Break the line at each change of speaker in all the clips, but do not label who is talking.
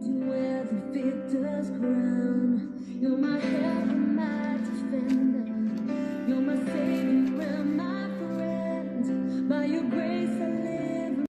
To wear the victor's crown. You're my help and my defender. You're my savior and my friend. By your grace I live.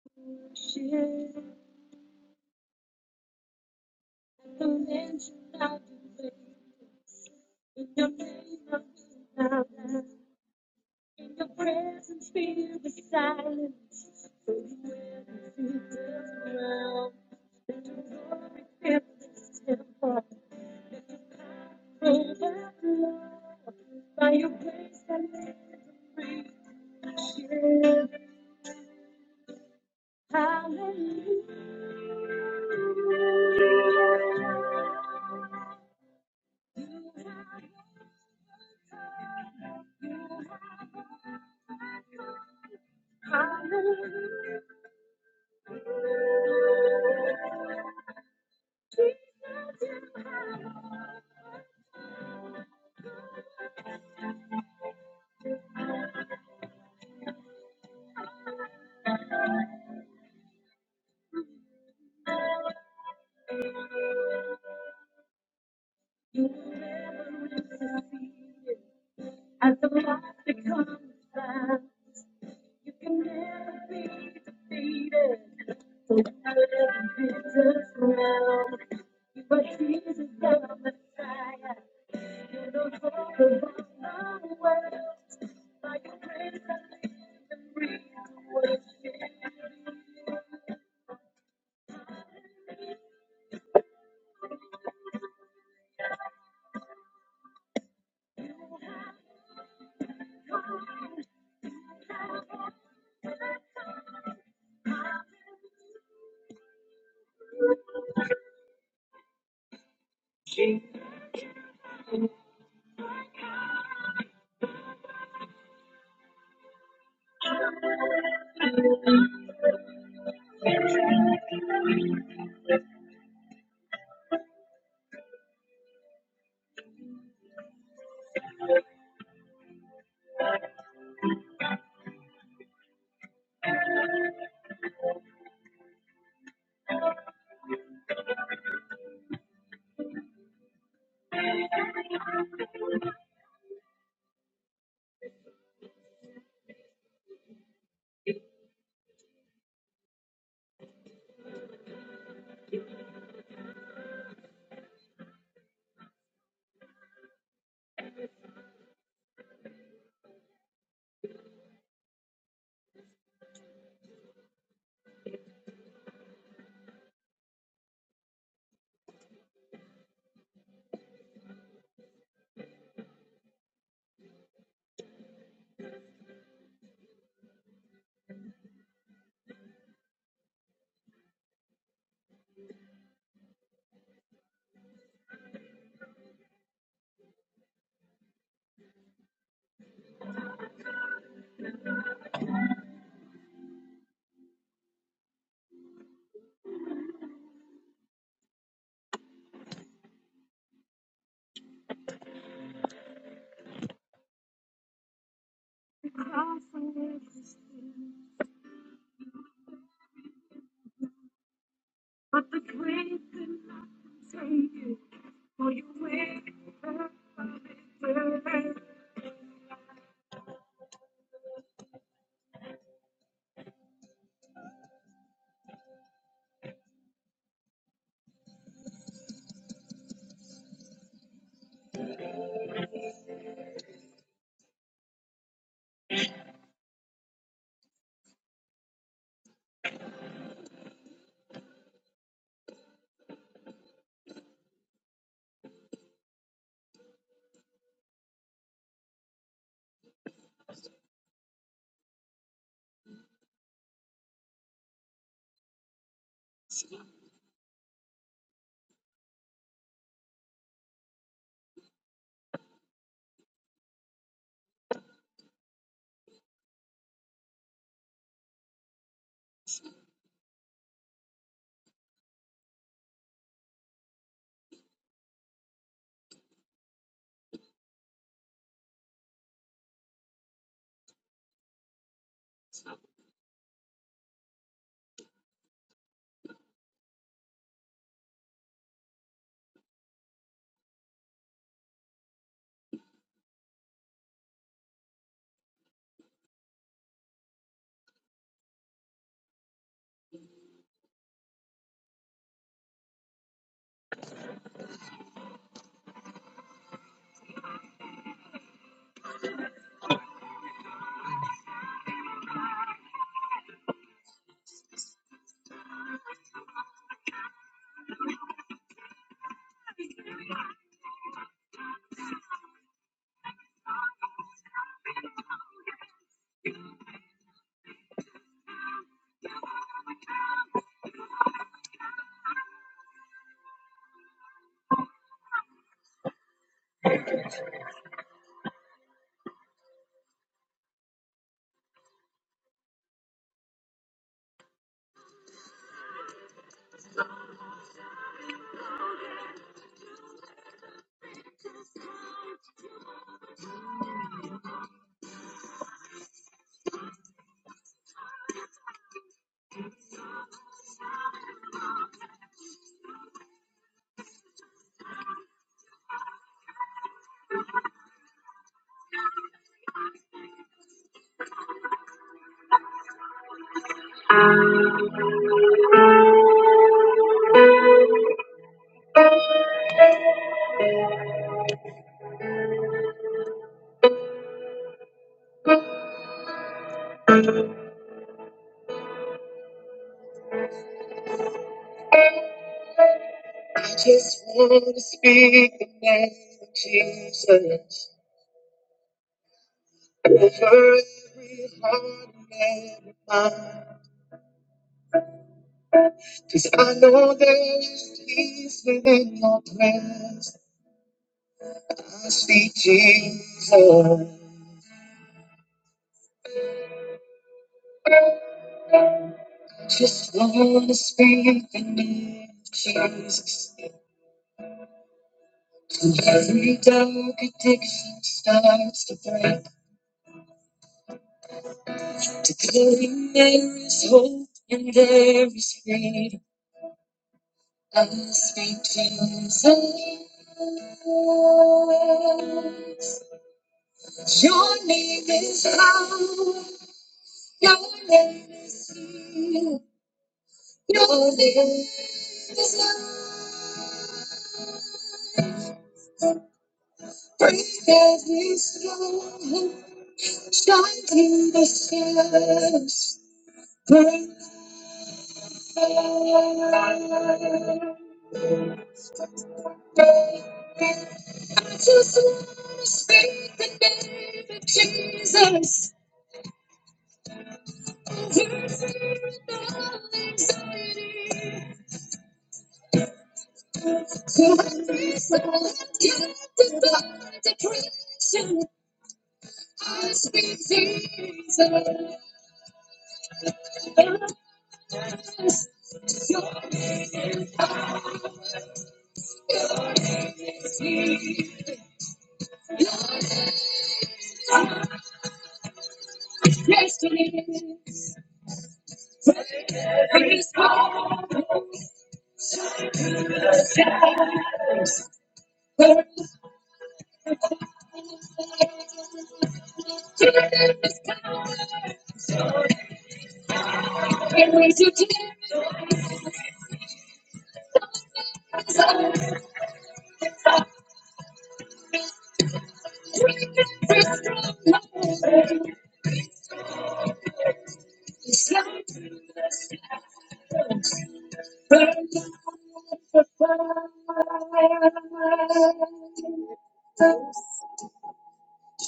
I just want to speak the name of Jesus over every heart and every mind. Cause I know there is peace within your presence. I speak Jesus. Just want to speak the name of Jesus. And every dark addiction starts to break. Declaring there is hope and there is freedom. I speak Jesus. Your name is power. Your name is healing. Your name is love. Break every stronghold. Shouting the stars,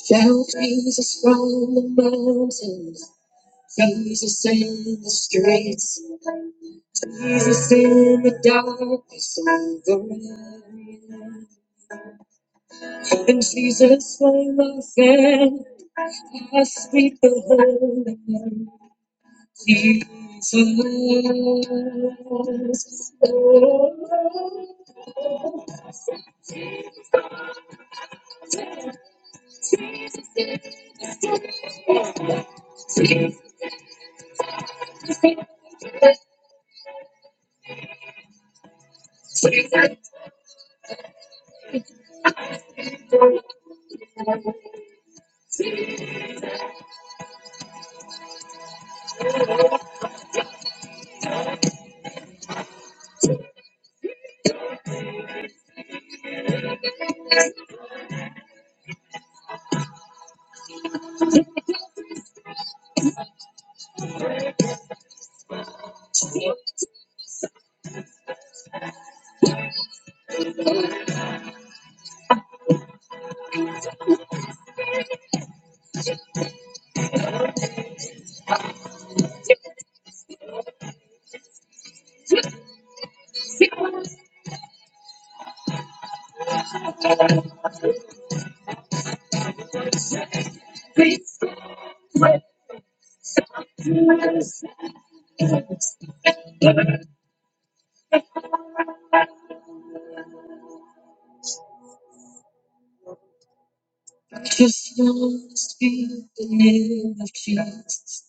shout Jesus from the mountains, Jesus in the streets, Jesus in the darkness of the night. And Jesus for my friend, I speak the holy name, Jesus. Oh, Just want to speak the name of Jesus.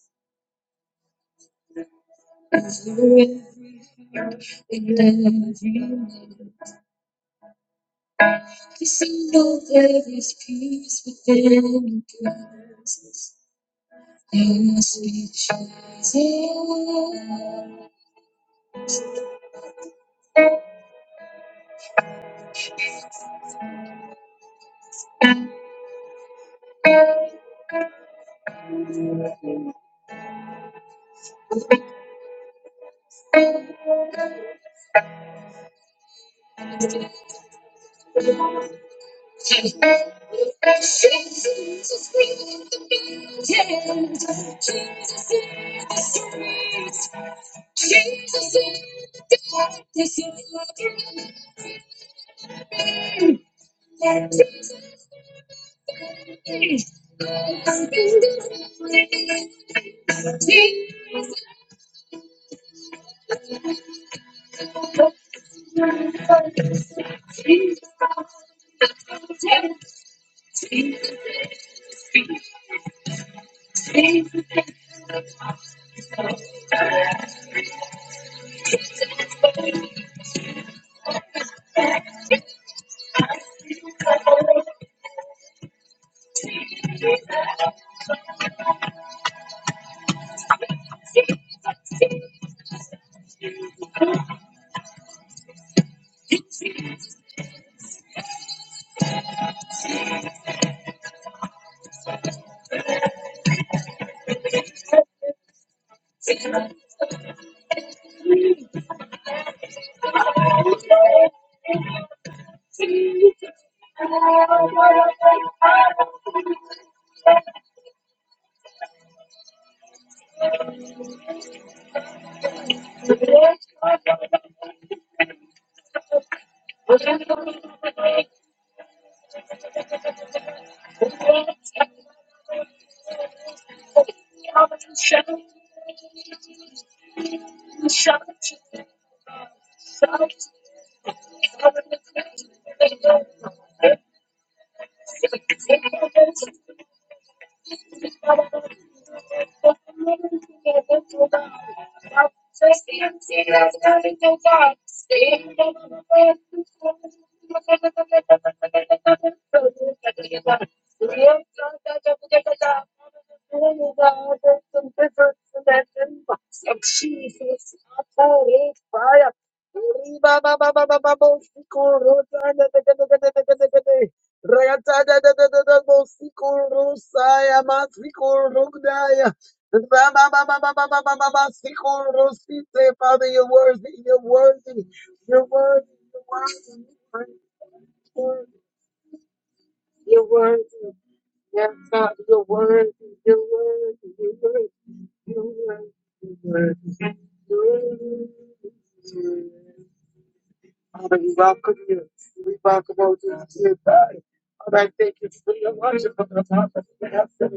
Father, you're worthy, you're worthy.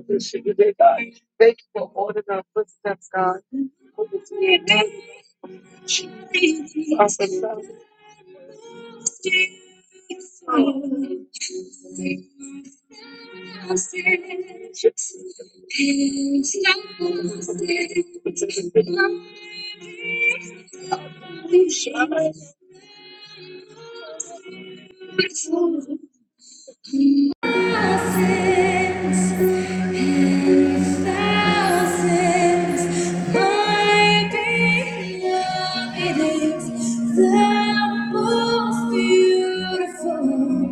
Thousands and thousands might be loved. It is the most beautiful.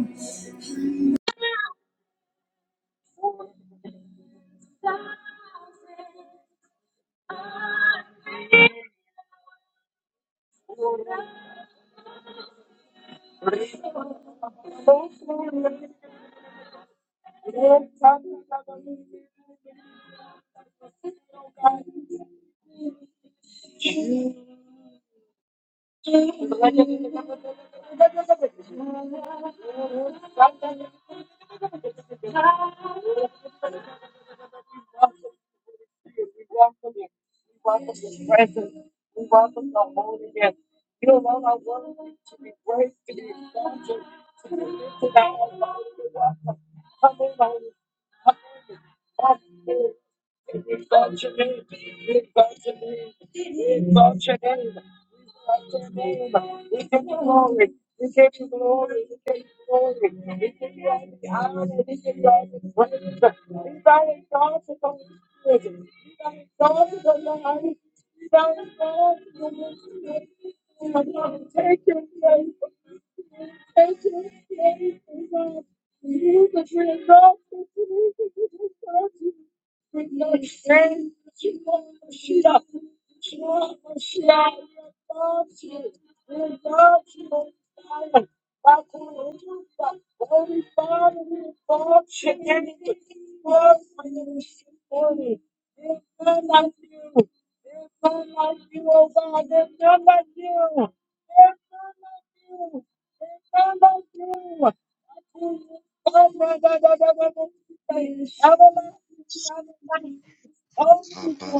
Father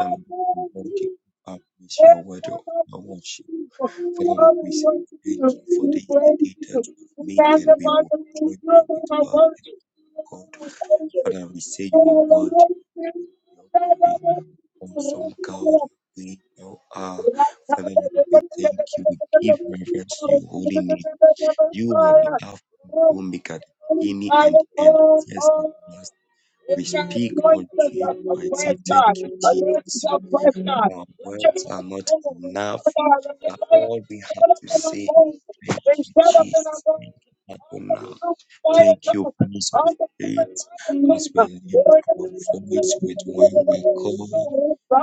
Lord, we Lord, give up with your word of our worship. Father Lord, we say thank you for this the day that we made and we will join you with our God. Father, we say you are worthy, you are worthy, awesome God. We you are. Father Lord, we thank you. We give reverence to your holy name. You are the Alpha and Omega, the beginning and the end, the first and the last. We speak unto you and say, Thank you, Jesus. Our words are not enough, but all we have to say is thank you, Jesus. Thank you, Adonai. Thank you, Prince of Faith. As we lift our voice with one accord,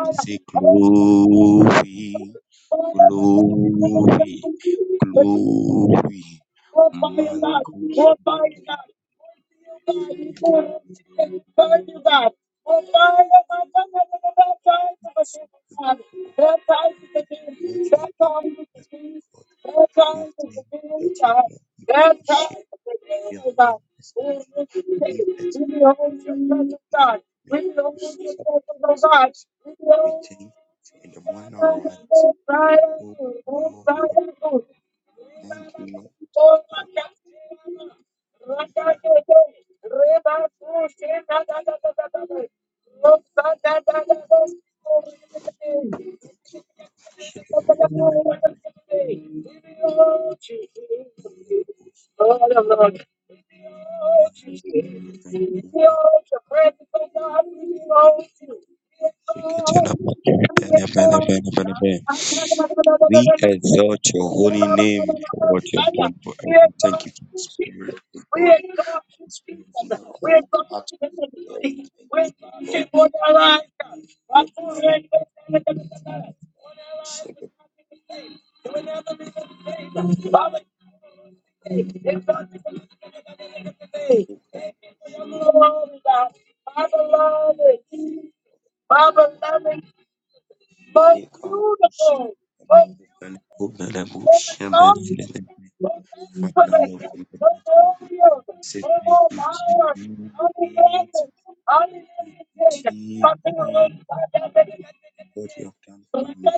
we say, Glory, glory, glory. Man, goes- what you have done for us, God. We have thanked you that you've not given us shame. You have not listened to you. leave us in the image you subject us. We thank you for in the morning our rights. Oh, Lord, thank you, Lord. Thank you, Lord. Share the word of Lord. We thank you, Lord. We exalt your holy name for what you have done for us. Thank you for the spirit of God. from now on from the heart of the Thank you, O God, for this shepherd who can take our shepherd who can hold the bush shepherd and then let them be. Father, Lord, from the bottom of my heart, I say thank you, Jesus. Thank you, Jesus, what you have done for me,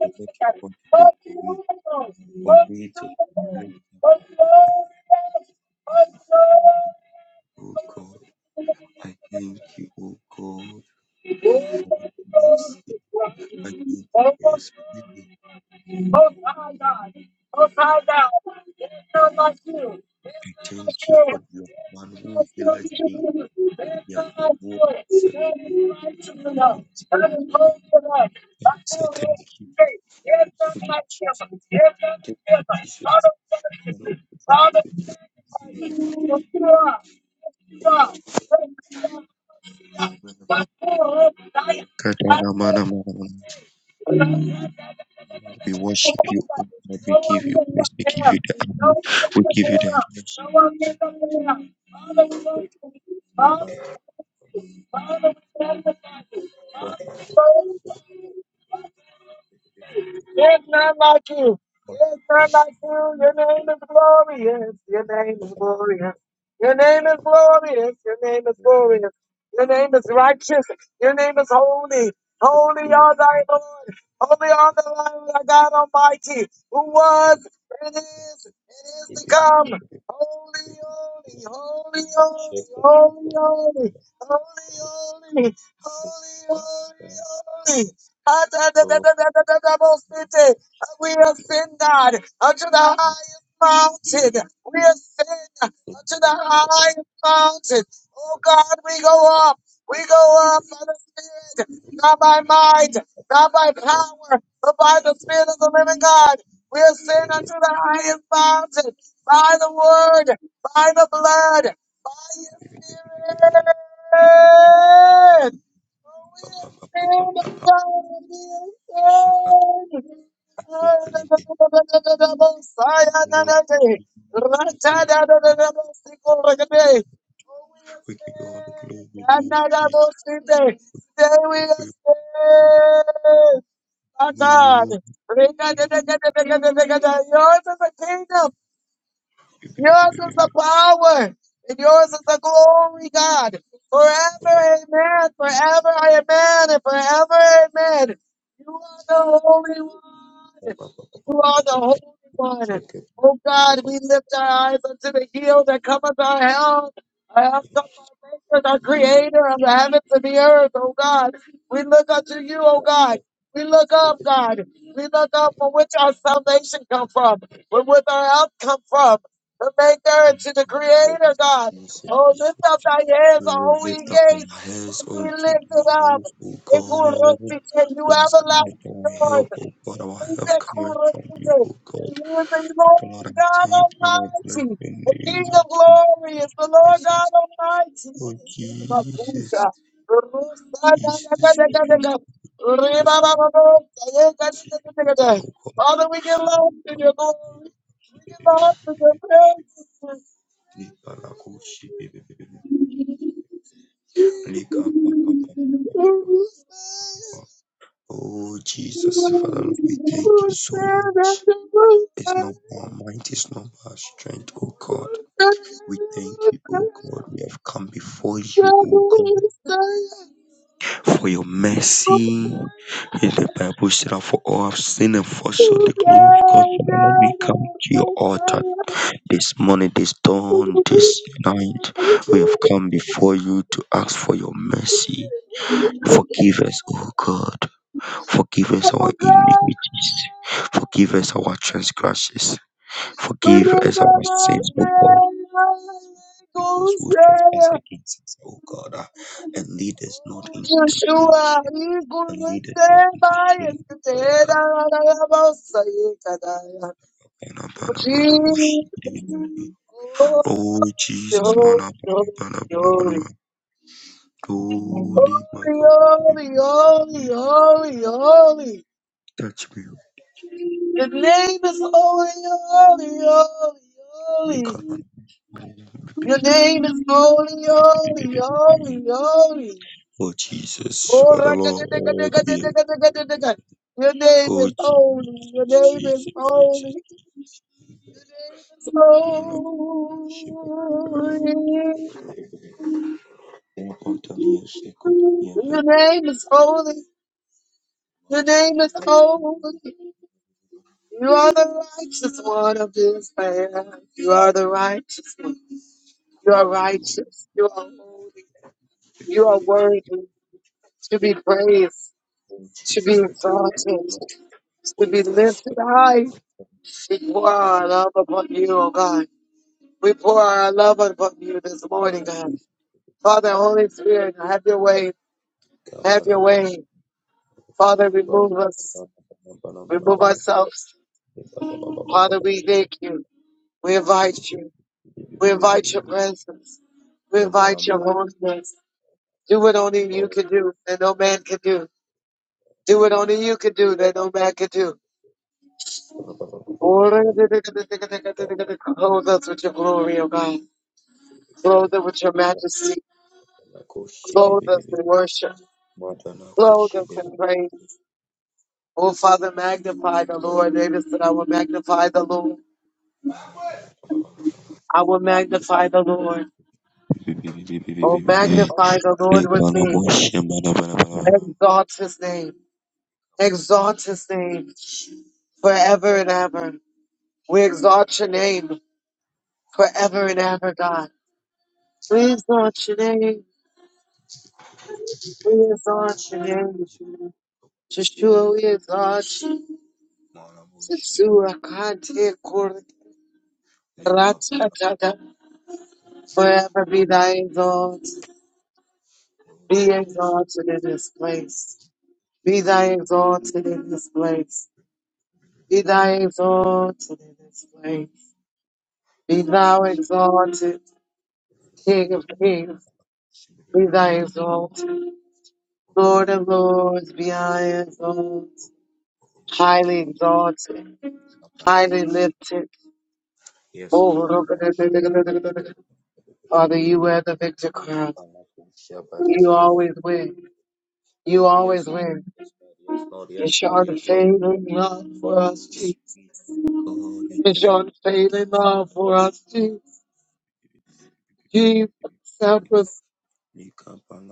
for what you want to do for me, for me to lift up my heart to you, O God. I thank you, O God, for your mercy. I thank you, a Spirit. I thank you for your man who healed me. Your word said that. Say thank you. Thank you, Jesus. Thank you, Jesus. Kadana mana mana we worship you, O God. We give you praise. We give you the honor. We give you the
There's none like you. There's none like you. Your name is glorious. Your name is glorious. Your name is glorious. Your name is glorious. Your name is righteous. Your name is holy. Holy are thy Lord. Holy are the Lord thy God Almighty, who was and is and is to come. Holy, holy, holy, holy, holy, holy, holy, holy, holy, holy, holy. Atadadadadadadabosite. We ascend, God, unto the highest mountain. We ascend unto the highest mountain. Oh God, we go up. We go up by the Spirit, not by might, not by power, but by the Spirit of the living God. We ascend unto the highest mountain by the word, by the blood, by your spirit. You're
adoration. open it. we give you all the glory, Lord Jesus. If we move,
the kingdom. Yours is the power, and yours is the glory, God. Forever, amen. Forever, amen. And forever, amen. You are the Holy One. You are the Holy One.
check it.
Oh God, we lift our eyes unto the hill that cometh our help. I have come, our Maker, our creator of the heavens and the earth, oh God. We look unto you, oh God. We look up, God. We look up from which our salvation come from, where with our help come from the maker and to the creator, God.
Jesus,
Oh,
Jesus.
lift up thy hands,
We will
all we
lift up
gates,
our hands
and be
unto
lifted
the
up.
hills, O God.
Ikurusi, Can You
Who's coming to
everlasting
our
doors.
help, O God? Our help
Ite
coming from you,
kurutsite.
O
And
God.
who is the Lord
Lord, I
God
thank you. I bless
Almighty,
your
the King
name. I
of
thank
glory is the
you.
Lord
praise
God Almighty.
Oh Jesus,
Imakusha.
Jesus, we can do
Rusa-da-da-da-da-da-da.
just second,
Ribababa.
second,
Ayeka-da-da-da-da-da.
oh God.
Father, we give love to you, Lord. Lord, for the presence.
Oh Jesus, Father, Lord, we thank you so much. It's not our might, it's not our strength, oh God. We thank you, oh God. We have come before you, oh God. for your mercy. As the Bible said, "And "For all have sinned and fall short the glory of God." Father, Lord, we come to your altar this morning, this dawn, this night. We have come before you to ask for your mercy. Forgive us, O God. Forgive us our iniquities. Forgive us our transgressions. Forgive us our sins, O God. Forgive those who trespass
Hallelujah.
against us, O God, uh, and lead us not
Oh,
into
Yeshua,
temptation
he
and
could
leadeth not
stay
into
by
shame.
and today, da,
Father.
da, da, da, da, say, da, da, da.
Bana,
Oh,
bana, bana, moshi,
Jesus.
dee.
Oh,
Oh Jesus,
glory,
mana, bana, bana, bana, bana.
glory,
bana. Holy my God, moshi, dee,
glory,
dee, dee,
glory,
dee.
glory, glory.
touch me.
Your name is holy, holy, holy,
You
holy.
come on.
Your name is holy, holy, holy, holy.
Oh Jesus,
Oh,
what the Lord will.
rakadadakadakadakadakadakadaka. Your name
Oh
is holy. Your
Jesus,
name is
Jesus, Jesus.
holy. Your name is
Mana,
holy.
moshi, dee, dee, dee, dee, dee. Thank you, Lord, that you
Your name is holy. Your name is holy. You are the righteous one of this land. You are the righteous one. You are righteous. You are holy. You are worthy to be praised,
In
to be
Jesus, we thank you.
exalted,
Lord,
to
We
be
bless
lifted
you.
high. We pour our love upon you, oh God. We pour our love upon you this morning,
Bana
God.
bush,
Father, Holy Spirit, have your way. Have
bana
your
bush,
way. Father,
rab,
remove us.
bana bana bana bana
Remove
bana.
ourselves.
Ba ba ba ba ba ba
Father,
ba
we
ba.
thank you. We
Shake
invite
it,
you.
bi bi bi
We
bi bi
invite
bi.
your
bi.
presence. We
Ya mala
invite your
mala.
holiness. Do what only you
Oh,
can do that no man can do. Do what only you can do that no man can do.
ba ba ba ba ba ba ba. Bi ba ba
Clothe us with your glory, O God.
bi bi.
Clothe us with your
Ba
majesty.
ba na koshi bi
Clothe
bi bi
us
bi.
in
bi.
worship.
Ma da na
Clothe
koshi
us
bi bi.
in
bi,
praise. Oh, Father,
bi.
magnify the
Ba
Lord. David said, I will magnify the Lord.
ba ba ba ba ba.
I will magnify the
Bi
Lord.
bi bi bi bi bi bi bi.
Oh,
bi, bi.
magnify the Lord
Lika
with
la
me.
bush, bana bana bana bana.
Exalt his name. Exalt his name forever and ever. We exalt your name forever and
Oh,
ever, God. We exalt your name. We exalt your
gee.
name. Yeshua, we exalt you.
Man, I wish
Yeshua, Kante, Kor,
we could ban a
Ratata. Forever be thy exalted,
Oh,
be
Jesus.
exalted in this place. Be thy exalted in this place. Be thy exalted in this place. Be
Man,
thou exalted, King of kings. Be thy exalted, Lord of lords. Be thy exalted, highly exalted, highly lifted.
Yes,
Oh,
Lord.
Father, you wear the victor crown. You always win. You
Oh, yes,
always
Lord.
win.
Yes, Lord. Yes, Lord.
You
Yes, Lord.
show the
Yes, Lord.
favor and love for us,
We
Jesus.
speak, oh God, we
with
thank
your
you.
unfailing love for us. Je- Jesus, help us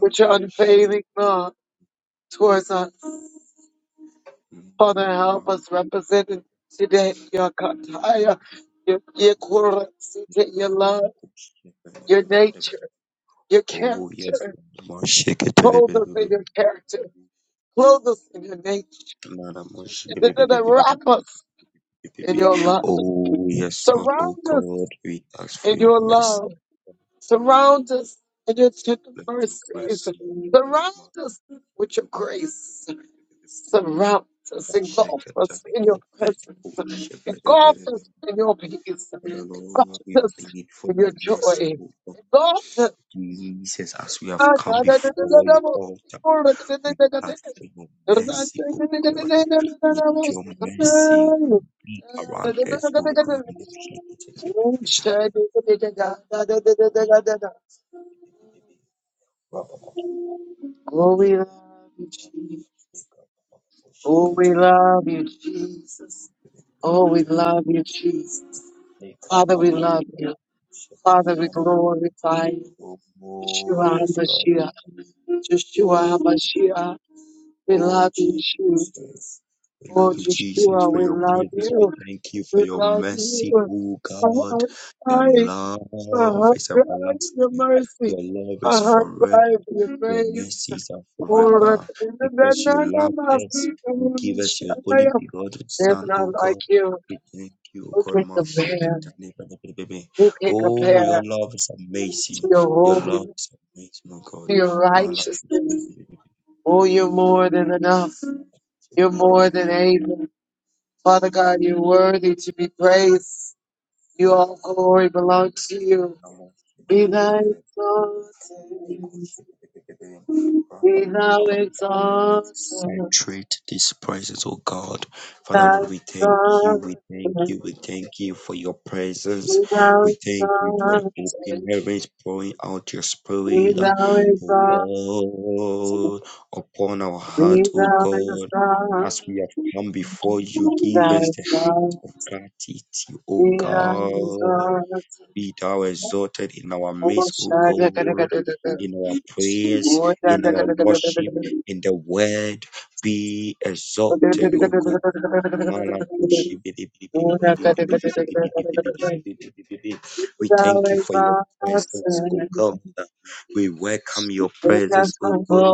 with your unfailing love towards us. Father, help us representing today your kataya, your your currency, your love, your nature, your
Oh yes,
character.
Lord. More shake it.
Clothe us in your character. Clothe us in your nature.
Lord, I'm worshiping.
Wrap us in your love.
Oh, yes, Lord, oh
Surround us
God, we ask for
in
your
your love.
mercy.
Surround us in your tender
Let your mercy. let your
mercies.
mercy.
Surround
Ma-
us with your grace.
be- be- be- be- be- be-
Surround us,
be- Shake
engulf
it, let
us
it
in your
go, let it go,
presence.
shake it. be- be-
Engulf
be- be- be-
us
be-
in your peace.
Father
Engulf
Lord, we
us
plead for
in your
the mercy
joy.
of God.
Engulf
Jesus, as we have come before your altar, we ask for your mercy, O God. Let your mercy be around us, O God.
us. Oh, we love you, Jesus. Oh, we love you, Jesus. Oh, we love you, Jesus. Father, we love you. Father, we glorify you.
Oh,
Yeshua
yes, Lord.
Mashiach.
Oh,
Yeshua Mashiach. We
Oh,
love you, Jesus.
Jesus. We
Oh,
love you, Jesus,
Yeshua,
for
we
your
love
presence. We
you.
thank you for
We
your
love you.
mercy, oh
Our
God.
heart
Your
cries. Our
love
heart
is
cries for your
everlasting. Your
mercy.
love is
Our heart
forever.
cries for your
Your
grace.
mercies are forever. Because you love us, you give us your only
Oh,
begotten
There's
Son,
none
oh
like
God.
you
We thank you, oh
who
God.
can compare,
Mashikatanibanabibibibim.
who can
Oh, your
compare
love is
to
amazing.
your
Your love
holiness,
is amazing, oh God.
to your
Malakus-
righteousness. Oh, you're more than enough. You're more than able. Father God, you're worthy to be praised. You all glory belongs to you. Be thou exalted. Be thou exalted. Be
Saturate this presence, oh God. Father
thou
Lord, we thank you,
exalted.
we thank you, we thank you for your presence.
Be thou
We thank you for the
exalted.
open heavens pouring out your
Be
spirit,
thou exalted.
oh God, upon our
Be
heart, oh
thou
God. As
exalted.
we have come before you, give
Thy
us the
love
Gratitude, O
derives
God,
our
be thou exalted in our midst, O
Oshada kada
God,
kada kada.
in our prayers,
Oda
in
kada
our
kada kada kada
worship,
kada.
in the word, be
Oda kada
exalted,
kada
O
kada
God.
kada kada
We
kada kada kada kada. Thou
thank you for
exalted,
your presence, O
take us from
God. We welcome
glory
your
to
presence, O God.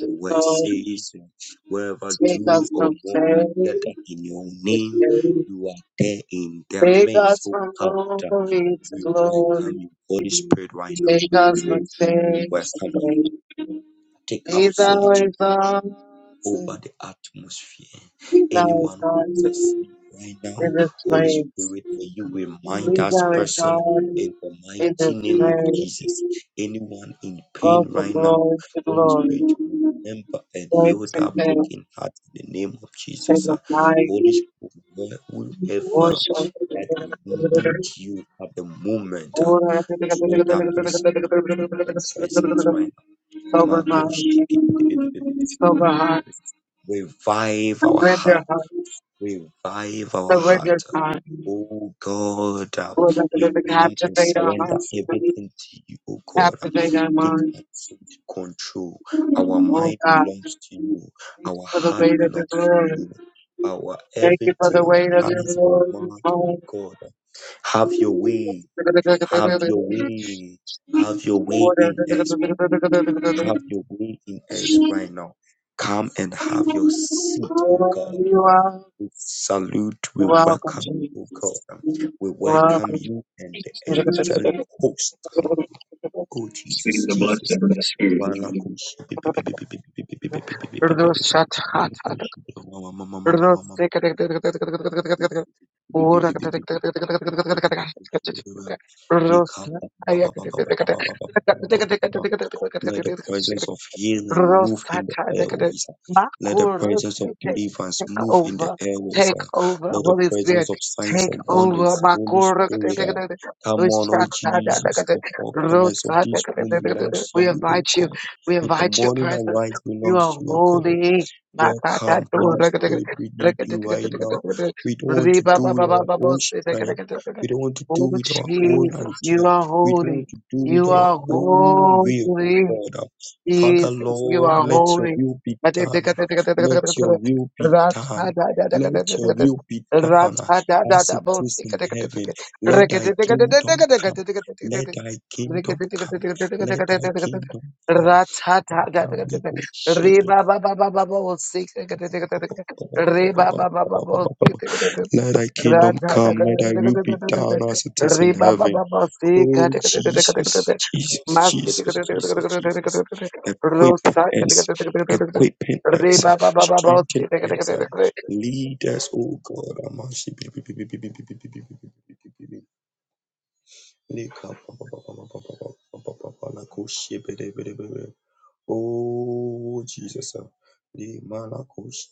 Your word
glory. Take us
says, wherever two or
from faith
more are gathered in your
to
name,
faith.
you are there in their
Take
midst,
us
O
from
God.
glory to
We
glory.
welcome you, Holy Spirit, right now.
Take us
Holy
from
Spirit, we
faith to
welcome you.
faith.
Take
Be
absolute
thou
control
exalted,
over the atmosphere.
be thou
Anyone who is
exalted
asleep right now,
in this
Holy
place.
Spirit, may you remind
Be
us,
thou
person,
exalted
in the
in this
mighty name of
place.
Jesus. Anyone in
Go
pain
from
right now,
glory to
Holy
glory.
Spirit, remember and heal
Faith to
that
faith.
broken heart in the name of
Take
Jesus.
a
Uh,
flight.
Holy Spirit, whoever
Worship.
that need you at the moment, uh, throw that person into the presence right
Sober
Revive
mind. Sober heart.
our heart,
Surrender heart.
revive our heart,
Surrender heart.
O God.
Lord,
We
let the
come and
captivate our
surrender
hearts.
everything to You, O God.
Captivate our
Take
minds.
absolute control. Our
Oh
mind
God,
belongs to You.
thank
Our
you for the
heart
weight of your
belongs to
glory.
You. Our
Thank you for
everything,
the
our
weight of your
eyes, our
glory.
mouth, O God. Have Your way. Have Your way. Have Your way in us, brother
Oh,
have your way in us right now. Come and have your seat, oh
Oh,
God.
you are
We salute, we
welcome,
welcome you, oh God.
Jesus.
Um, We welcome
Welcome.
you and the angelic host. Um, Oh
Speak
Jesus,
the blood
Jesus.
of the Spirit. Rosa,
Let the presence of healing move in the
Rosata, they gotta-
airways. ah. Let the presence of
Makorosite,
deliverance
Take
move in the
over,
airways.
take
ah.
over,
Let the
Holy Spirit,
presence of signs
take
and
over.
wonders, Holy
Makoro-
Spirit, ah, come on, oh
Ushata, da- da- da-
Jesus.
da-
The four corners of
Rosa, da- da-
this
da-
room
da- da-
belongs to
We
you, oh
invite you,
God.
we
In the
invite your
morning, our
presence.
rise
You
belongs
are
to you, oh God.
holy. Makata,
Welcome,
do-
Holy
da- da- da-
Spirit. We
da- da-
need
da-
you
da- da-
right
da-
now.
da- da.
We don't want to
Riba,
do
ba-
with
ba- ba-
our
ba- bo-
own
si- da- da- da-
strength.
da- da- da.
We don't want to do
Oh,
with our own
Jesus,
idea.
you are
We don't
holy.
want to do with
You
our
are
own will,
holy.
oh God. Father,
Jesus, you
Lord,
are
let your
holy.
will be done. Let your will be done. Let your will be done as it is in heaven. Let thy kingdom come. Let thy kingdom come. Let thy kingdom come. Father, we worship you.
Reba
Let thy kingdom come, let thy will be done as it is in heaven. Oh Jesus, Jesus, Jesus, Jesus, Jesus. Equipping us, equipping us, strengthen us, um,
Rosa
lead us, oh God. Amashi bi- bi- bi- bi- bi- bi- bi- bi- bi- bi- bi- bi- bi- bi- bi- bi. Leka pa- pa- pa- pa- pa- pa- pa- pa- pa- pa- pa- la ko she- be- de- be- de- be- be. Oh, Jesus. The Malakoshi.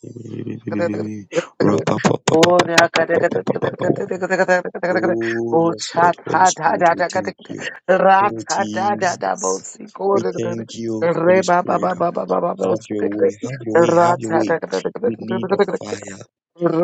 Oh, yeah, ka da ka da ka da ka
Rapapapapapapapapapa.
da ka da ka da ka da ka da.
Oh,
Oh,
yes,
cha
Lord,
cha
Holy
da
Spirit,
da
we
da ka da
thank
ka
you.
da. Ra
Oh,
cha da da da bo
Jesus.
si ko
We
da da
thank you,
da. Re
Holy
ba ba
Spirit.
ba ba ba ba ba bo
Have
si
your
ka da ka
way, have your
da.
way,
Ra
have your
cha da
way.
ka da ka da ka da
We need the
da da.
fire.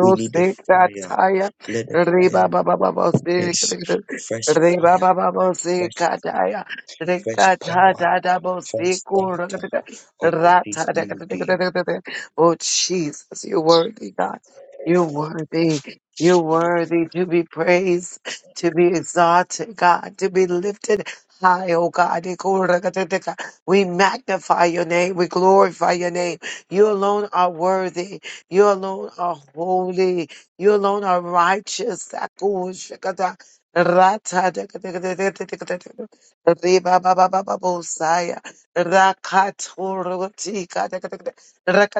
We need the
se ka
fire.
cha ya.
Let the
Re ba
fire
ba ba ba bo si ka da
Yes,
ka
fresh
da. Re ba ba
fire,
ba bo si
fresh,
ka da ya. Re
fresh
ka cha
power,
da da bo
fresh
si ko da
start
ka da ka.
of
Ra cha
this
da ka
new
da ka da
day.
da da. Oh, Jesus, you're worthy, God. You're worthy. You're worthy to be praised, to be exalted, God, to be lifted high, oh God. We magnify your name. We glorify your name. You alone are worthy. You alone are holy. You alone are righteous. Rata there is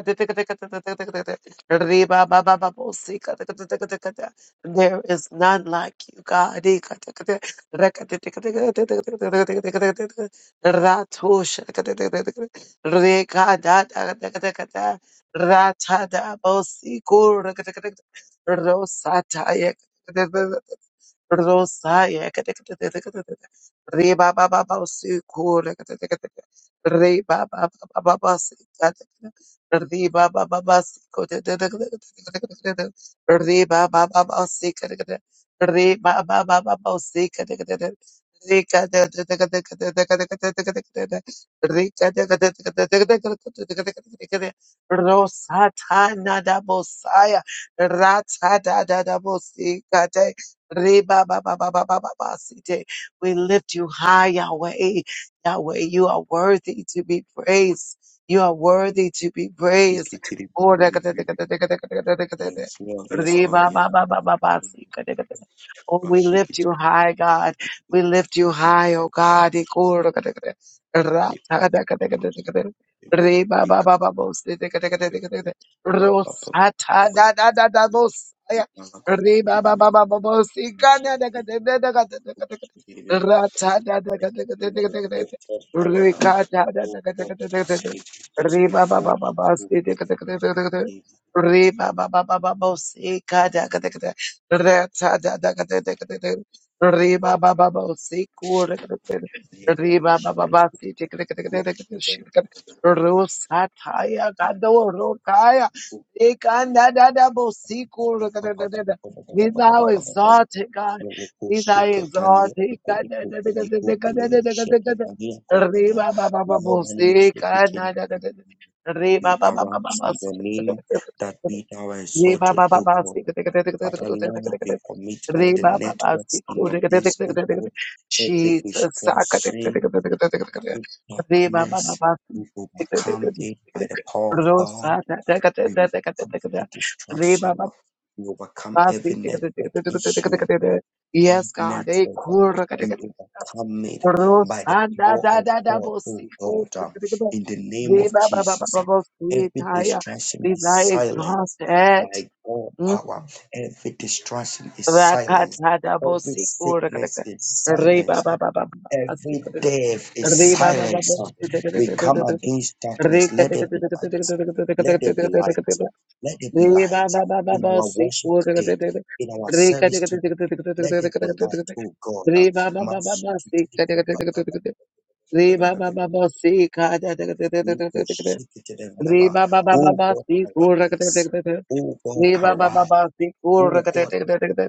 none like you, God. Rosata Rosaya, Re ba ba ba ba si re Re ba ba ba ba ba ba si ka Re ba ba ba ba si Re ba ba ba ba si ka Re ba ba ba ba ba si ka Re ka Re ka Rosa ta na da bosaya, rata da da da bosika Re-ba-ba-ba-ba-ba-ba-ba-site. We lift you high, Yahweh. Yahweh, you are worthy to be praised. You are worthy to be
Shake
praised.
it till it
Oh,
Yes, Lord, yes, Lord, yes, Lord.
Re-ba-ba-ba-ba-ba-ba-site. Oh,
Lord,
we
Shake
lift
it.
you high, God. We lift you high, oh God.
Make us Make
Re-ba-ba-ba-ba-ba-site.
wrap up.
Rosata
Make
da da
us
da da Riba
Let the Lord be lifted higher. Oh God, it is before you. O God.
Reba
Make us We
Ekanda da da bo siku be thou exalted, God. Be thou exalted. Reba ba ba ba bo se ka na da da da da. Reba ba ba ba ba
arise
ba
in
se
the
ka da
name
da da
that
da da.
be thou
Reba
exalted,
ba ba
O
ba
God.
se ka da da da da da da da
Father
da
Lord, we
da da.
commit all the
Reba ba ba se
networks in
ko
your
da da da da
hands,
da
O
da da
God.
da.
Every
Jesus, sa ka da da
distraction,
da da da da da da da.
every
Reba ba ba
darkness,
ba
we
se ka da da da da
overcome
da
it by
da
the
da.
power of God.
Rosa da da da da
We
da da
overcome
da
every
da
distraction.
da.
uh, We overcome
Basi,
every
tika- tika- tika-
network
tika- tika- tika-
issue.
tika- tika.
uh,
Yes, God. Eh,
Network, uh,
kurra- tika-
we
tika- tika.
overcome it by the
Rosanda
power
da
of
da da
God,
bosi
oh God,
kurra-
uh,
tika- tika- tika.
in the name of
Reba- ba- ba- ba-
Jesus. uh,
ba- bosi
Every
taya.
distraction
Be
is
thou
silenced
exalted.
by God
Mm.
power. Every distraction is silenced.
Rakata da
Every
bosi kurra- tika-
sickness
tika.
is
Reba-
silenced.
ba- ba- ba- ba- ba- basi
Every
kurra- tika-
death
tika.
is
Reba- ba- ba-
silenced.
bosi tika- tika-
We
tika-
come
tika- tika.
against darkness.
Rika-
Let there
tika-
be
tika- tika-
light.
tika- tika- tika-
Let
tika-
there be
tika- tika. tika-
light.
tika.
Let there be
Re ba
light
ba ba ba
in
ba
our
si
worship
ko re
today,
re re re.
in our
Re ka re
service
re re
today.
re re
Let
re re
there
re
be
re re
light,
re.
oh God.
Re ba ba ba ba ba si ka re re re re re re. Re ba ba ba ba si ka re re re re re re re. Re ba ba ba ba
Oh
ba
God,
si ko re re re
arise.
re re.
Oh God,
Re ba ba ba
arise.
ba si ko re
Oh
re
God,
re re re re.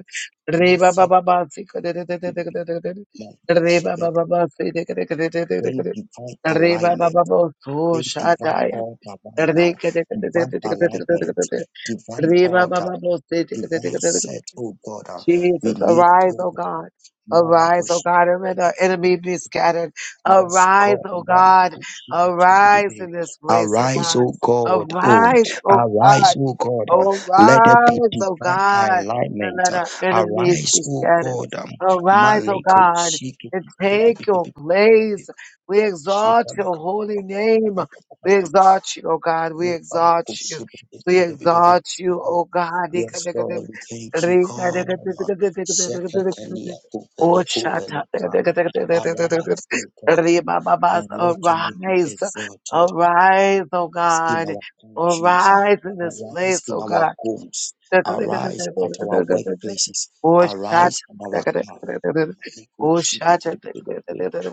Re ba ba ba ba si ka re re re re re re re. Re ba ba ba ba si re re re re re
Bring
re re.
divine
Re ba ba
alignment
ba ba so
Bring
sha
divine
ta ya.
order right
Re
now,
ka re re re
divine
re re re
alignment,
re.
divine
Reba ba
order,
ba bo se te te te
divine
te
set, oh God. uh, We
Jesus,
need it,
arise,
oh
O
God.
God. Arise, O
Malakoshi.
God, and let our enemy be scattered.
Yes,
Arise,
God.
O God. Arise
Malakoshi.
in this place, O
Arise,
God.
O God, oh,
Arise, O
arise,
God.
O God, uh, let there be
Arise, O
divine
God, and
alignment.
let
uh,
our enemies
Arise,
be
O
scattered.
God, um,
Arise, O God, and take your place.
Malikoshi.
We exalt your holy name. We exalt you, O God. We
Yes,
exalt you. We exalt you, O God.
Lord, we thank
Oh,
you, God. Shekatania kupele
shatta.
kupele pa. Arise, dear God, and let your name be
Arise,
exalted
arise, oh
in
God.
our countries, uh,
Arise in this place,
arise in
oh God.
our homes, arise at our workplaces,
Oh,
arise in our
shatta.
car.
Oh, shatta.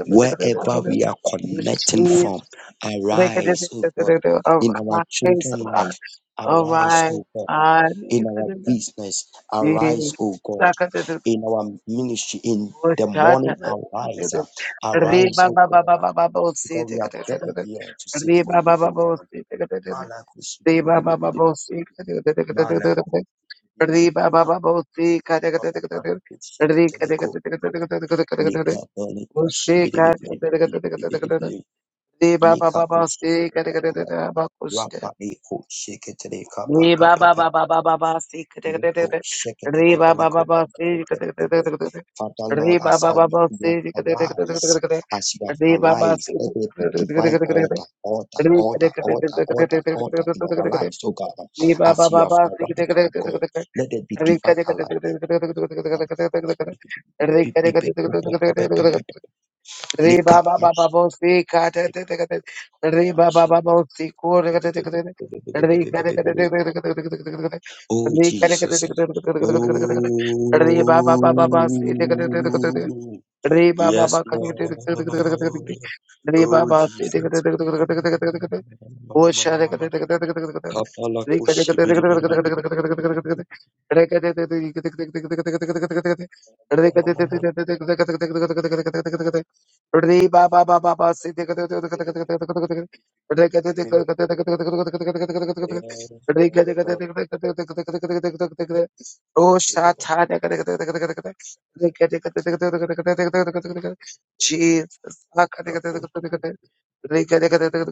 Wherever we are connecting
Jesus.
from, arise, oh God,
Arise,
in our children's life,
oh
arise,
God.
oh God,
Arise,
in our business, arise, oh God,
God.
in our ministry, in
Oh,
the
Shata.
morning, arise, uh,
Re
arise,
ba
oh
ba
God,
ba ba
uh,
ba ba ba o se
because we have gathered here to seek
Re
for
ba ba
you,
ba
oh
ba
God.
o se
Mala
Re ba ba ba
kushibidi
ba o se
mala
Re
kushibidi
ba ba
papa
ba ba o se Re ka te ka
kushiketeleko
te te
lika bali kushibidi
Re ba ba
lika
ba ba o se ka te
kushiketeleko
ka Ba ko
rapa ni
Re
papa
ba ba
papa
ba ba ba ba ba si ka da da da
Liko
da.
shekete
Re ba ba ba
tefeleko
ba
peleko
si ka da da da
pepepe.
da da da.
Father
Re
Lord,
ba
as
ba ba ba
you
si
have
ka da da da da da
arise,
da da.
as you have
Re ba ba
arise,
si ka
let there be
da da da
divine
da da da da.
order, order,
Re ka
order,
da da da
order,
da da
order, order
da da da
in
da
our
da da. da.
lives, oh God.
Re ba ba
As you
ba
have
ba si ka da
arise,
da
oh
da da da
God,
da.
let there be
Re ka
divine
da da da da da
alignment.
da da da da da da. Re ka da da da da da da da da da. Re ba ba ba ba bo si ka te te te ka te. Re ba ba ba bo si ko re ka te te ka te te. Re ka te ka te te te te ka te te te te ka te.
Oh
Re ka te ka te
Jesus.
te te te te ka te te te te ka te. Re ba ba ba ba ba si te ka te te te ka te te.
Oh
Re ba ba
Yes,
ba ka te te te te te ka te te
Lord.
te te te. Re ba
Oh,
ba si
Jesus.
te ka te te te te te ka te te te te te. Jesus
Kapala koshi bidi bidi bidi bidi bidi bidi bidi. Yes, Lord, Mount Eagle, Kaposhi bidi
Arise,
bidi bidi bidi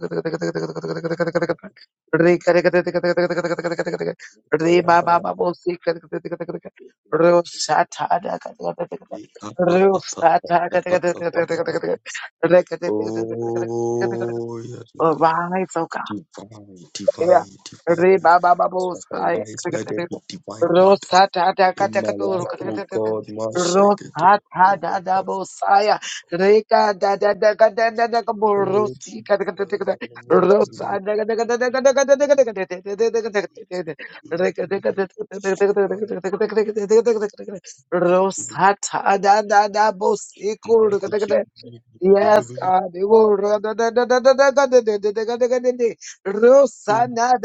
bidi bidi. Bala bala. bidi bidi bidi. Lika pa pa pa pa pa pa pa pa pa. Oh, yes, Lord.
oh God.
divine,
Yeah.
divine,
Re
divine.
ba ba ba bo
As I
sky.
arise, let there be divine
Ro
order
sa ta ta ka
in
ta
my
ka to ro
life,
ka ta
oh
ka ta ta.
God. My
Ro
shake it.
sa ta
Oh,
da da
Papa.
bo sa ya. Re ka da da da ka da da da ka bo ro
Oh,
si
Jesus.
ka ta ka ta ta ka ta.
Lord, I need
Ro sa
you.
da ka da ka da da ka da da da da ka da ka da da da ka da ka da da. Re ka da ka da da da da ka da ka da da ka
Mana-
da ka da da ka da ka da. Ro sa ta da da da bo si ko
mana
ro ka ta ka ta.
kuchi-
Yes, God.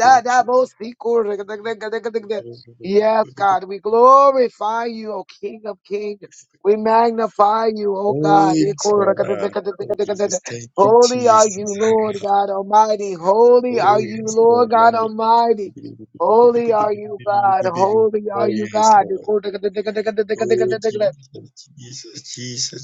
kuchi.
Yes, God, we glorify you, O King of Kings. We magnify you, O
Oh,
God.
yes, Lord. Ah, Oh, Jesus. Thank you,
Holy
Jesus.
are you, Lord God Almighty. Holy
Oh
are you,
yes, Lord,
Lord God
man.
Almighty. Holy are you, God. Holy
Oh
are you,
yes,
God.
Lord. Oh Jesus, Jesus,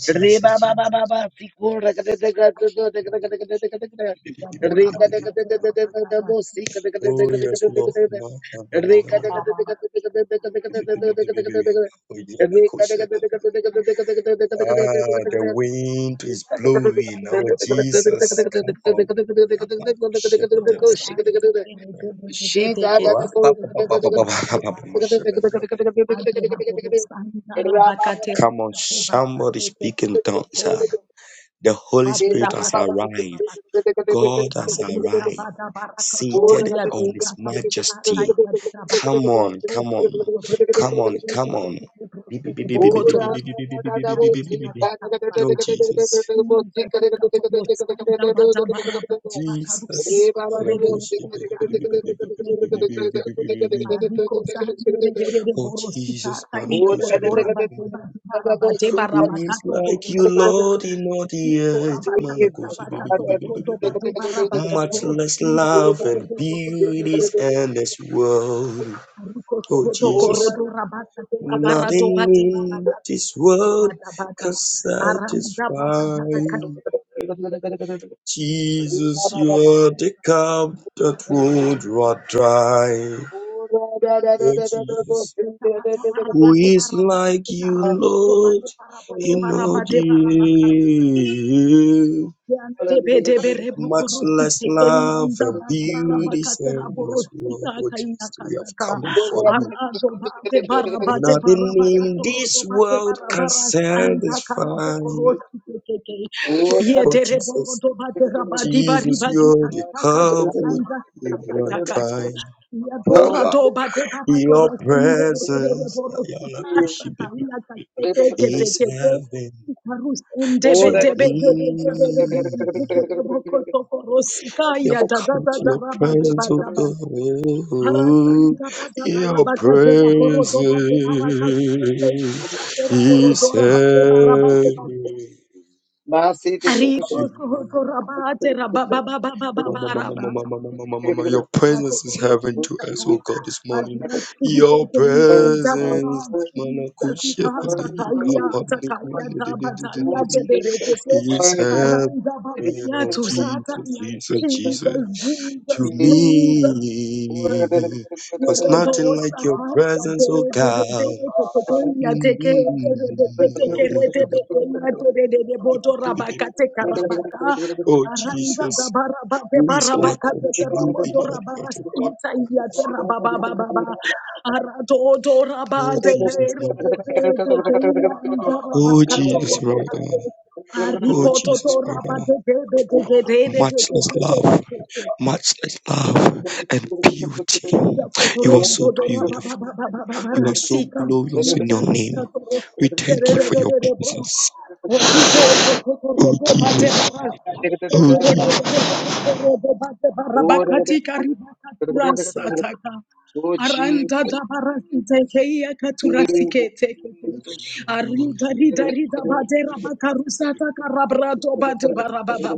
Re
Jesus, Jesus,
ba ba ba ba
Jesus.
ba siko ra ka de de ka de de de ka de ka de ka de de ka de ka de.
Thank you.
Re ka de ka de de de de de de bo si ka de ka de de
Oh
ka de ka
yes,
de de
Lord.
ka de de.
Ma- ma- ma- ma-
Re
ma-
ka de ka de
ma-
de ka de de ka de de ka de ka de de de ka de ka de de ka de.
Oh yeah, my
Re ka
coach
de ka
said
de
it.
de ka de de ka de de ka de ka de de ka de ka de de
Ah, the wind is blowing. Oh Jesus, come on. Ah, my coach said it.
ka de ka de. She da
Oh,
da da
ah, ba- ba- ba- ba- ba- ba- ba- ba- ba- ba- ba- ba- ba- ba- ba- ba- Come on, somebody speak in tongues. huh? The Holy Spirit has arrived. God has
Arika
arrived,
bada barakato
seated
ya
on
deka
His
tabusa
majesty.
ya deka
Come
bakato
on, come on, come on, come on.
bokoto bosita ya kato
No,
tabaka
Jesus,
Iba dika tobosa da bada barabra bakaruse
Jesus.
terere bosa
go.
Arikozanderere
Oh,
borosika
Jesus,
kaina
Ora
kotora bateba bihara bateba
who is
rabakato
like you,
korodo bata.
Lord, in all the
Kora
earth?
bakati rabakato korodo
Malakoshi.
bateba rabakato
Much less
rosundo
love and beauties in this world.
Ariko
Oh
sorodo
Jesus,
korodo rabakati rabarato
nothing
bateba
in
rabakato
this
korodo
world
bata bata.
can
Aranda bata
satisfy.
bata kasika.
Jesus, you are the cup that would run dry. Oh Jesus, who is like you, Lord, in all the much less love and beauty saying in this world, oh Jesus, we have come
Oh,
before you. Nothing in this world can satisfy.
Santa Ye
Oh
Yedere
Jesus,
borodo badera badi bari
Jesus,
badi
you're the
kadi kaka
cup would
anga
you
kaka
were
kaka
trying.
ye dora do bade baba kora
Your
ingere bere
presence
boro
Ayala
sukas kaka
Kushibibi,
ina kakete kete
is
kete.
heaven
Karus ende be
to
de be de be de be de
me.
be kike de boko toko rosika
You
ya
have
da da
come
da
to
da
your
raba de ba
presence, O
da ba.
God.
Harasanga bada bara
Your
bakatera
presence
borodo bade bara kasike kaka tera borodo
is
raba de bara bade bade.
heaven
Worthy, worthy, worthy,
Ariko
to
worthy,
me.
sohoto rabate
Mama, mama,
rababababababa
mama, mama, mama,
worthy,
mama. Your presence is heaven to us,
yatokorositaka
oh God, this morning. Your
adirasitikeyandaraba
presence, Manakusha
worthy,
Padini
zasikasakaya
worthy.
Kapani,
takaya dabataya
Oh, Jesus,
jeberetete
you're
is
worthy.
heaven,
arandaba
oh
yatusata ya tusata
Jesus,
ya
Jesus,
Jesus
Jesus.
Jesus
to
Jesus
me. Cause nothing like your presence, oh God. Mm, I don't want you, but- Oh Jesus, who is like unto you in all the earth, oh God? Oh Jesus, my God. Oh Jesus, right now. Oh
Ariko to
Jesus,
to
right
raba
now.
de de de de de de de de de de
Matchless love,
de de.
matchless love and beauty. You are so beautiful. You are so glorious in your name. We thank you for your presence. Oh Jesus, oh Jesus.
Rasa taka.
Oh, Jesus,
Aranta da barasi teke iya katurasi ke teke ke.
Jesus,
Oh
Arida
Jesus,
rida rida bade
Jesus,
Jesus,
rabaka
Jesus.
rusata
Thank
karabrato bade barababa.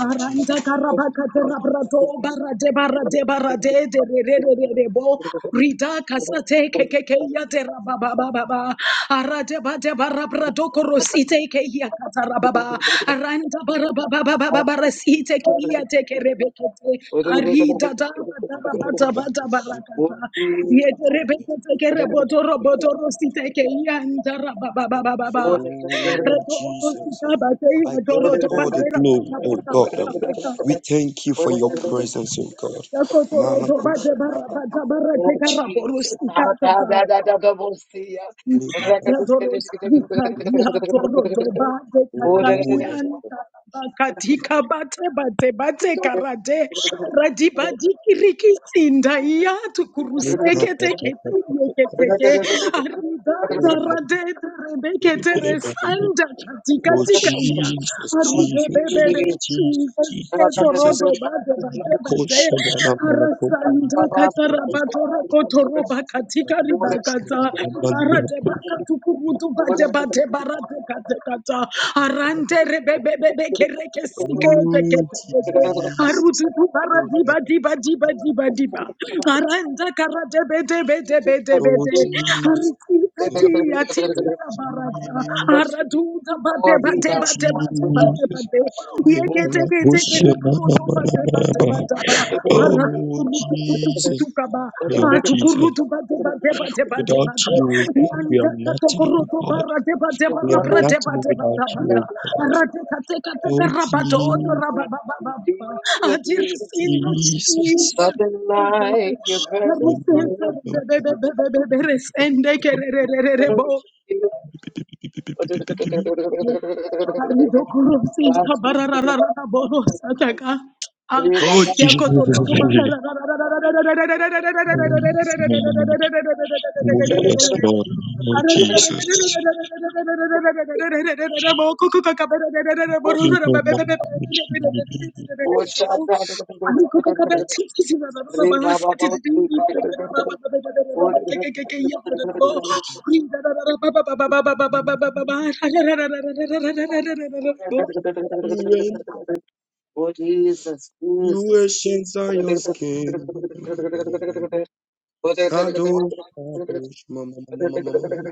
Aranta
Jesus.
karabaka de rabrato barade barade barade de re re re re re bo. Rida kasate ke ke ke iya de rabababa. Arade bade barabra Badoko rosite ke iya katarababa. Aranda barabababababababasite ke iya teke rebekete. Arida da bada bada bada barakata.
you.
Yete rebekete ke reboto roboto rosite ke iya ndarabababababa.
Oh
Reto
Jesus,
okosita bate iya
I give you
dorodo
all
bate
the glory,
rabata
oh
bata
God.
bata
Um,
bata.
we thank you for your
Oh Lord.
presence, oh God.
Yakotorodo
Malakus,
bate
Order,
barabata barate
Oh, Jesus.
karaborosika tata. Yatorosika de
Oh yes,
dekatayanta bakatika bate bate bate karate radiba dikiriki sinda yatu
Oh my God.
kuruseke teke teke teke arida darade darebeke tere katika
Oh
tika ya
Jesus, Jesus,
Oh,
arudebebebe
Jesus,
Jesus.
Jesus,
Kato
Jesus, Jesus.
Ketorodo bade bade
Coach,
bade
I'm gonna- I'm gonna coach. Oh
arasanta katara batora
Jesus.
kotoro bakatika
Oh
ribakata arade bakatu kurutu bade bade barate kate kata arante rebebe bebe kereke sike te kete kete arutu tu baradi
Jesus,
Jesus.
badi badi badi badi ba aranta karate bede bede bede
Oh
bede
Jesus.
Jesus.
arisi ati ati tita barata
Oh,
aratu
Jesus. Lord, be
tabate
Oh
God.
deba deba deba
Lord, be
deba
Jesus.
God.
de. Yeke teke
Oh
teke ro do ba deba deba deba.
If
Baratu kuru tu tu tu tu
nothing,
tu
Jesus,
kaba.
oh
Atu kuru
Jesus.
tu ku ru tu ba deba deba deba deba
Without
de.
you, we can, we are
Yanda kato
nothing,
kuru
oh
tu
God.
bara deba
if
deba
We are
rapra
nothing,
deba
nothing
deba
without
deba
you,
da.
oh God.
Ara te ka te ka te ka
Oh
ra ba do
only
do
Jesus.
ra ba
one
ba. ba
to
ba,
be
ba. a
with you,
Ajiris in the Jesus.
nothing like your presence.
Jesus.
Lord.
Resende kererererebo.
Oh Jesus. Oh yes, Lord. Oh yes, Lord. Oh Jesus. You know, my-
Goodness
You were,
Oh, Jesus,
you were
Jesus.
shins on your skin.
Oh,
Kadosh, kadosh, mama, mama, mama, mama, mama.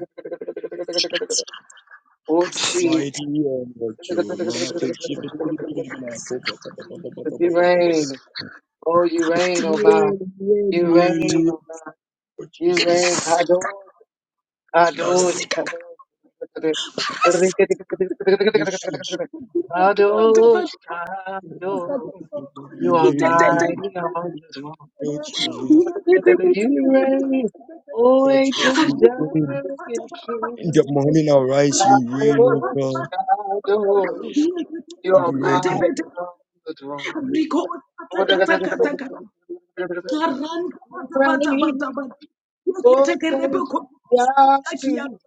You are
Jesus.
mighty on your tune. Mama, koshi,
You reign. Oh, you reign,
You
oh
were,
God.
you were, you
You
were,
reign,
you were,
oh God.
oh,
You reign.
sake.
Jesus.
Kadosh,
I
Kadosh,
am a
Kadosh.
bush of-
Kadosh, Kadosh. You are
Oh,
mighty on your
Jesus.
throne. You reign. Oh,
Oh, Jesus.
ancient
You reign.
Zion
In the
King.
morning, I rise. You reign, oh
Shadows,
God.
shadows, you
You
are
reign, oh
mighty on the throne. Oh,
Rico, Aranda bata bata bata. bata. Yekete kerebe
Jesus,
kokosi yakia.
shadows,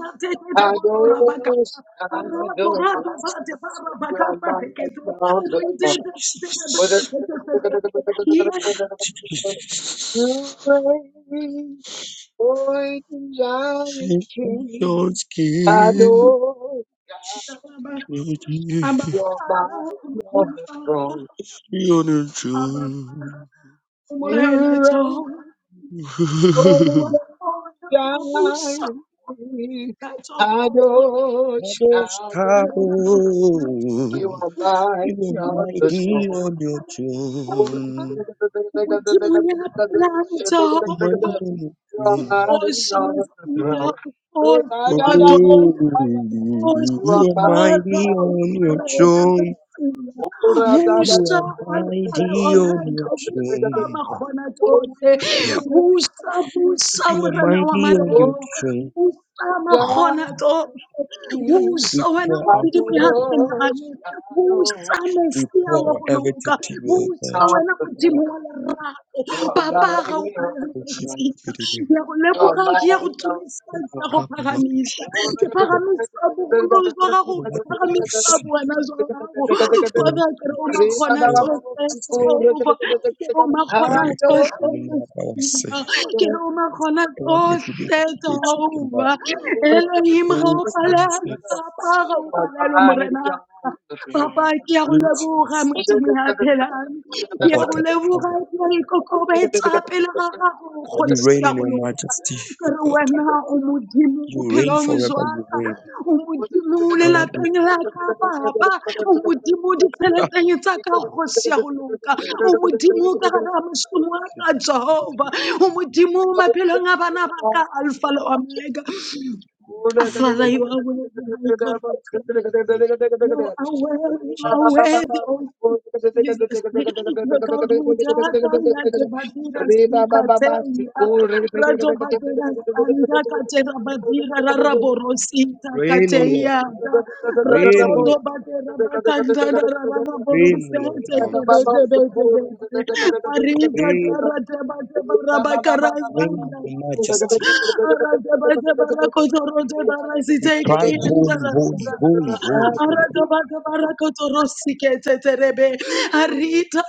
Rate kete boto rabaka.
shadows,
Arado rada
you
bate bara
are
bakasa teketo.
mighty on the
Rete
throne.
tete tete
God.
tete tete tete. Yenda
You reign, holy and
Take off your
king.
skin,
Shadows, shadows,
baba.
you was
Aba
you are
ara
mighty on
umjima
the
baba.
throne.
you on your
Aba ara
truth.
You
umorena
reign.
Jehovah.
Oh,
Wabusa.
God,
That's a whole.
Kadosh,
Others
Kadosh,
travel,
you are
you
mighty
are
on the
mighty
throne.
on your
You are mighty on
throne. You are
the throne. You are
mighty
Jehovah,
on your throne.
Hoş
mighty on the throne.
Mesih,
Oh,
hoş Adonai,
Oh, you
Voice
are mighty
Father,
on your
Warena
throne.
Messiah,
da, da, da, da, da, da,
You
Vusa
are
da,
Alfale
da,
mighty on your
Omega,
da, da,
Vusa
da.
throne.
Makhona
Oh,
Tose,
we
Yeah.
pray.
Vusa Vusa
You are
Mrena wa
mighty on your
Oh,
Marena,
throne.
Vusa Makhona Tose,
God.
Vusa
We
wena
pour out
mobidi
to you.
moyaphena
Thank
ane, Vusa
We
Messiah wa
pour our
go
everything
loka,
to you, O God.
wena modimo wa lerato, Papa ga o phalane ka tsika,
Oshibidibidi.
ke ya go leboga, ke ya go tumisa, ya go phagamisa. Ke
Oshikabalakoshibidibidi.
phagamisa bogolojwa gago,
You
ke
are the
phagamisa
mercy.
bona jwa gago.
Oh,
Father, ke re o
Jesus.
makgona
You are the
tsohle,
mercy.
Jehovah. Ke re o
God,
makgona
if you have no
tsohle,
money, I will say.
Mosima. Ke re o makgona
God, if you do
tsohle,
have faith, you can buy.
Jehovah. Elohim, ga
Oh,
o palelwe,
Jesus.
Papa, ga o palelwe, Morenaka. Papa, ke a go
Oh,
leboga
Jesus.
modimo ya phelang.
Oh,
Ke a
what
go
a
leboga ke a ikokobetsa pele ga gago,
You
you.
kgosi
reign
ya
in
go
your
loka
majesty, O God.
Lord,
wena o modimo
You reign
bophelong
forever, you
jwaka
reign.
o modimo
God, we
lelapeng la ka papa o modimo
thank
ditsheleteng tsa ka kgosi ya go loka o ka gare ga wa ka jehova o modimo
check
maphelong a
you,
bana
oh
ba ka alpha le
God.
omega father you are worthy my God.
you.
You are worthy, you are
Jesus,
worthy, oh Jesus. The God who data ya tebadira sikateya. Rato badera sanda katera badira raraborosita
reign, O Lord.
kateya. Rato
Reign, O
do
Lord,
badera bakandara
reign, O Lord, in
raraborosete
our midst.
kerete bete bete. Arida
Reign,
tara teba teba
reign in
rabakarasanda.
your majesty.
Oh, my God,
Re
We cry, holy, holy, holy, holy, holy.
Majesty,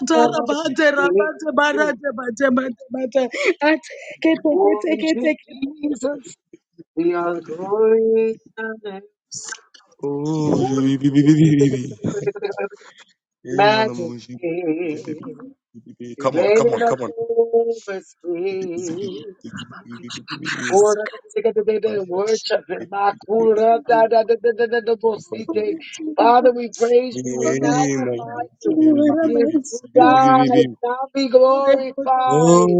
Majesty. Oh, Jesus, we are going.
Oh, hey, man, I'm always-
Majesty,
come on, come on,
reigning up
come on.
over
Hey,
space. Ora da- da- da- da- da- da- Worship him. Makura da- da- da- da- da- da- da- bosite. Father, we praise
man.
you. We magnify you.
my
Jesus who died,
God.
now be
Thank
glorified.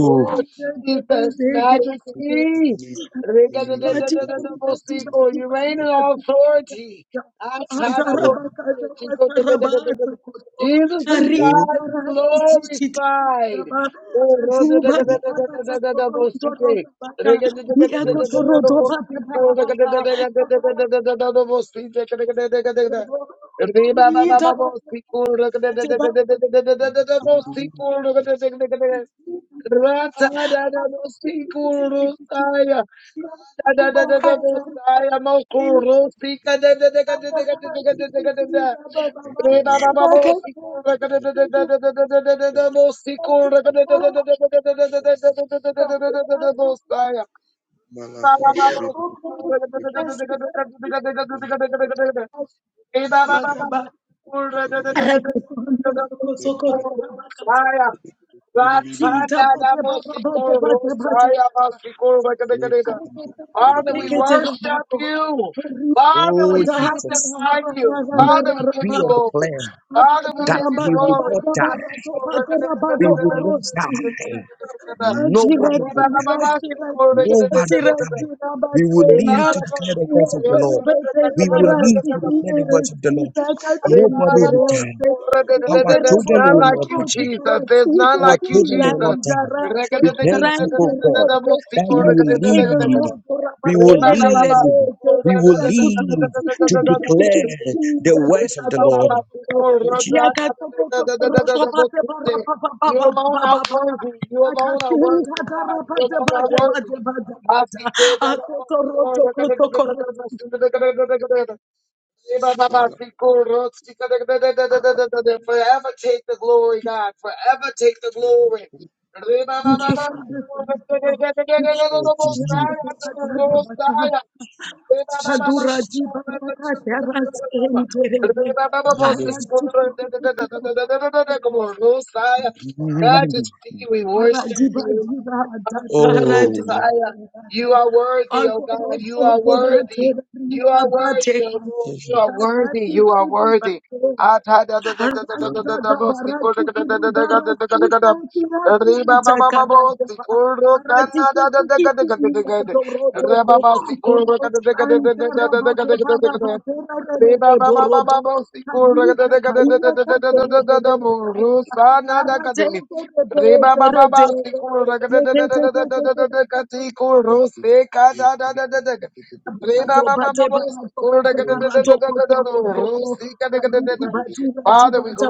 Oh, Jesus, majesty. Rega da- da- da- da- da- da- bosiko. You reign
Oh.
in authority. Atada
For
bosite. Chico da da da- da- da- da- Jesus who
both
died, be glorified. Oh, ro-
you.
da- da- da- da- da- da- da- da- da- bosite. Mosaya.
mythology and voodoo, the woman
Rabakata.
Rosaya, Father, we worship you. Father,
Oh
we
Jesus,
magnify you.
we
Father, we give you
decree and
glory.
declare
Father, we
that
give you
we will not die. We will not die. No one will die. No one will
glory.
die. We will
Hey, baby,
live
I'm
to declare the words of the
going to
Lord. We will live
pick
to
you up.
declare the words of the Lord.
There's
Nobody will die. Our
Thank
children
none
will
you.
like
not
you,
Thank you,
die.
Jesus.
Father.
There's none
Our
like you,
children will not
Jesus.
die. We thank you, O God, that we will live. We will live. We will live to declare the words of the Lord. Oh, Jesus.
You alone are worthy. You alone are worthy, oh God. You alone are worthy. Forever take the glory, God. Forever take the glory. Forever take
Thank you,
the glory.
Lord. Aduradi baraka teras enterebe. Aradu kurukutuba.
Messiah, majesty, we worship
Aradi
you.
badira adatara
Oh,
Messiah,
debateka.
you are worthy, oh God, you
Adorodo
are
dorate
worthy. You
rita
are worthy,
bateka.
oh Lord, you
Jesus.
are worthy,
Kakati
you are
tibi
worthy.
batera. Thank
Father,
you. Abado bade barado bade
Oh, yeah.
barado kotorodoko. Karitu badu
Unmovable
radi
we
bada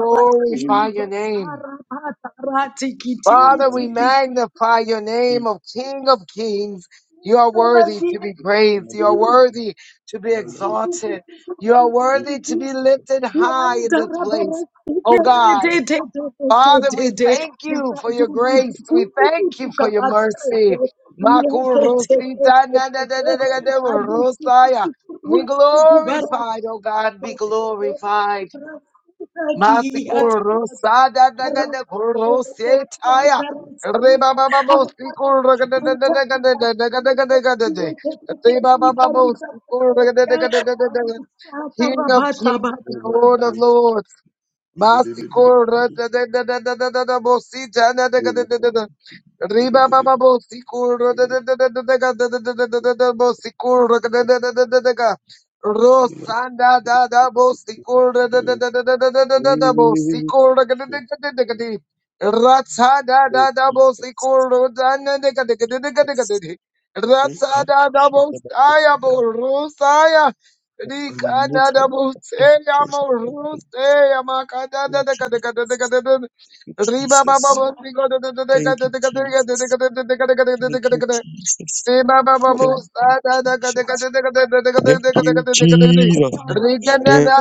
forever,
bashiva.
your name.
Ara bata rati kiti
Father,
kiti
we
kiti.
magnify your name of King of Kings. You are worthy
Radi.
to be praised. You are worthy to be exalted. You are worthy to be lifted high in
Yanda
this
rabara
place. Oh
sikere de
God,
de de de de
Father,
de
we
de.
thank you for
Rabadu
your
budu
grace. We
kutu
thank
kutu
you for your
kabatere de.
mercy.
Yeke te te
Makurusita
te
na na
te
na na na
te.
na na, na na na
Adusu
na
kutu
na Be
kutu kutu bara.
glorified, oh God,
Rabata
be glorified. Masikul Rosada Nagada Kuro Setaya. Reba Baba Mosikul Ragadagadagadagade. Reba Baba Mosikul Ragadagadagadagade. King of Kings and Lord of Lords. Masiko rada da da da da da da da bosi jana da da da da da da riba baba bosi ko rada da da da da da da da da da da da da bosi ko rada da da da da da da da Rosanda da da bosi ko rada da da da da da da da da da bosi ko rada da da da da da da da Ratsa da da da bosi ko rada da da da da da da da da da Ratsa da da bosi aya bo rosaya Riba
Jesus. Thank Jesus. Thank you, Jesus. Thank you,
baba
Jesus.
Mm.
Thank you, Jesus. Thank you, Jesus. Thank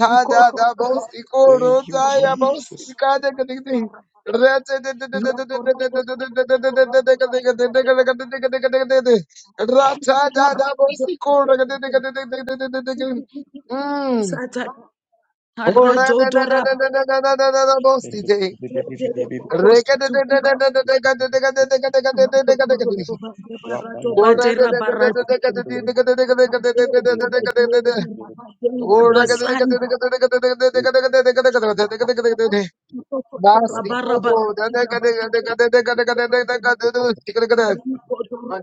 Basanda
thank you, Jesus.
Oh, da da da da da da da da da da da, bossy day. Anointing
Ariko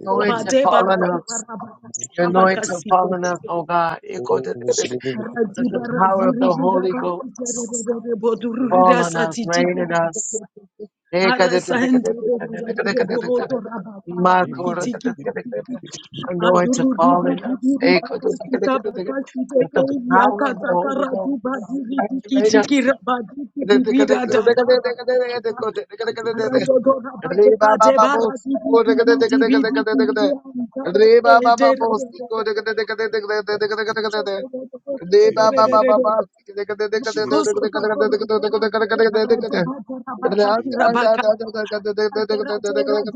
doroba de
falling
barate
us.
barabaka
Your
rabaka
anointing
site.
falling us, oh God.
Radhi
Let the power of
baradhiri
the Holy Ghost
rabasi tererere bodururi
fall on us,
rasati
reign in
tikarabebe.
us.
Arasande rerere boto
I'm going
rababati kiti kiti kiti.
to fall
Adurudugu
in us.
dibiri
Let
bakasi tabakasi
the
tekeri
power of the
yakataka
Holy
radu
Ghost
badiri
activate
dikiti
us.
kirabadi kidiri radada bakataka. Radodora bade bade baradi bidi bidi bidi bidi. Karate tererere. Jesus,
Oh, After Lord,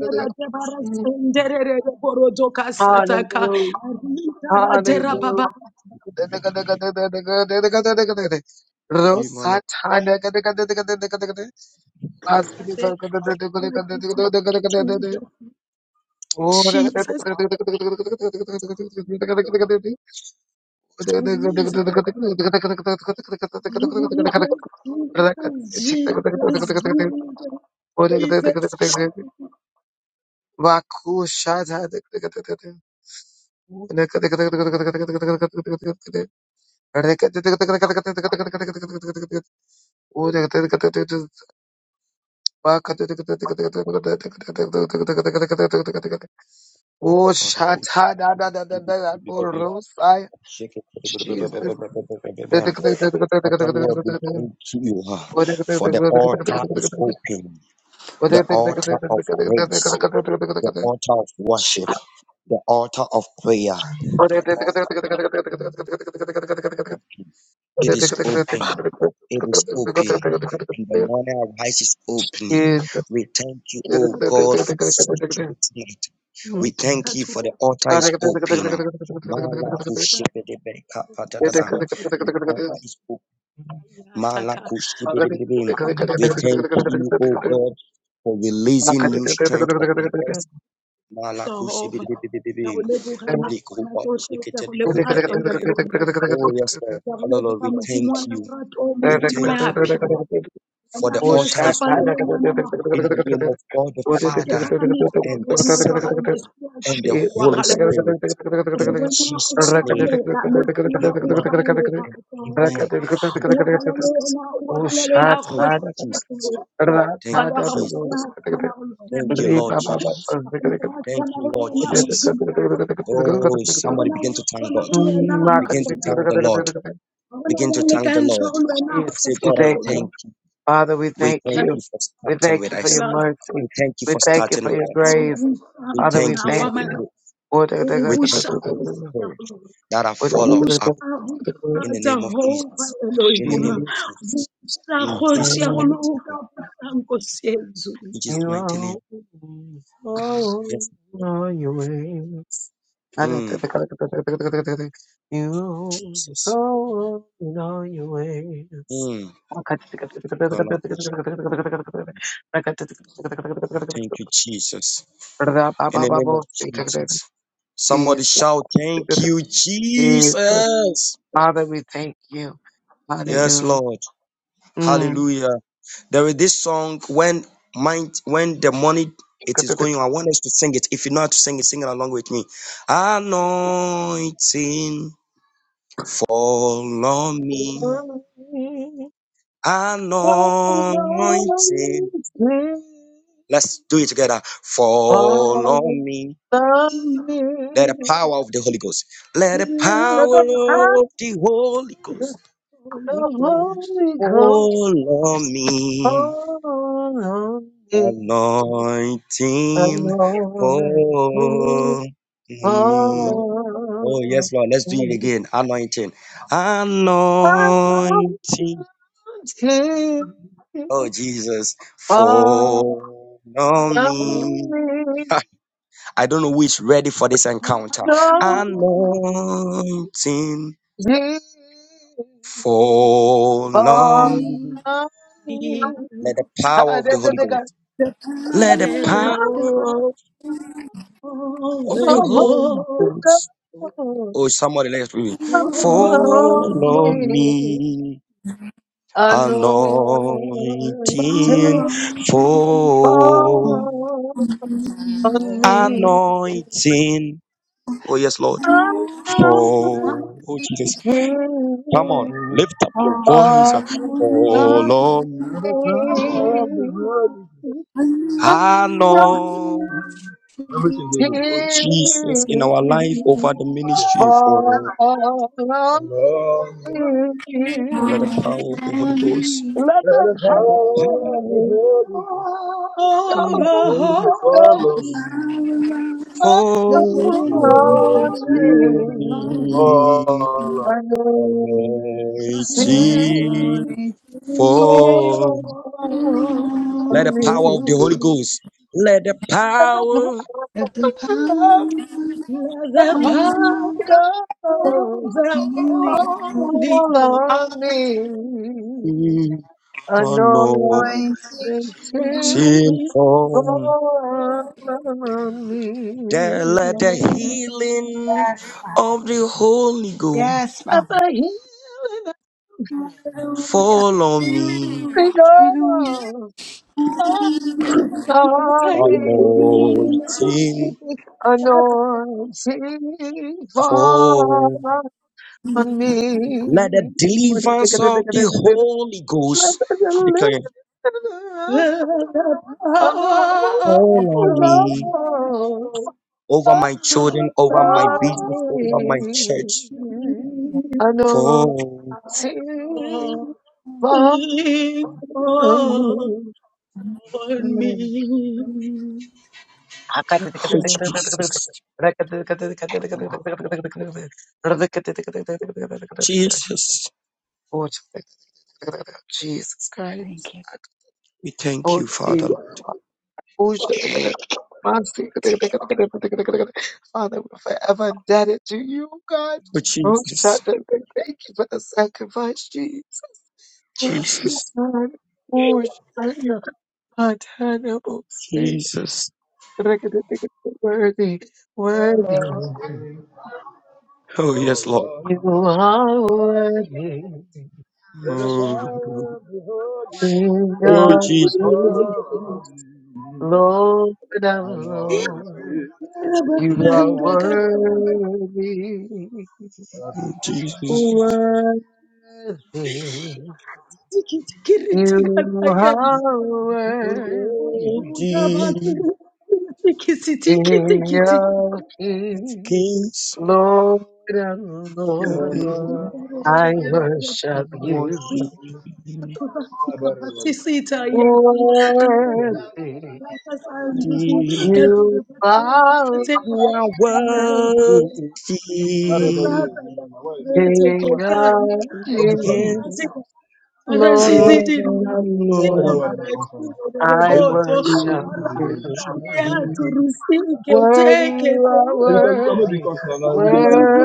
we thank
Hallelujah. Hallelujah. Oh,
Jesus, Jesus, Jesus,
Oh, Shatta, Jesus. Jesus.
you ah, for the altar is open, the altar of praise, the altar of worship, the altar of prayer, the altar. It is open. It is open. In the morning arise is opening. We thank you, O God, for such a night. We thank you for the altar is open.
Oh, shot.
Malakushibidibidikapatadadam. The
Jesus.
altar is open.
Yataka.
Malakushibidibidibim. We thank you, O God, for releasing new strength upon us.
Jehova. Ke a go
Malakushibidibidibim.
leboga makhona tsotlhe, ke a go leboga tau 'ila le
Likubashikitidikupelebe.
lona le
Oh,
tshela.
yes, Lord.
Ke go
Father, Lord,
leboga
we
Modimo
thank
wa
you.
lerato,
We
Modimo
thank
ya
you, O God,
phela.
for
Wena
the
ya
altar is
sapa
open
ngwana makgwafo.
in the name of God the
Papa, ke
Father
phagamisa
and the
boemo jwa
Son
gago, Modimo wa
and
gago,
the Holy Spirit. In
Rwenya
Jesus' name,
uwahalalela Mesia
amen
uwahalalela
and amen.
Jehova
Thank you, Jesus.
uwahalalela uwahalalela
Thank you,
Kgosi ya
Jesus.
Rona
Thank
Father ga
you,
na
Jesus.
ya tshwana na lona
Thank you, Lord
Mesia
Jesus.
ga gona ya
Thank
tshwana go
you, Lord
lona
Jesus,
Jesus.
Modimo ya na
Oh,
ga
somebody
gona
begin
ya
to thank
tshwana
God.
go lona
Begin to
Makgona
thank the Lord.
ga
Begin
gona ya
to thank the
lekantshwa
Lord.
go lona
Say, God,
we
ya
I
thank
Rona
thank
you.
you.
Father, we
We
thank
thank you
you.
for
We
starting
thank
with
you
Papa
for
us.
fela
your mercy.
We thank you
We
for
thank you
starting
for
with
your
us.
re
grace.
busa
We
Father, we
thank you
wa
for
thank
the
mare
you.
gro-
re
we thank
busa
you for your
ya
spirit that have followed up
Busa,
uh,
busa,
in the name of
Jehova
Jesus. In the
Elohim.
name of
Jesus.
Jesus.
Busa,
In
Nkosi
Jesus' mighty
yakulunga,
name.
busa, Nkosi yezulu.
In
You
Jesus' mighty
are
name.
always
Yes.
on your ways.
Mm,
You are
Jesus.
always on your ways.
Mm. Kalakosh. Thank you, Jesus. In the name of Jesus. Somebody
Jesus,
shout, Thank you,
Jesus,
Jesus.
Father, we thank you.
Yes,
Hallelujah.
Lord.
Mm.
Hallelujah. There is this song when mind when the money it is going. on. I want us to sing it. If you know how to sing it, sing it along with me. Anointing fall on me. Anointing. Let's do it together. Fall
All
on me.
the
We
Let the
need
power of the Holy Ghost. Let the
of
power
the
love
power
of the Holy Ghost
the
of
Holy
the
Ghost.
Holy Ghost
fall on me.
fall on me.
Anointing
Anointing fall on me.
for me.
Oh,
Oh, yes, Lord. Let's do it again. Anointing. Anointing.
Anointing
Oh, Jesus.
all
For
I
Lord,
me.
need,
I don't know who is ready for this encounter.
don't be
Anointing for
all
me
me.
I
we
need.
Let the power
Ah,
of
da,
the
da,
Holy
da, da.
Ghost.
the
Let
Let
the
let
power,
the
them
the
power
power of
of
Anointing fall
the
the
Holy
Holy Ghost.
on
Oh,
me.
somebody let's me. Follow
Ghost
Anointing
me,
of
power
anointing.
of God.
Follow,
Follow me,
on me.
anointing. Oh, yes,
and
Lord.
follow me.
And
Follow. Oh, Jesus.
At
Come
the
on, lift up your voice.
nothing.
Follow
power of the
me,
Holy
Anointing
anointing. Oh, Jesus, in our life, over the ministry, for
fall
Follow
on
me.
on me,
let the power
me.
of the Holy Ghost.
Let
Let the
the
Let the
Let
power
power
the
of the
of
Holy Ghost.
power
pentacles
the
of
Holy
the
Ghost.
Follow
Holy
I
me.
will love
on
the
and
follow.
The
sing
I
power of
Holy
on
love
the Holy Ghost
You.
is
Ghost.
me.
Holy,
follow
And the love
me.
on
Anointing
Glory to you.
fall.
of
Let the power of the Holy Ghost, let the power of
At the power
the
of
power
God
the
fall on me.
Holy
Anointing
anointing
Ghost.
fall.
for
There, let
me.
the healing of the Holy Ghost
Yes,
Up
Father.
a hill and up
Hallelujah.
fall on me.
it
Hallelujah.
goes, on
of
me.
the
Anointing
Holy
Anointing fall
fall.
on
Let
me.
the
Let
deliverance of the
the
Holy Ghost declare,
lift Of the Holy
fall on me
Ghost
over my children, over my
on
business, over my church.
me.
Ghost.
Anointing
Oh,
Lord,
fall
lean on
on
me.
me.
Thank you,
oh,
Lord.
Jesus, Jesus,
Jesus Christ.
Thank you.
we thank
Oh,
you, Father. Oh,
Jesus. Oh, Mercy. Father, we're forever indebted to you, God. Oh, God,
Jesus,
thank you for the sacrifice, Jesus. Thank you,
Jesus,
God. Oh, Shaya, untenable, Savior.
Jesus.
Worthy,
And I
worthy.
sing.
Oh, yes, Lord.
Follow
You
me.
are worthy,
Let the
Oh,
power of the Holy
King
Ghost.
oh
of
Jesus,
Follow
Kings,
me.
Lord of
I love
Lords.
You.
You are
Rabasanda
Oh,
kataraba
worthy,
Father, Jesus.
Jesus,
worthy.
tiki tiki riti
You
katayenda.
are
oh,
worthy,
Jesus,
Rabasanda tiki tiki
King
tiki tiki.
of Kings,
Kings,
Lord of
Lord,
Lords.
Ah,
people,
I
I
worship
Father,
you,
worship
Jesus.
you.
Kabatsi kabatsi sita yati. Kabatsi
worthy.
rabasandi
You
You
kataraba
are
tiki
are
tiki.
King
worthy,
That
Kila
red oil you
sasa
King
give me,
ya
my wife say nothing.
kirete
I
kekanya
of
of
hope this one
kings,
good.
Kings.
arasimatika
Lord
Lord, I
arashididirira
of
Why
tika
that
love
one
lords,
not come fine?
zirakiro
I
Na you that
dereboto
worship
you.
you.
worship
arasalia
you.
turusike
Worthy
teke
you are
I
teke
because because no
worthy,
because na na we
worthy.
dey buy am na.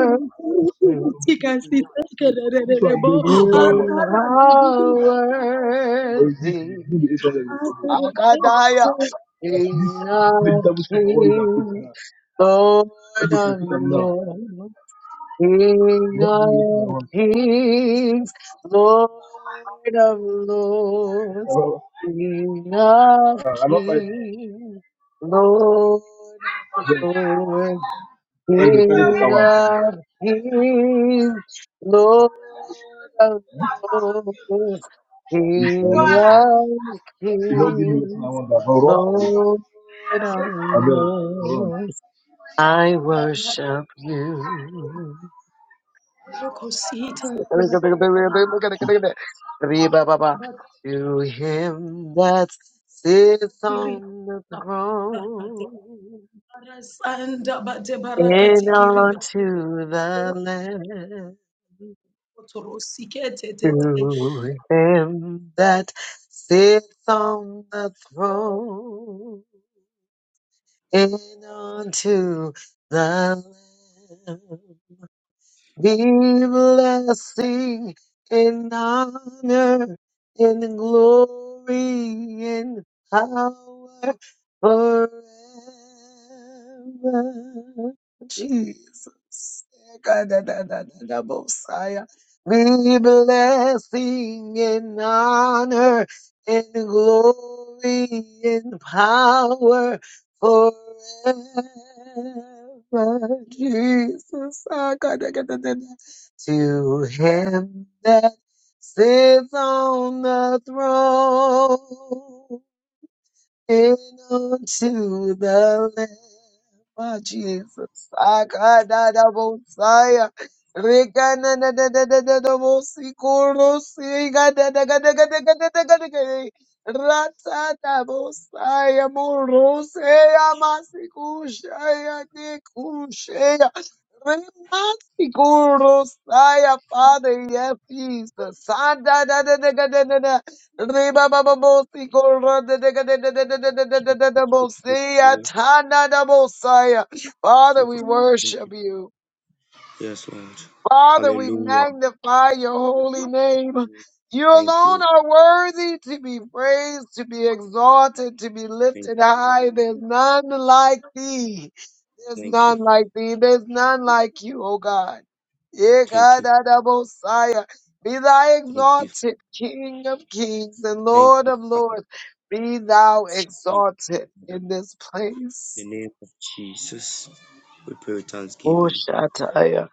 You know,
siseke
This one
dererebo
dey good. This one how much?
You
adara
are
dududura akarete
But you see,
worthy.
no be eight hundred the problem.
Akadaya,
As this
King of
vegetable soup I wan use am cook
kings,
now. Hope
Lord
you can
of
cook am now.
lords. King
Not being with my
of
own.
kings, Lord of lords,
Uh,
King of
I not buy them.
kings, Lord of lords,
Like they carry the
King
power and come.
of kings, Lord of lords,
If you
King of
don't give me what I
kings,
want, I go run for you.
Lord of
I will go run.
lords, I
idara
worship you.
rokosita tiatatara
Re-ba-ba-ba. To him that sits on the
abakatiri
throne
Arasanda bate barakati
and
kiriba
unto the Lamb.
otoro sikete tete.
To him that sits on the throne and unto the Lamb. Be blessing and honor and glory and power forever. Jesus. Messiah. Be blessing and honor and glory and power forever. Jesus, oh God, I gotta get the to him that sits on the throne. And unto the Lamb of Jesus. Akadadabosaya. Rekanadadadadadabosikorosi. Gadadagadagadagadagadagade. Ratsadabosaya moroseya masikushaya nekushaya. Remasikorosaya. Father, yeah, peace. Sadadadadadadada. Ribababosi korra de de de de de de de de de de
Jesus,
de de
we thank
bosi
you, Lord.
atana da bosaya. Father,
Jesus,
we
we thank
worship you.
Yes, Lord.
Father, we
Hallelujah.
magnify your holy name. You
Thank
alone
you.
are worthy to be praised, to be exalted, to be
Thank
lifted high. There's none like thee.
you.
There's
Thank you.
none like thee. There's none like you, O God. Yeah,
Thank
God,
you.
I double Be thou
Thank you.
exalted, King of kings and
Thank
Lord
you,
of
Father.
lords. Be thou
Thank
exalted
you, Father.
in this place.
In the name of Jesus, we pray with
Oh,
thanksgiving.
Shataya.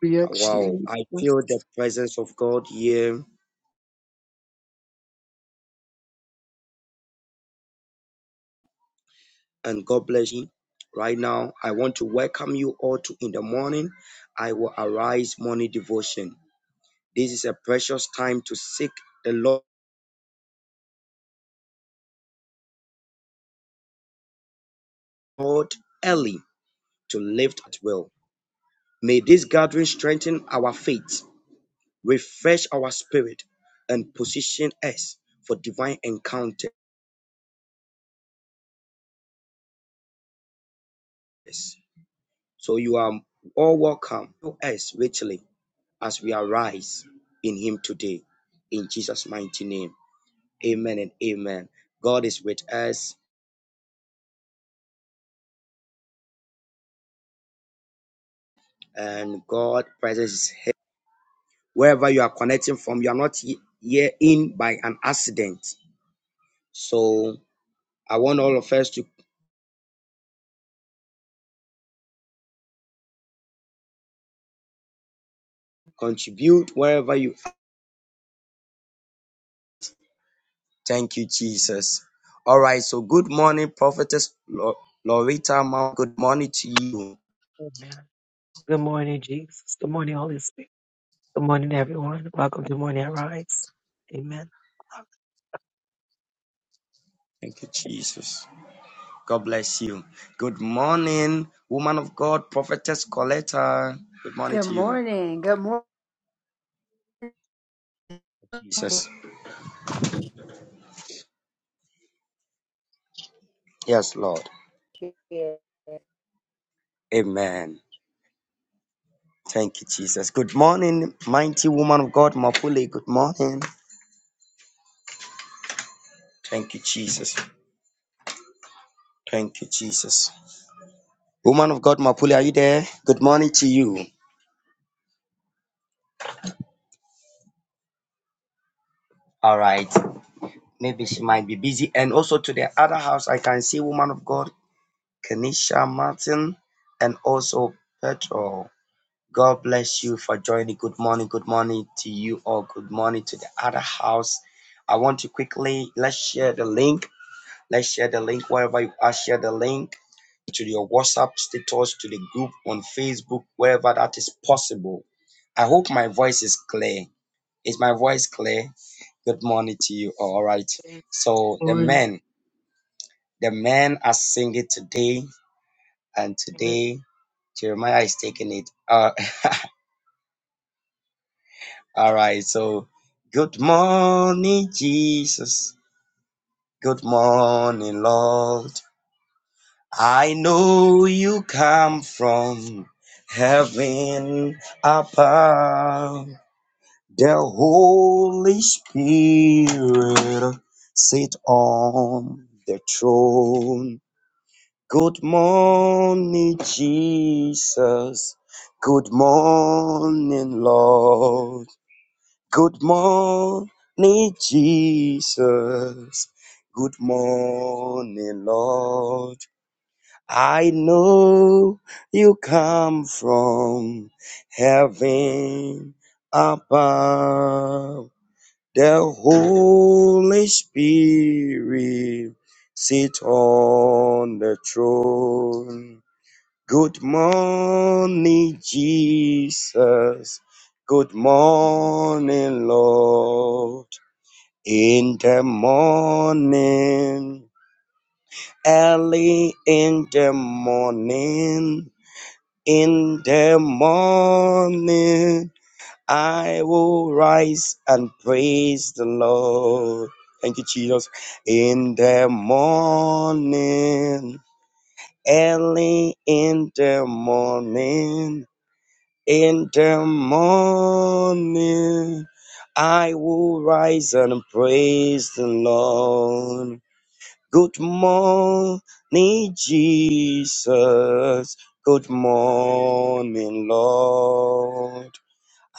Be
Wow. I feel
Jesus.
the presence of God here. and God bless you. Right now, I want to welcome you all to In the Morning, I Will Arise Morning Devotion. This is a precious time to seek the Lord early to lift at will. May this gathering strengthen our faith, refresh our spirit, and position us for divine encounters. So you are all welcome to us richly as we arise in Him today. In Jesus' mighty name. Amen and amen. God is with us and God presence is here. Wherever you are connecting from, you are not here in by an accident. So I want all of us to contribute wherever you are. Thank you, Jesus. All right. So good morning, Prophetess Lo- Loretta Mount. Good morning to you.
Good morning, Jesus. Good morning, Holy Spirit. Good morning, everyone. Welcome to Morning Rise. Amen.
Thank you, Jesus. God bless you. Good morning, woman of God, Prophetess Coletta. Good morning
Good
to you,
morning. Good
Jesus. Yes, Lord.
morning.
Amen. Thank you, Jesus. Good morning, mighty woman of God, Mapule. Good morning. Thank you, Jesus. Thank you, Jesus. Woman of God, Mapule, are you there? Good morning to you. All right. Maybe she might be busy. And also to the other house, I can see woman of God, Kenisha Martin, and also Petro. God bless you for joining. Good morning. Good morning to you all. Good morning to the other house. I want to quickly let's share the link Let's share the link wherever you are. Share the link to your WhatsApp status, to the group on Facebook, wherever that is possible. I hope my voice is clear. Is my voice clear? Good morning to you. All right. So the men, the men are singing today, and today Jeremiah is taking it. Uh, all right. So good morning, Jesus. Good morning, Lord. I know you come from heaven above. The Holy Spirit sit on the throne. Good morning, Jesus. Good morning, Lord. Good morning, Jesus. Good morning, Lord. I know you come from heaven above. The Holy Spirit sit on the throne. Good morning, Jesus. Good morning, Lord. In the morning, early in the morning. In the morning, I will rise and praise the Lord. Thank you, Jesus. In the morning, early in the morning, in the morning, I will rise and praise the Lord. Good morning, Jesus. Good morning, Lord.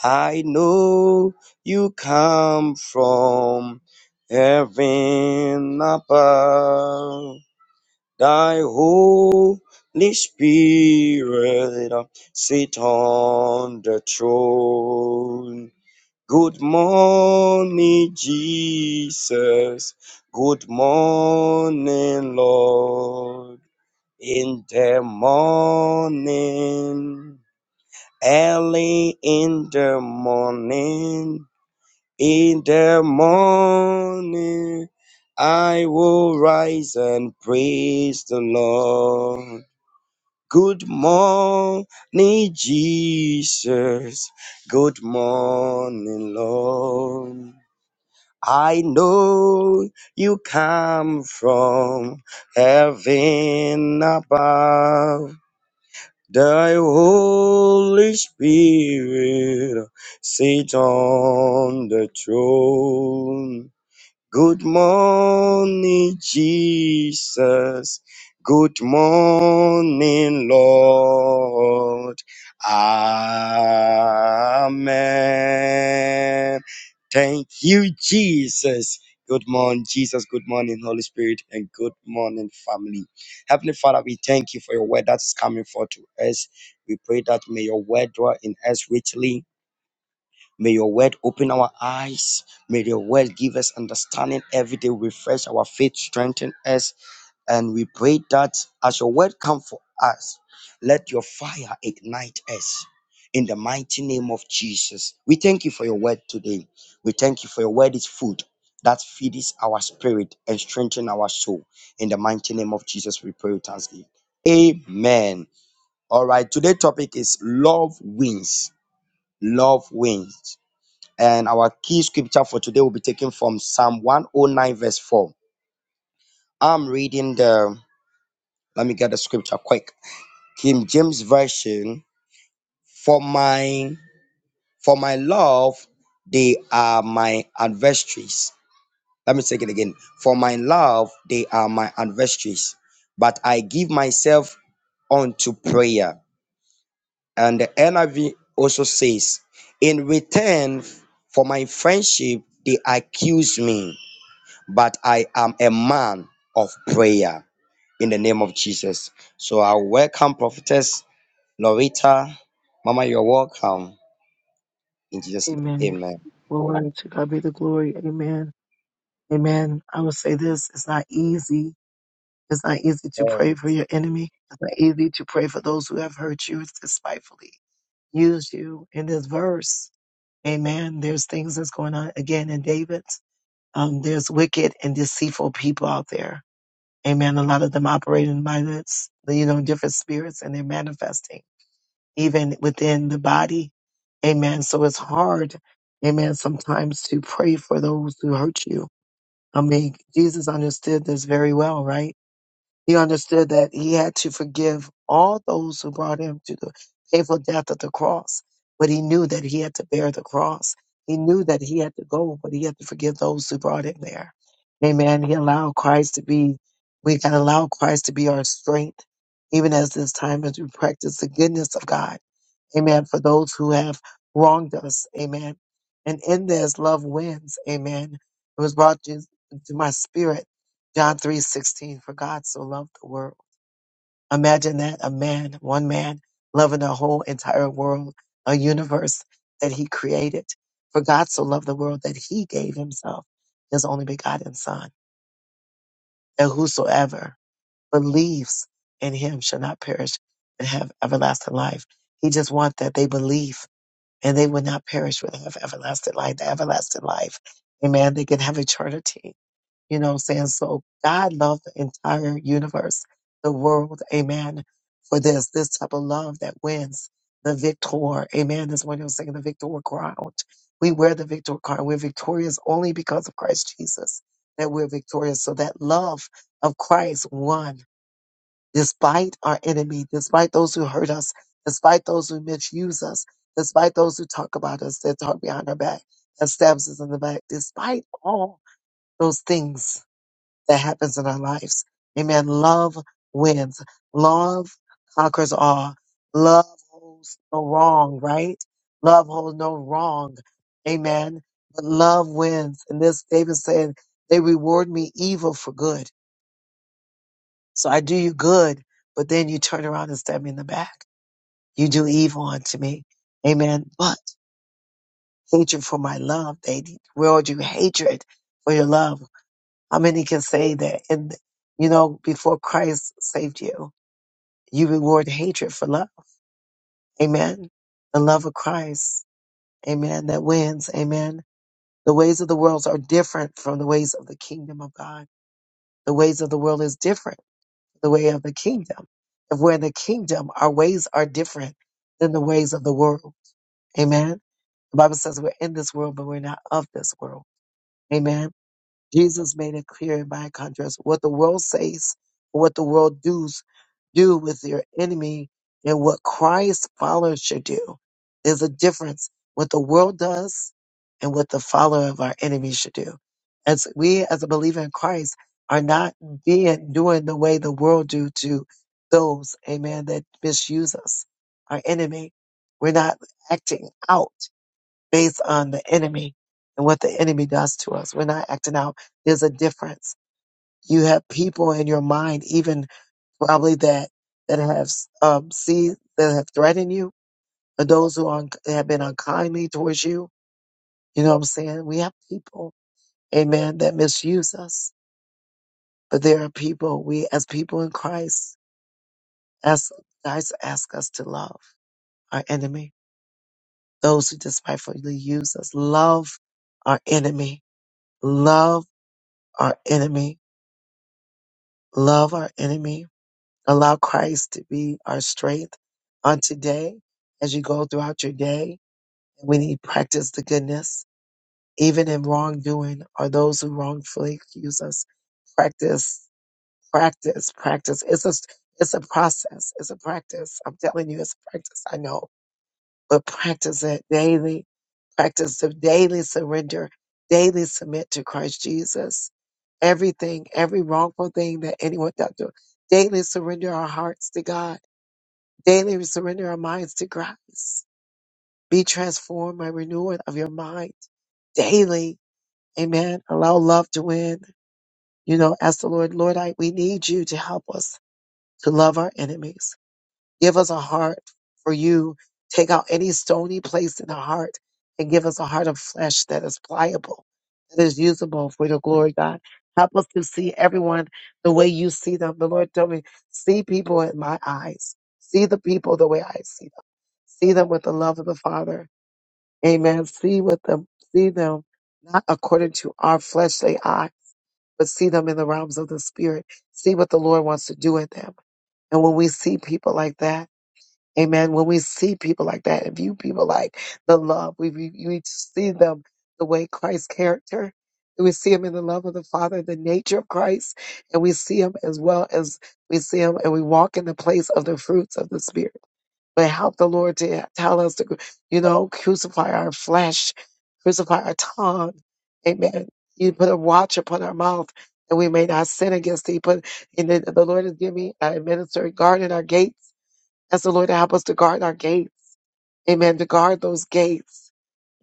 I know you come from heaven above. Thy Holy Spirit sit on the throne. Good morning, Jesus. Good morning, Lord. In the morning, early in the morning, in the morning, I will rise and praise the Lord. Good morning, Jesus. Good morning, Lord. I know you come from heaven above. The Holy Spirit sit on the throne. Good morning, Jesus. Good morning, Lord. Amen. Thank you, Jesus. Good morning, Jesus. Good morning, Holy Spirit, and good morning, family. Heavenly Father, we thank you for your word that is coming forth to us. We pray that may your word dwell in us richly May your word open our eyes. May your word give us understanding every day, refresh our faith, strengthen us. And we pray that as your word come for us, let your fire ignite us in the mighty name of Jesus. We thank you for your word today. We thank you for your word is food that feeds our spirit and strengthens our soul. In the mighty name of Jesus, we pray with thanksgiving. Amen. All right, today's topic is love wins. Love wins. And our key scripture for today will be taken from Psalm 109, verse 4. I'm reading the, let me get the scripture quick. King James Version, for my, for my love, they are my adversaries. Let me take it again. For my love, they are my adversaries, but I give myself unto prayer. And the NIV also says, in return for my friendship, they accuse me but I am a man of prayer in the name of Jesus. So I welcome Prophetess Lorita. Mama, you're welcome. In Jesus' name,
Amen.
amen.
Glory to God be the glory. Amen. Amen. I will say this. It's not easy. It's not easy to pray
Amen.
for your enemy. It's not easy to pray for those who have hurt you despitefully, used you in this verse. Amen. There's things that's going on again in David. Um, there's wicked and deceitful people out there. Amen. A lot of them operating by this, you know, different spirits and they're manifesting. even within the body. Amen. So it's hard, amen, sometimes to pray for those who hurt you. I mean, Jesus understood this very well, right? He understood that he had to forgive all those who brought him to the painful death of the cross, but he knew that he had to bear the cross. He knew that he had to go, but he had to forgive those who brought him there. Amen. He allowed Christ to be, we can allow Christ to be our strength, even as this time as we practice the goodness of God Amen. For those who have wronged us. Amen. And in this, love wins. Amen. It was brought to, to my spirit. John three sixteen. For God so loved the world. Imagine that a man, one man, loving the whole entire world, a universe that he created. For God so loved the world that he gave himself. His on whosoever believes in him shall not perish with everlasting life, that they believe and they will not perish with have everlasting life, the everlasting life. They can have You know what I'm saying? So God loved the entire universe, the world. Amen. The Type of love that wins the victor. Amen. That's when you're singing the victor crown. We wear the victor crown. We're victorious only because of Jesus that we're vic- that love of Christ won. Despite our enemy, despite those who hurt us, despite those who misuse us, despite those who talk about us, that talk behind our back, that stabs us in the back, despite all things that happens in our lives. Amen. Love wins. Love conquers all. Love holds no wrong, right? Love holds no wrong. Amen. But love wins. And this David said, they reward me evil for good. So I do you good, but then you turn around and stab me in the back. You do evil unto me. Amen. But hatred for my love, they reward you hatred for your love. How many can say that? And you know, before Christ saved you. You reward hatred for love. Amen. The love of Christ. Amen. That wins. Amen. The ways of the world are different from the ways of the kingdom of God. The ways of the world is different. from The way of the kingdom. If we're in the kingdom, our ways are different than the ways of the world. Amen. The Bible says we're in this world, but we're not of this world. Amen. Jesus made it clear in by contrast what the world says, what the world does. do with your enemy and what Christ's followers should do. There's a difference what the world does and what the follower of our enemy should do. As we, as a believer in Christ, are not being doing the way the world do to those, amen, that misuse us, our enemy. We're not acting out based on the enemy and what the enemy does to us. We're not acting out. There's a difference. You have people in your mind, even probably that that have um see that have threatened you and those who are, have been unkindly towards you you know what i'm saying we have people amen that misuse us but there are people we as people in christ as christ ask us to love our enemy those who despitefully use us love our enemy love our enemy love our enemy allow christ to be our strength on today as you go throughout your day we need to practice the goodness even in wrongdoing or those who wrongfully accuse us. Practice, practice, practice. It's a, it's a process. It's a practice. I'm telling you, it's a practice. I know, but practice it daily. Practice the daily surrender, daily submit to Christ Jesus. Everything, every wrongful thing that anyone does to daily surrender our hearts to God. Daily surrender our minds to Christ. Be transformed by renewing of your mind daily. Amen. Allow love to win You know, ask the Lord, Lord, I, we need you to help us to love our enemies. Give us a heart for you. Take out any stony place in the heart and give us a heart of flesh that is pliable, that is usable for your glory, God. Help us to see everyone the way you see them. The Lord told me, see people in my eyes. See the people the way I see them. See them with the love of the Father Amen. See with them, see them not according to our fleshly eye, but see them in the realms of the spirit. See what the Lord wants to do in them. And when we see people like that, amen, when we see people like that and view people like the love, we, we, we see them the way Christ's character, and we see him in the love of the Father, the nature of Christ, and we see him as well as we see him and we walk in the place of the fruits of the Spirit but help the Lord to tell us to, you know, crucify our flesh, crucify our tongue. Amen. You put a watch upon our mouth and we may not sin against thee. Put and the, the Lord has given me a minister guard in our gates. Ask the Lord to help us to guard our gates. Amen. To guard those gates.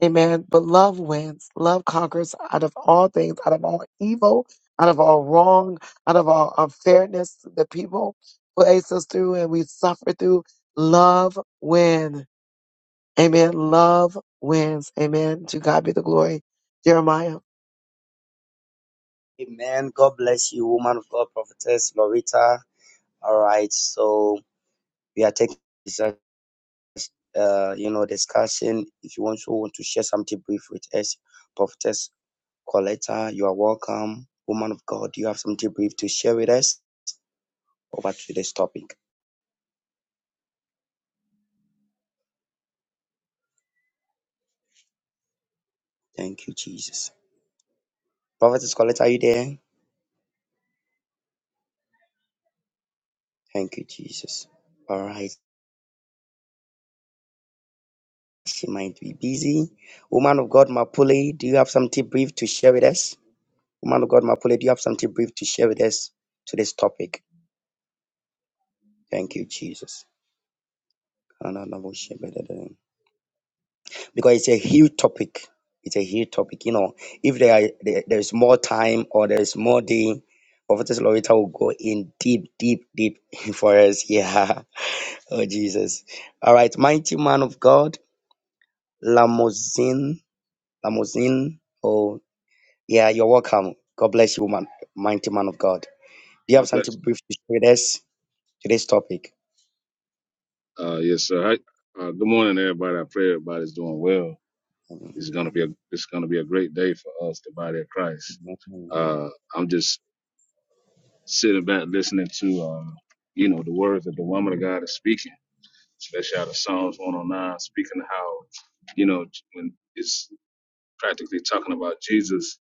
Amen. But love wins. Love conquers out of all things, out of all evil, out of all wrong, out of all unfairness that people place us through and we suffer through. Love wins. Amen. Love wins. Amen. To God be the glory. Jeremiah.
Amen. God bless you, woman of God, Prophetess Lorita. All right. So we are taking this, uh, you know, discussion. If you also want to share something brief with us, Prophetess Coletta, you are welcome. Woman of God, you have something brief to share with us. Over to this topic. Thank you, Jesus. Prophetess Colette, are you there? Thank you, Jesus. All right. She might be busy. Woman of God, Mapule, do you have something brief to share with us? Woman of God, Mapule, do you have something brief to share with us to this topic? Thank you, Jesus. Because it's a huge topic. It's a huge topic. You know, if there, are, there there is more time or there is more day, Prophetess Loretta will go in deep, deep, deep for us. Yeah. Oh, Jesus. All right. Mighty man of God. Lamozin, Lamozin. Oh, yeah, you're welcome. God bless you, woman, mighty man of God. Do you
God
have
bless
something brief to share with us? Today's topic.
you. Uh, yes, sir. Hi- uh, good morning, everybody. I pray everybody's doing well. It's gonna be a it's gonna be a great day for us, the body of Christ.
Wow,
Uh, I'm just sitting back listening to uh, you know the words that the woman of God is speaking, especially out of Psalms 109, speaking how you know when it's practically talking about Jesus,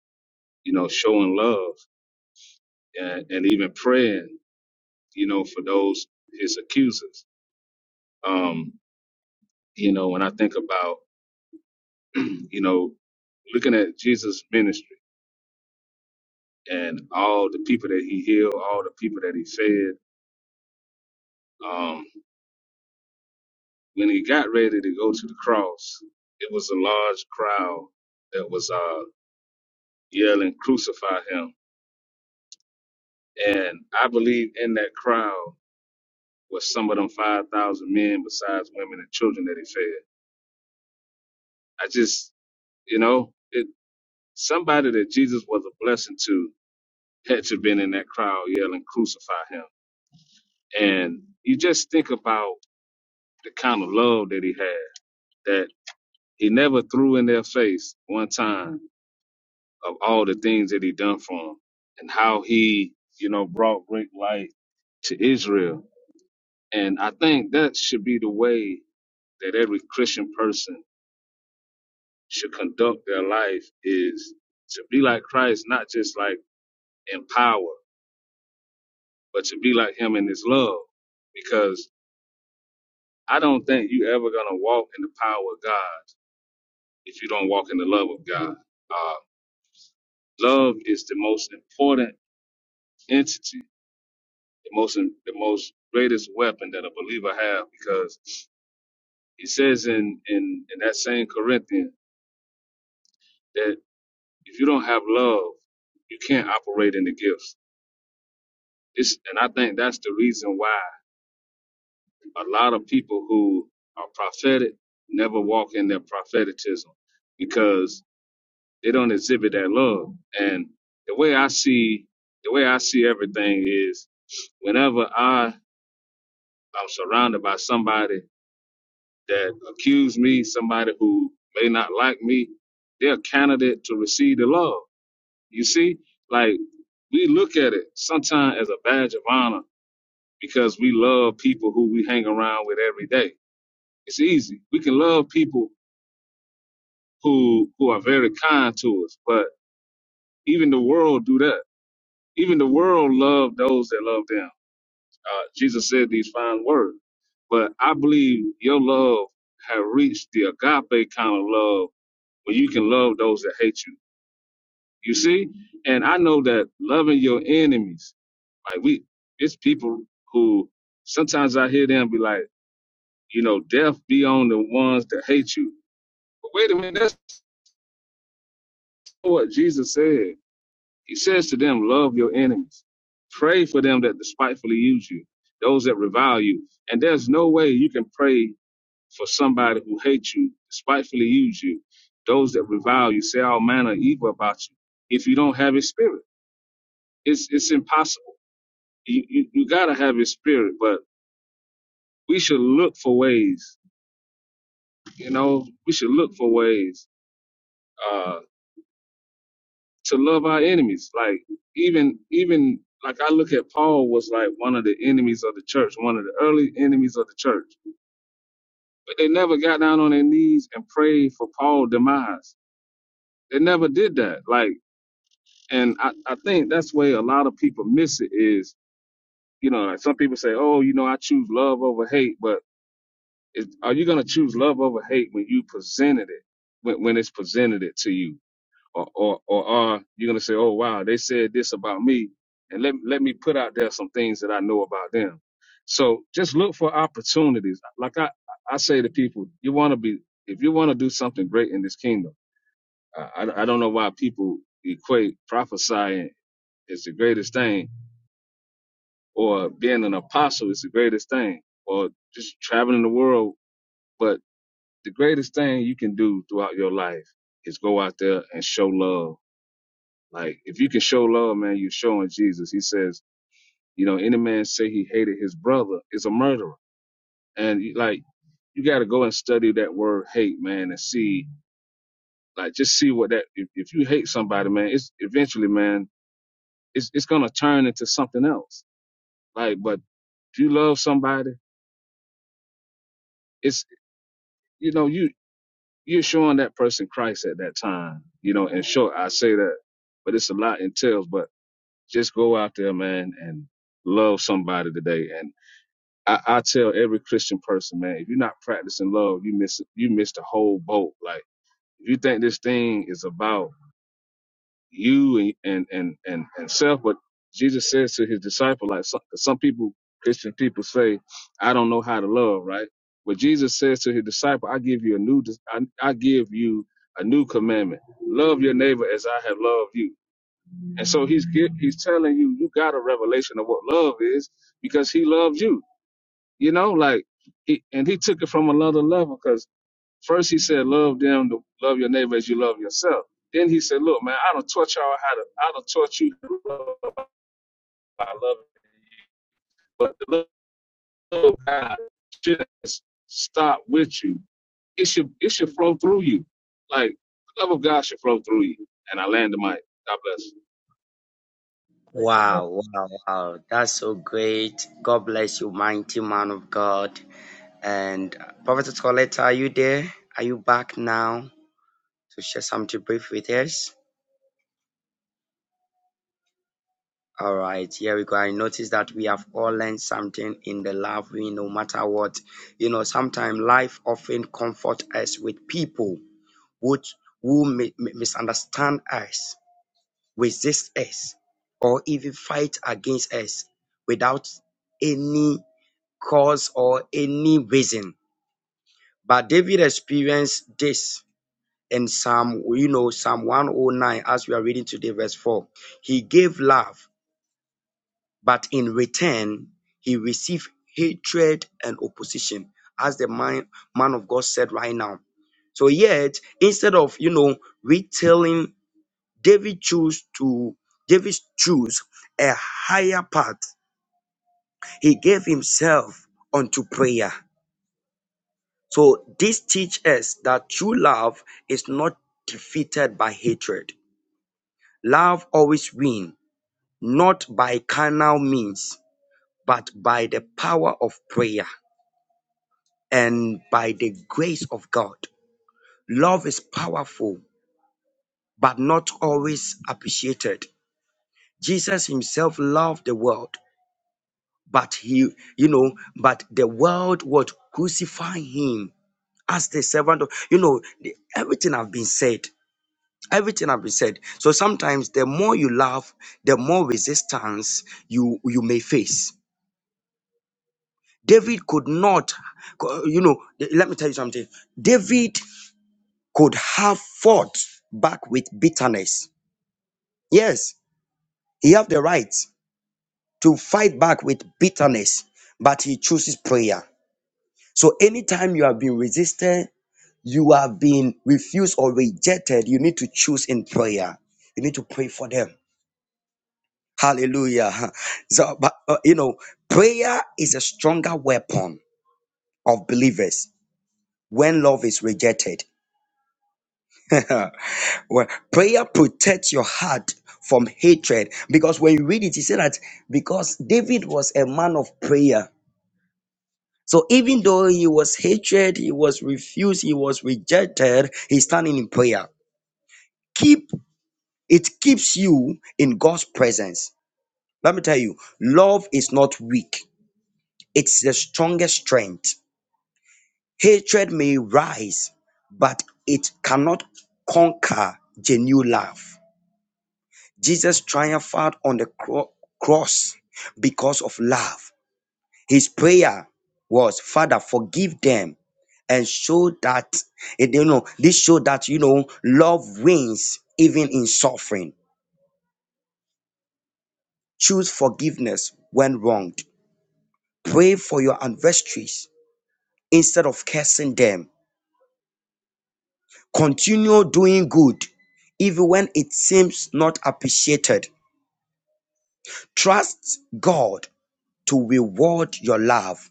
you know, showing love and, and even praying, you know, for those his accusers. Um, you know, when I think about you know, looking at Jesus' ministry and all the people that he healed, all the people that he fed, um, when he got ready to go to the cross, it was a large crowd that was uh, yelling, crucify him. And I believe in that crowd was some of them 5,000 men besides women and children that he fed. I just, you know, it, somebody that Jesus was a blessing to had to been in that crowd yelling, crucify him. And you just think about the kind of love that he had that he never threw in their face one time of all the things that he done for them and how he you know brought great light to israel and i think that should be the way that every christian person should conduct their life is to be like christ not just like in power but to be like him in his love because i don't think you ever gonna walk in the power of god if you don't walk in the love of god Uh, Love is the most important entity, the most the most greatest weapon that a believer have because he says in in, in that same Corinthian that if you don't have love, you can't operate in the gifts. It's and I think that's the reason why a lot of people who are prophetic never walk in their propheticism because they don't exhibit that love. And the way I see the way I see everything is whenever I I am surrounded by somebody that accused me, somebody who may not like me, they're a candidate to receive the love. You see, like we look at it sometimes as a badge of honor because we love people who we hang around with every day. It's easy. We can love people who who are very kind to us, but even the world do that. Even the world love those that love them. Uh, Jesus said these fine words, but I believe your love has reached the agape kind of love where you can love those that hate you. You see, and I know that loving your enemies, like we, it's people who sometimes I hear them be like, you know, death be on the ones that hate you. But wait a minute, that's not what Jesus said. He says to them, love your enemies, pray for them that despitefully use you, those that revile you. And there's no way you can pray for somebody who hates you, despitefully use you, those that revile you, say all manner of evil about you. If you don't have his spirit, it's it's impossible. You, you, you gotta have his spirit, but we should look for ways, you know, we should look for ways uh to love our enemies. Like even even like I look at Paul was like one of the enemies of the church, one of the early enemies of the church. But they never got down on their knees and prayed for Paul's demise. They never did that. Like and I, I think that's where a lot of people miss it is you know like some people say oh you know i choose love over hate but is, are you going to choose love over hate when you presented it when, when it's presented it to you or, or, or are you going to say oh wow they said this about me and let, let me put out there some things that i know about them so just look for opportunities like i, I say to people you want to be if you want to do something great in this kingdom I, I I don't know why people equate prophesying is the greatest thing or being an apostle is the greatest thing, or just traveling the world. But the greatest thing you can do throughout your life is go out there and show love. Like if you can show love, man, you're showing Jesus. He says, you know, any man say he hated his brother is a murderer. And like you got to go and study that word hate, man, and see like just see what that if, if you hate somebody, man, it's eventually, man, it's it's gonna turn into something else. Like, but if you love somebody, it's you know you you're showing that person Christ at that time, you know. In short, I say that, but it's a lot entails. But just go out there, man, and love somebody today. And I, I tell every Christian person, man, if you're not practicing love, you miss you miss the whole boat. Like if you think this thing is about you and and and and self. But Jesus says to his disciple, like some, some people, Christian people say, I don't know how to love, right? But Jesus says to his disciple, I give you a new, dis- I, I give you a new commandment: love your neighbor as I have loved you. And so he's get, he's telling you, you got a revelation of what love is because he loves you. You know, like he and he took it from another level 'cause First, he said, love them, to love your neighbor as you love yourself. Then he said, look, man, I don't taught y'all how to, I don't taught you to love by loving you. But the love of God should stop with you. It should, it should flow through you. Like, the love of God should flow through you. And I land the mic. God bless.
wow, wow. That's so great. God bless you, mighty man of God. And Prophet Coletta, are you there? Are you back now to share something brief with us? All right, here we go. I notice that we have all learned something in the love we no matter what. You know, sometimes life often comforts us with people who, who misunderstand us, resist us, or even fight against us without any cause or any reason. But David experienced this in Psalm, you know, Psalm 109, as we are reading today, verse 4. He gave love But in return, he received hatred and opposition, as the man, man of God said right now. So yet, instead of you know retailing, David chose to David chose a higher path. He gave himself unto prayer. So this teaches us that true love is not defeated by hatred. Love always wins, not by carnal means, but by the power of prayer. and by the grace of God. Love is powerful, but not always appreciated. Jesus himself loved the world, but he, you know, but the world would crucify him as the servant of, you know, the- everything have been said. Everything have been said. So sometimes the more you love, the more resistance you you may face. David could not, co- you know, let me tell you something. David could have fought back with bitterness. Yes, he have the right to fight back with bitterness, but he chooses prayer. So anytime you have been resisted, you have been refused or rejected, you need to choose in prayer. You need to pray for them. Hallelujah. So, but uh, you know, prayer is a stronger weapon of believers when love is rejected. Well, prayer protects your heart from hatred because when you read it, he said that because David was a man of prayer. So even though he was hated, he was refused, he was rejected, he's standing in prayer. Keep it keeps you in God's presence. Let me tell you, love is not weak. It's the strongest strength. Hatred may rise, but it cannot conquer genuine love. Jesus triumphed on the cro- cross because of love. His prayer was, Father, forgive them and show that, eh, you know, this show that, you know, love wins even in suffering. Choose forgiveness when wronged. Pray for your adversaries instead of cursing them. Continue doing good even when it seems not appreciated. Trust God to reward your love,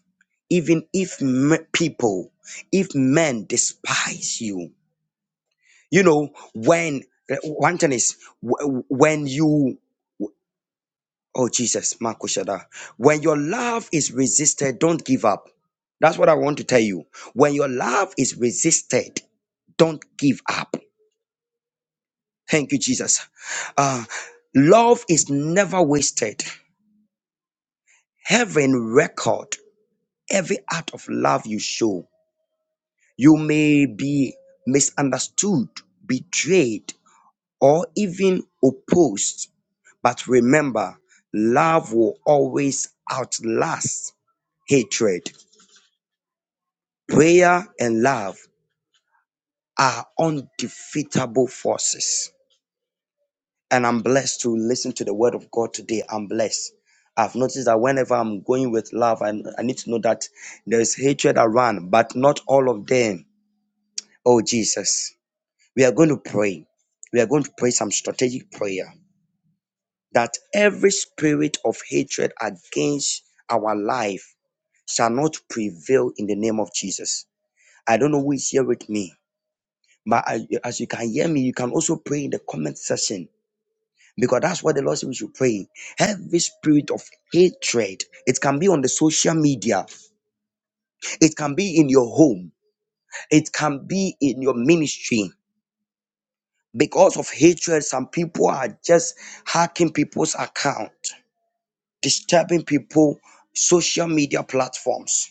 even if m- people, if men despise you. You know, when, one thing is, wh- when you, oh Jesus, Marco Shada, when your love is resisted, don't give up. That's what I want to tell you. When your love is resisted, don't give up. Thank you, Jesus. Uh, love is never wasted. Heaven record every act of love you show. You may be misunderstood, betrayed, or even opposed. But remember, love will always outlast hatred. Prayer and love are undefeatable forces. And I'm blessed to listen to the word of God today. I'm blessed. I've noticed that whenever I'm going with love, I, I need to know that there's hatred around, but not all of them. Oh, Jesus. We are going to pray. We are going to pray some strategic prayer that every spirit of hatred against our life shall not prevail in the name of Jesus. I don't know who is here with me, but I- as you can hear me, you can also pray in the comment section because that's what the Lord said we should pray. Every spirit of hatred, it can be on the social media, it can be in your home, it can be in your ministry. Because of hatred, some people are just hacking people's account, disturbing people, social media platforms.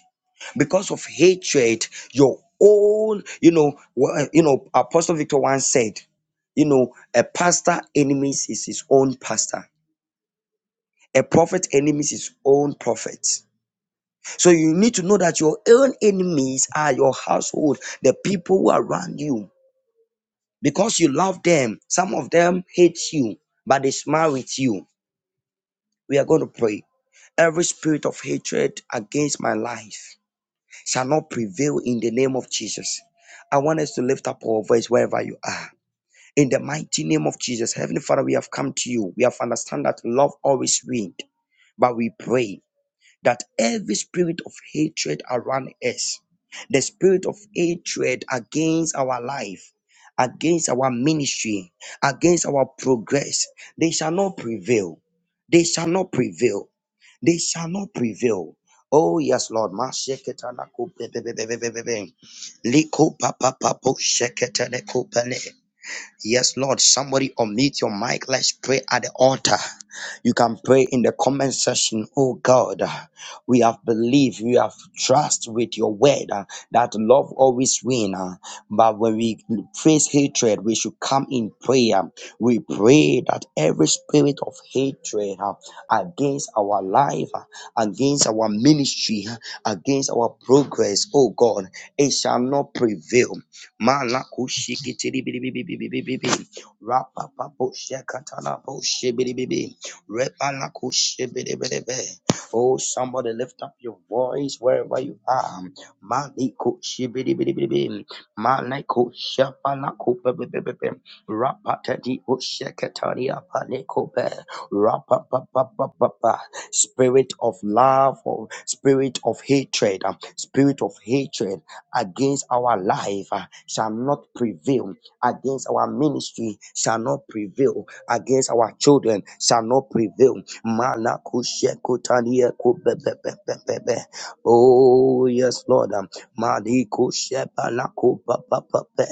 Because of hatred, your own, you know, wha- you know, Apostle Victor once said, you know, a pastor enemies is his own pastor. A prophet enemies his own prophet. So you need to know that your own enemies are your household, the people who are around you. Because you love them, some of them hate you, but they smile with you. We are going to pray. Every spirit of hatred against my life shall not prevail in the name of Jesus. I want us to lift up our voice wherever you are. In the mighty name of Jesus, Heavenly Father, we have come to you. We have understand that love always wins. But we pray that every spirit of hatred around us, the spirit of hatred against our life, against our ministry, against our progress, they shall not prevail. They shall not prevail they shall not prevail. Oh yes, Lord. Ma sheketana ko pe- pe- pe- pe- pe- pe- pe- pe. Liko pa- pa- pa- po sheketene ko pele. Yes, Lord. Somebody unmute your mic. Let's pray at the altar. You can pray in the comment section, oh God, we have believed, we have trust with your word uh, that love always wins. But when we face hatred, we should come in prayer. We pray that every spirit of hatred uh, against our life, uh, against our ministry, uh, against our progress, oh God, it shall not prevail. Malakushikitiribibibibibibi. Rapapapobshekatanaboshebiribibi. Rebalakoshebedevedeve. Oh, somebody lift up your voice wherever you are. Malikoshebedevedeve. Malekoshabalakopebebebebe. Rapatadiosheketariapalekope. Rapapapapapa. Spirit of love, oh, spirit of hatred, uh, spirit of hatred against our life uh, shall not prevail against our ministry shall not prevail against our children shall not prevail. Mana kushe kutanie kubebebebebe. Oh, yes, Lord. um, Mali kushe balako papapape.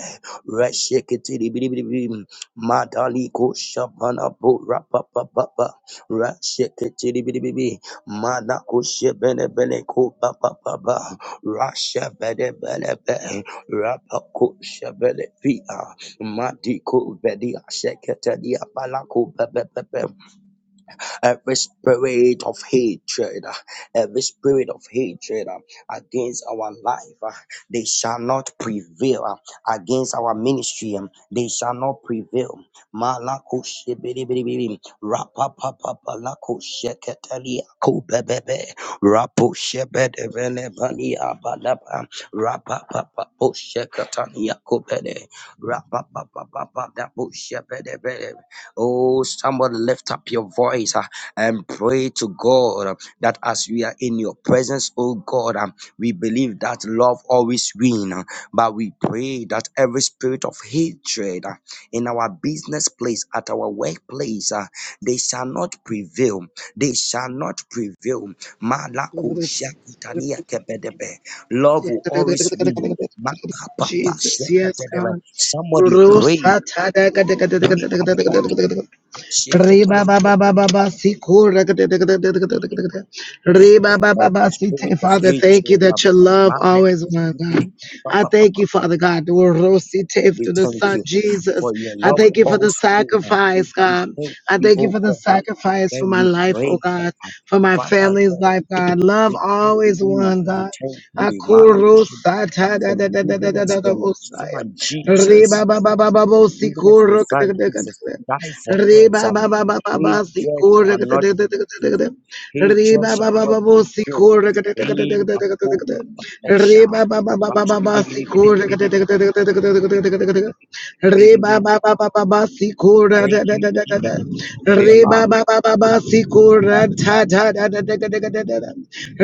Reshekitiri bidibidibim. Madali kusha banabo rapapapapa. Reshekitiri bidibibi. Mana kushe benebele kupapapapa. Rasha benebelebe. Rapakusha benepia. Matiko Vedia Seketadia Balako Pepe Pepe every spirit of hatred, uh, every spirit of hatred uh, against our life, uh, they shall not prevail uh, against our ministry, um, they shall not prevail. Malako shibidi rapa sheketeli akubebebe, rapo shebede abadaba, rapa sheketani akubede, rapa papa Oh, somebody lift up your voice. uh, and pray to God uh, that as we are in your presence, oh God, um, we believe that love always wins. But we pray that every spirit of hatred uh, in our business place, at our workplace, uh, they shall not prevail. They shall not prevail. Malako shakutania kebedebe. Love will always win. Ma- pa- pa- pa-
Jesus, yes,
shakutedebe.
God.
Somebody pray. Pray at the altar.
Re ba ba ba ba ba ba si ko ra ka ta ta ka
Every
ta ta ta ka ta ta ka ta ka ta. Re ba ba ba ba si te.
spirit of
Father, thank you
hatred, um,
that your love
madness,
always wins.
stupidity,
God.
pa,
I
pa, pa,
thank
pa,
you,
pa.
Father God, the word rose si te
Lord, we
the
thank
Son
you
Jesus.
for your
I
love
thank
of
you for
all
the
spirit now.
sacrifice,
We
God.
thank
I
you,
thank you
oh
for the
God, um,
sacrifice for
and
my
we
life, oh
pray
God,
God.
for my
Father
family's
God,
life, God. Love
we thank
always
you,
won,
we
God.
thank you,
Akuru
Malachi,
sata da
for
da da da da
giving
da
us
da da
your
bosaya.
son Jesus
Riba ba ba ba ba
of
bosi
giving us your
kuru.
son Jesus to die for
Re
us.
ba
Um,
ba ba ba ba ba
His
si
church
ko
shall
re ga da
not
da da da da da
prevail.
da.
His
Re
church
ba ba
shall
ba
not
ba bo si
prevail.
ko re ga da da da da da
He
da da da
Bapo
da da.
Osha.
Re ba ba ba ba ba ba ba si ko re ga da da da da da da da da da da da da Re ba ba ba ba ba ba si ko ra
Thank
da da
you
da da da da.
Jesus, for your
Re ba
love.
ba ba ba ba si ko ra ta ta da da da da da da da da.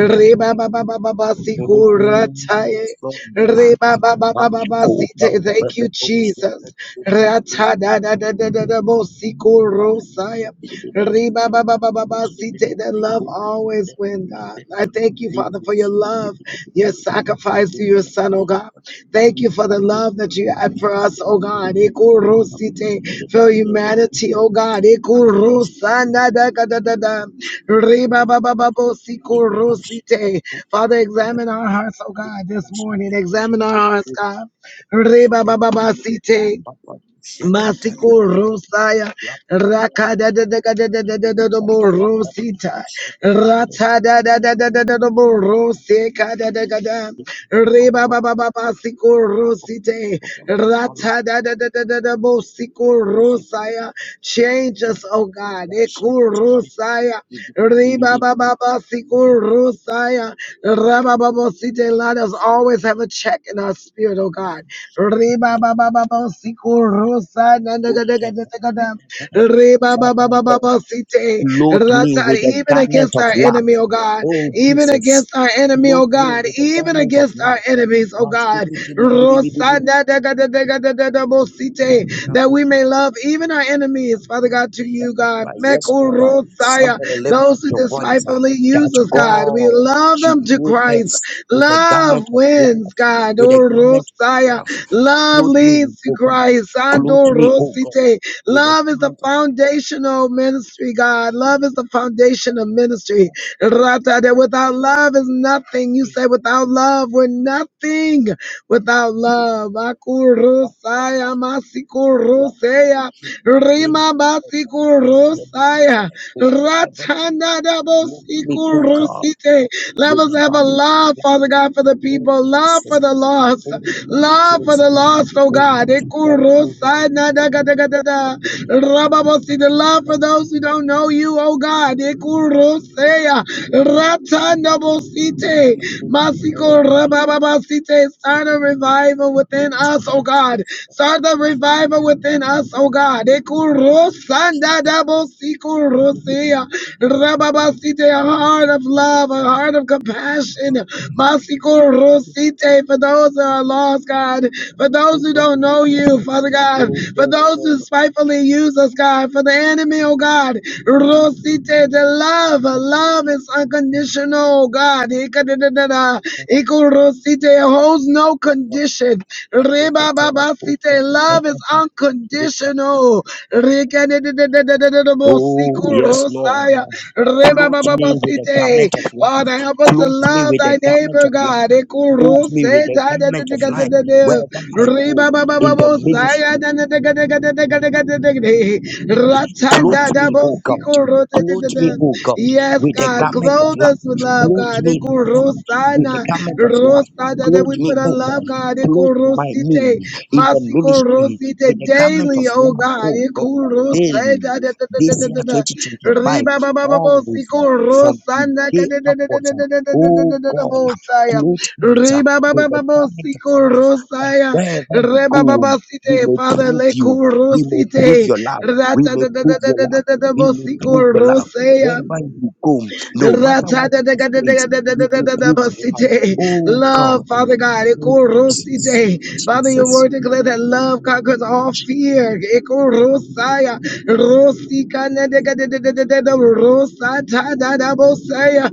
Re ba ba ba ba ba ba si ko ra
Oh,
ta ye.
strong.
Re ba ba ba ba ba ba si
Magical. Papa,
te. Thank
Papa,
you,
Osha.
Jesus.
Papa,
Rata
Osha.
da da da da da da bo siko rosaya. Riba ba ba ba ba ba site that
Papa,
love
Osha.
always wins, God. I thank you,
Father
Father, for your love, your sacrifice to your son, oh God. Thank you for the love that you had for us, oh God. Eko rosite for humanity, oh God. Eko rosana da da da da da. Riba ba ba ba bo rosite. Father, examine our hearts, oh God, this morning. Examine our hearts, God. Reba baba basite. Masiko Rosaya Raka da da da da da da da da da da bo Rosita Rata da da da da da da da bo Rosika da da da da Reba ba ba ba ba Siko Rosite Rata da da da da da da bo Siko Rosaya Change us, oh God. Eko Rosaya Reba ba ba ba Siko Rosaya Raba ba bo Site. Let us always have a check in our spirit, oh God. Reba ba ba ba ba siku rosa na Reba ba ba ba ba
Lord,
ba site.
clothe me
Rata,
with the
Even
garment
against
of
our
love.
enemy, oh God.
Oh
Even
Jesus,
against our enemy,
clothe
oh
me
God.
with the
Even
garment of
against
love.
our enemies, oh
Now
God. Rosa na site. That we may love even our enemies, Father God, to you, God.
Yes,
Meku
Lord. uh,
rosaya.
Somebody lift up
Those who
your voice uh,
despitefully use
that
us, God. We
God
love
should
them to
clothe
Christ.
us with a
Love
garment of love,
wins, God.
with
Oh,
a garment
Rosaya.
of love.
Love
Clothe me,
leads to
O God.
Christ.
Clothe
Ando
me, O God,
Rosite.
with a
Love is the
garment of
foundational ministry, God. Love is the foundation of ministry.
love.
Rata, that
Lord,
without love is nothing. You
please,
say without love, we're nothing. Without love.
wrap up,
Akurosaya,
wrap
masikurosea,
sheep in
Rima
a
basikurosaya, Ratanda dabo
unicorn
sikurosite
with
us have a love, Father God, for the people, love for the lost, love for the lost, oh God. Ekurusanadagadagada. Rababosi, The love for those who don't know you, oh God. Ekuruseya. Ratandabosite. Masiko rabababasite. Start a revival within us, oh God. Start the revival within us, oh God. Ekurusanadabosiko full Rosia. Rababasite, a heart of love, a heart of compassion. Masiko Rosite, for those that are lost, God. For those who don't know you, Father God. For those who spitefully use us, God. For the enemy, oh God. Rosite, the love. Love is unconditional, oh God. Ikadadadada. Iko Rosite holds no condition. Rebababasite, love love is unconditional. Rekenededededededemosikorosaya. Rebabababasite. Father, help us to love thy neighbor, God. Ekorosetadededededede. Rebababababosaya. Dadededededededede. Ratandadabosikorotetedede. Yes, God, clothe us with love, God. Ekorosana. Rosa, that we put a love, God, Ikorosite, Masikorosite, daily, oh God, Ikorosite, Riba, ba, ba, ba, bo, Riba, ba, ba, ba, Reba, ba, Site, Father, Lekorosite, Rata, da, da, that's how they got the the the the the the the the the most today. Love, Father God, it cools today. Father, you've worked it. Let that love conquer all fear. It cools. Iya, roosika na the the the the the the roosada da da bossaya.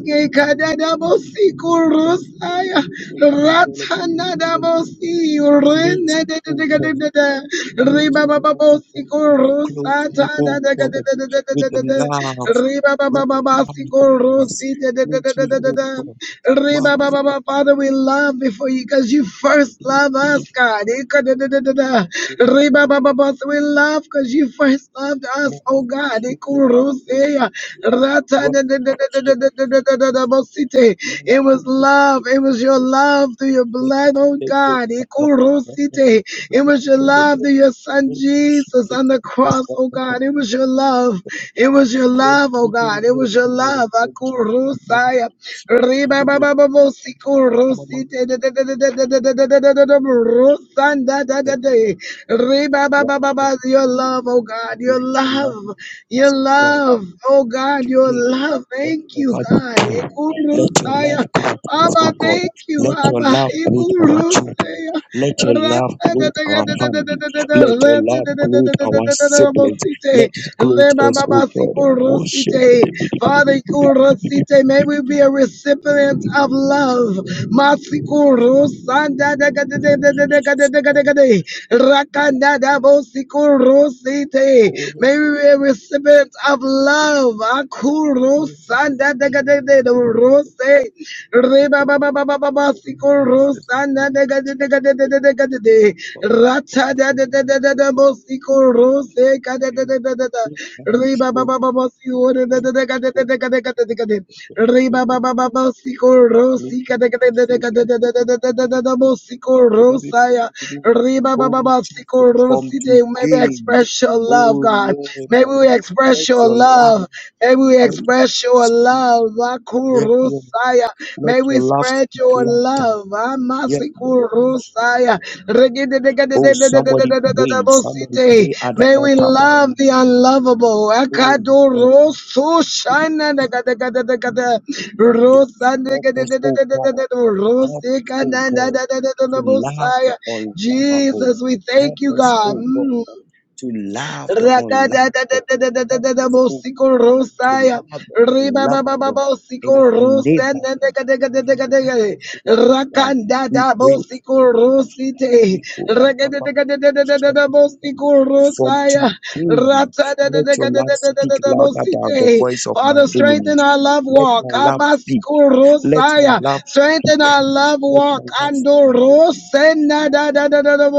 Reke Kadadabosi Kurosaya Ratanadabosi Renedadadadadada Ribababosi kurusata da da da da da da da da Ribabababasi Kurosi Dadadadadadada Ribababa, Father, we love before you because you first love us, God. Ikadadadadada. Ribababa, so we love because you first loved us, oh God. Ikuruseya. Ratadadadadadadadadadadabosite. It was love. It was your love through your blood, oh God. Ikurusite. It was your love through your son Jesus on the cross, oh God. It was your love. It. It was your love, oh God. It was your love. Akurusaya. Ribababababosikurusi- rusandadadade. Ribababababa. Your love, oh God. Your love. Your love. Oh God, your love. Thank you, God. Ikurusaya. Abba, thank you, Abba. Father, kurosite, may we be a recipient of love. Masikurosandadakadadadadakadadakadakadakadai. Rakandadabosikurosite. May we be a recipient of love. Akurosandadakadadadadorose. Reba ba ba ba ba ba ba siko rosana de ga de de ga de Rata de de rose ka Reba ba ba de de Reba ba ba ba de ga de rosaya. Reba ba ba ba May we express your love, God. May we express your love. May we express Your love, aku rusaia. May we spread Your love, amasi kurasia. Regede deka deka deka deka deka deka deka deka. Rucite. May we love the unlovable, aku rusaisha. Deka deka deka deka deka. Rusa deka deka deka deka deka deka deka. Rucika nadeka deka deka deka. Jesus, we thank you, God. Rakadadadadadadadabosiko Rosaya. Ribababababosiko Rosanadekadekadekadekade. Rakandadabosiko Rosite. Rakadadadadadadadabosiko Rosaya. Ratadadadadadadadabosite. Father, strengthen our love walk. Abasiko Rosaya. Strengthen our love walk. Ando Rosena da da da da da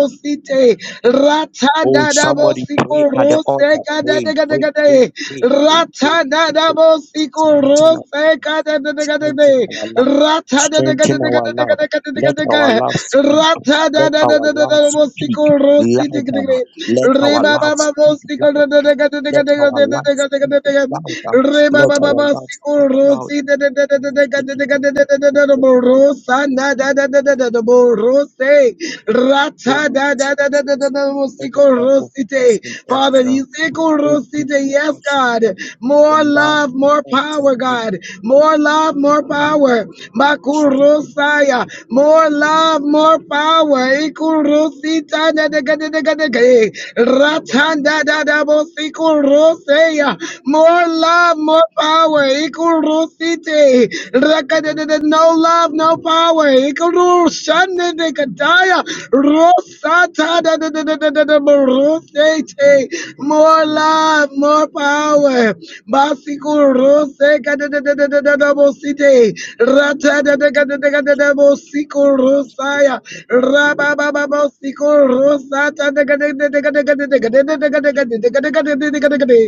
da Rata Rata da da da da da da da Mosiko Rosite. Father, Isiko Rosite, yes, God. More love, more power, God. More love, more power. Makurosaya. More love, more power. Ikurosita da da da da da da da. Rata da da da Mosiko Rosaya. More love, more power. Ikurosite. Raka da da da. No love, no power. Ikurosite. Shande de Kataya, Rosata da da da da da da da Borosete. More love, more power. Basiku Rose ka da da da da da da da Bosite. Rata da da ka da da ka da da Bosiku Rosaya. Raba ba ba Bosiku Rosata da ka da da da ka da ka da da ka da da da ka da ka da da ka da ka da da ka da ka da.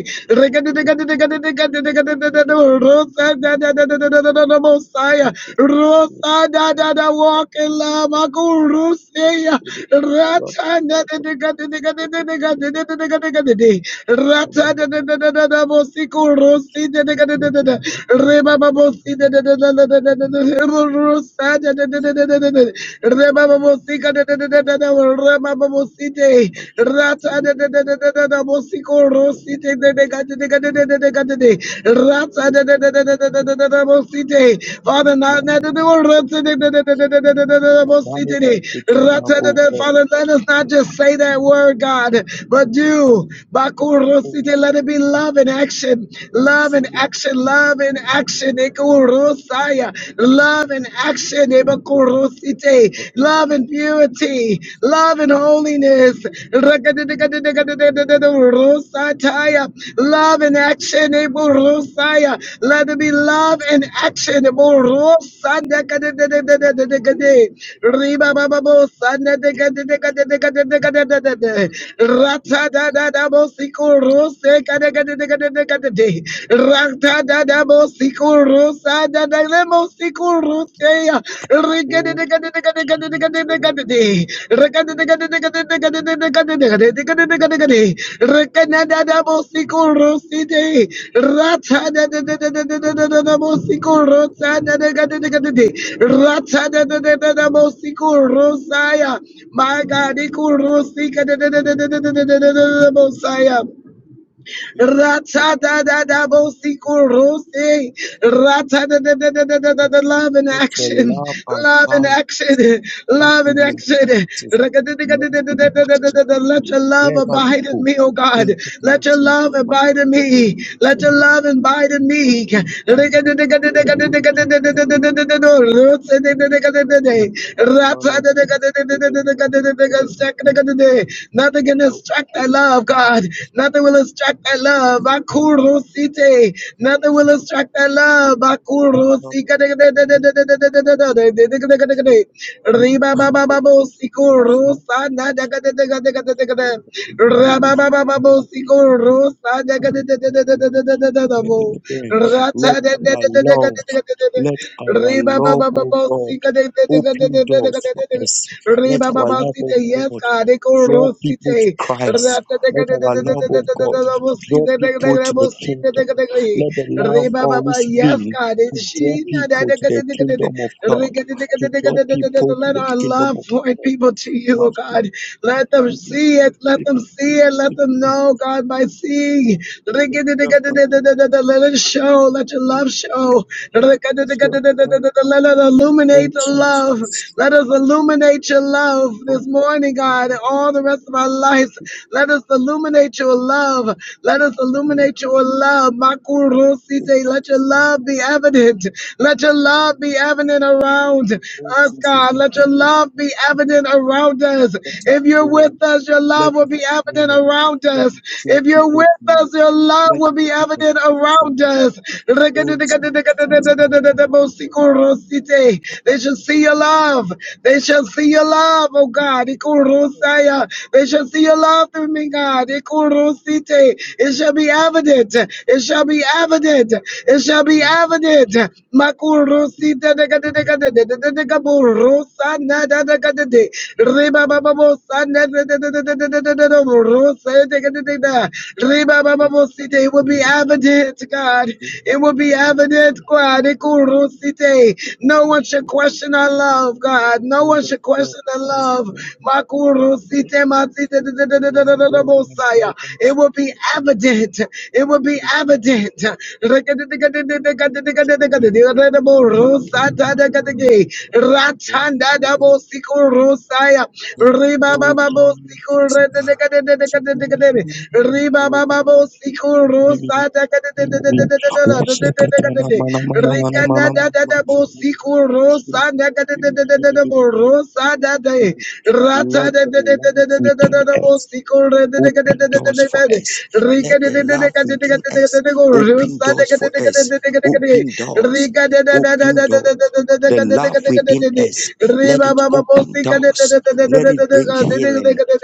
Reka da da ka da da ka da da ka da da ka da da da da Rosa da da da da da da da da Mosiah. de rata da da da da da da bosico rosi da da da da da da reba babosi da da da da da da da da rosa da da da da da da da reba babosica da da da da da da reba babosi de rata da da da da da da da bosico rosi da da da da da da da da da rata da da da da da da da da da bosite Father now Father, let us not just say that word, God, but do. Let it be love in action. Love in action. Love in action. Love in action. Love in purity. Love in holiness. Let there be love in action. Rasikusaya, my Messiah. Rata da da da bo siku rose. Rata da da da da da da da da. Love in action. Love in action. Love in action. Raka da da da da da da da da da da da. Let your love abide in me, oh God. Let your love abide in me. Let your love abide in me. Raka da da da da da da da da da da da da da da. Roots da da da da da da da. Rata da da da da da da da da da da da. Second da Nothing can distract our love, God. Nothing will obstruct that love. Bakurosite. Nothing will obstruct that love. Bakurosite. Riba baba babo siku rosa na daga daga daga daga daga daga. Raba baba babo siku rosa daga daga daga daga daga daga daga bo. Rata daga daga daga daga daga daga. Riba baba babo sika daga daga daga daga daga daga daga. Riba baba sita yes God. Rosite, Ratatakatatatatatatatatatabosite, Reba Baba, yes, God, it's she. Let our love for people to you, oh God. Let them see it, let them see it, let them know, God, by seeing. Let it show, let your love show. Let it illuminate the love. Let us illuminate illuminate your love this morning, God, and all the rest of our lives. Let us illuminate your love. Let us illuminate your love. Makurusite. Let your love be evident. Let your love be evident around us, God. Let your love be evident around us. If you're with us, your love will be evident around us. If you're with us, your love will be evident around us. Ikurusite. They shall see your love. They shall see your love, oh God. Ikurusaya. They shall see your love through me, God. Ikurusite. It shall be evident. It shall be evident. It shall be evident. Makurusite dekaburusa na da da da de. Riba baba bosa na da da da da da da da da da. Rusa dekaburusa. Riba baba bosite. It will be evident, God. It will will be evident, God. Ikurusite. No one should question our love, God. No one should question the love. Makurusite matite da- da- da- da- da- da- da- da- Mosiah. It will be evident. It will be evident. Ratanda da Bosikurusaya. Riba Baba Bosikur.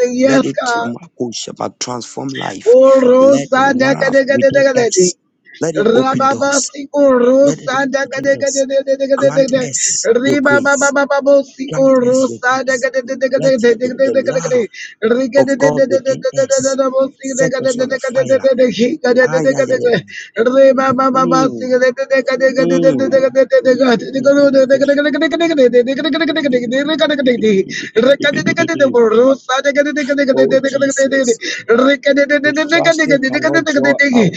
Yes, God. Urusa dakadegadegade. Rababa siku rusa dakadegadegade. Rusa de. Rededegadega. Reba sikadegade. Rekadegade. Rusa dakadegadegade. Rekadegade. Rekadegade.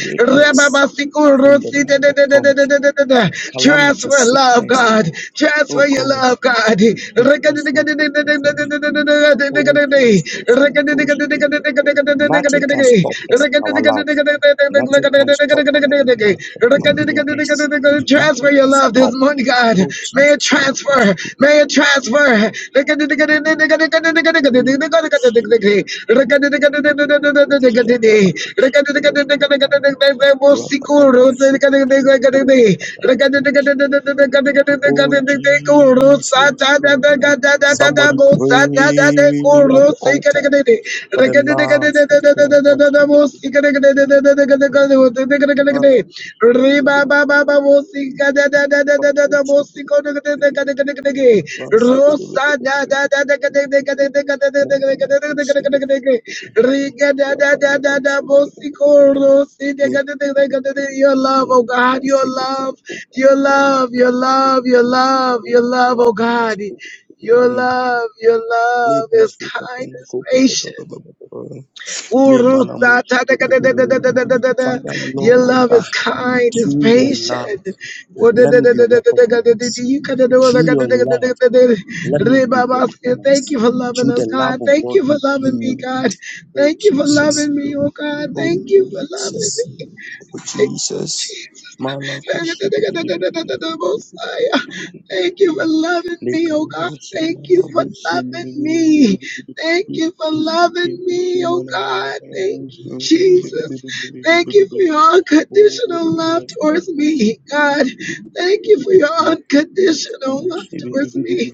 Rekadegade. Your love, oh God, your love, your love, your love, your love, your love, oh God. Your love, your love is kind, is patient. Your love is kind, is patient. Thank you for loving us, God. Thank you for loving me, God. Thank you for loving me, oh God. Thank you for loving me. Thank you for loving me, oh God. Thank you for loving me. Thank you for loving me, oh God. Thank you, Jesus. Thank you for your unconditional love towards me, God. Thank you for your unconditional love towards me.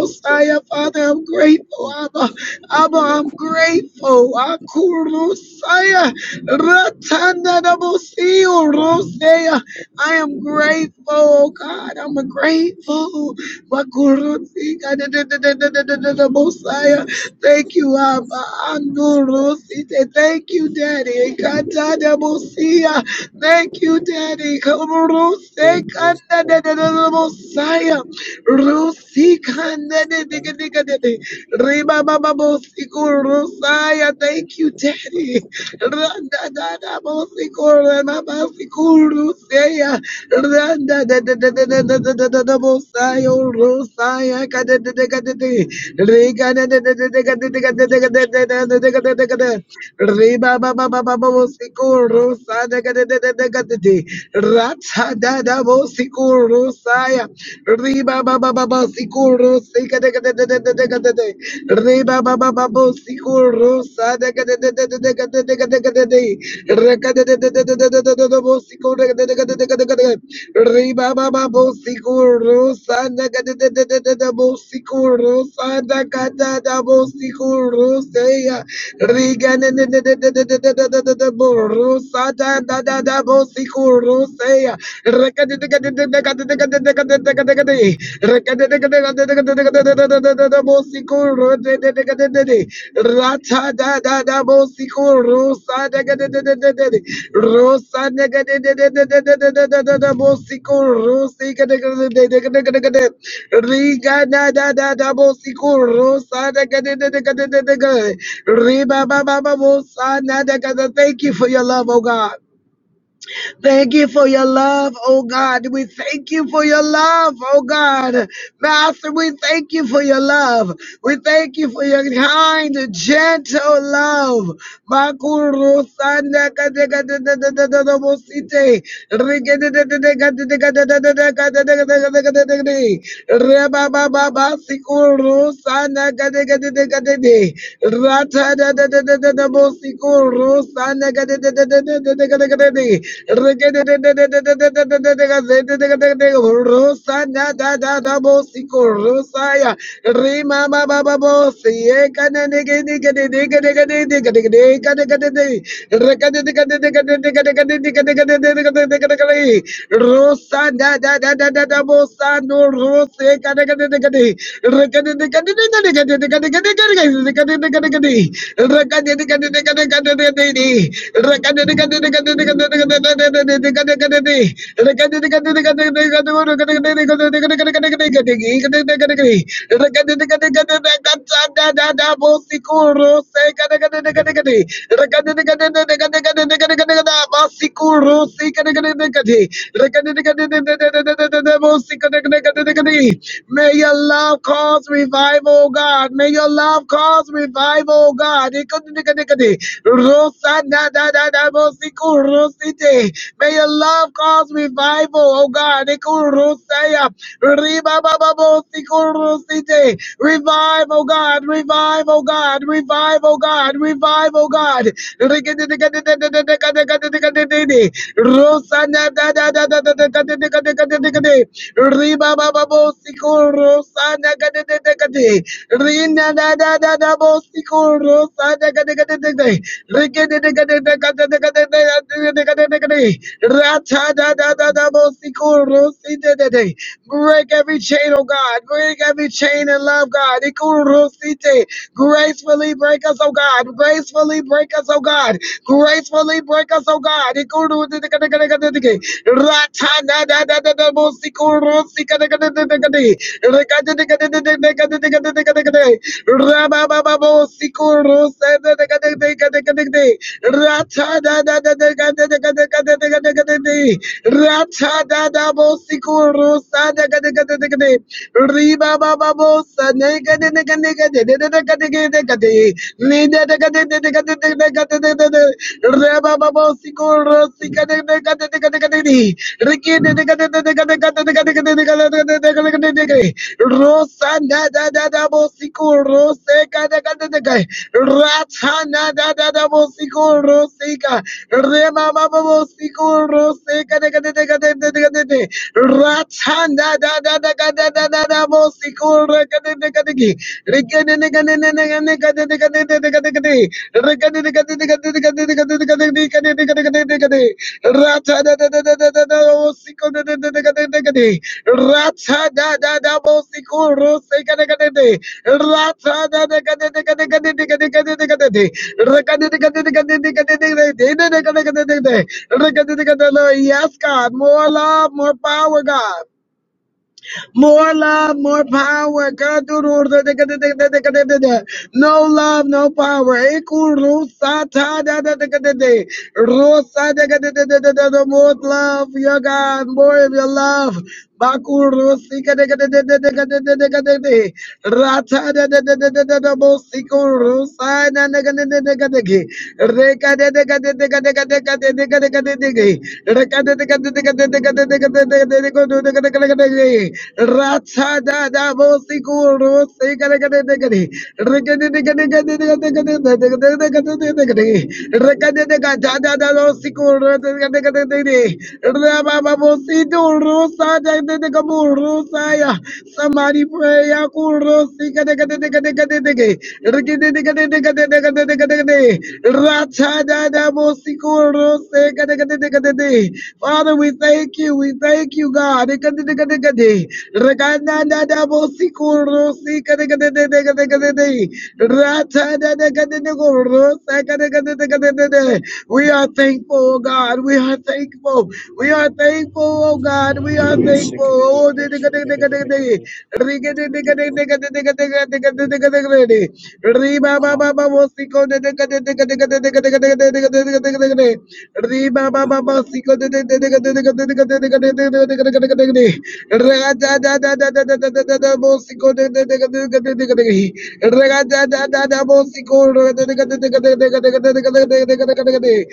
Messiah, Father, I'm grateful, Abba. Abba, I'm grateful. Akurusaya. Ratanadabosi, Rosea. I am grateful, oh God. I'm grateful. Makurusi, kadadadadadadadadabosaya. Thank you, Abba. Andurusi. Thank you, Daddy. Katadabosia. Thank you, Daddy. Ruse kanda da da da da Messiah. Ruse kanda da da da da da da. Riba ba ba bosiku Messiah. Thank you, Daddy. Randa da da bosiku rema bosiku Rusea. Randa da da da da da da da da da da Messiah. Rusea kada da da kada da. Riga da da da da da da da da da da da da da da da da da. Babosikuru Sadagadegadede Ratadada Bosikuru Saya Riba Baba Babosikuru Sikadagadegadede Riba Baba Babosikuru Sadagadegadede Rakadadadadadadadadada Bosikuru Riba Baba Bosikuru Sadagadadadadada Bosikuru Sadagatada Bosikuru Saya Redede Rat Rosico Rosa Dagadadadadadad Rosa Nagadadadadadadadadadada Bosico Rosica Dagadadadadadadadad Riga da da da da Bosico Rosa Dagadadadadadadadad Riba ba ba ba Bosa Nagadadad Thank you for your love, oh God. Thank you for your love, O God. We thank you for your love, O God, Master. We thank you for your love. We thank you for your kind, gentle love. Makuru sanda kadega da da da da da da bosite. Rige de de de de ga de de ga da da da da ga da da ga da ga da ga da ga de. Re, Rusa da da da da bosi ko rusa ya rima ba ba ba bosi ye kana ne ke ne ke ne ne ke ne ke ne ne ke ne ke ne ka ne ka ne ne re ka ne ne ka ne ne ka ne ne ka ne ka ne ne ka ne ka ne ne ka ne ka ne re ka ne ka ne ka ne re ka ne re ka ne ne ne re ka ne ne ne Rekadadabosikurusekadegadegade. May your love cause revival, O God. May your love cause revival, O God. Neku neka neka ne. Rusanda da da da da. Bosi kurusiti. May your love cause revival, O God. Neku rusaya. Ribaba bosi kurusiti. Revive, O God. Revive, O God. Revive, O God. Revive, O God. Neku neka neka neka neka neka neka neka neka ne. Rusanda da da da da da da da. Riba baba bo sikuru sana kade de de kade. da da da da bo sikuru sana kade kade de Rike de de kade de kade de kade de de da da da da bo sikuru si de de Break every chain, oh God. Break every chain in love, God. Ikuru si te. Gracefully break us, oh God. Gracefully break us, oh God. Gracefully break us, oh God. Rata Ratana da da da da da da da da da da da Yes, God, more love, more power, God. More love, more power. No love, no power. More love, your God, more of your love. Rata Ratsada Father, we thank you. We thank you, God. We are thankful, oh God. We are thankful. We are thankful, oh God. We are thankful. Oh,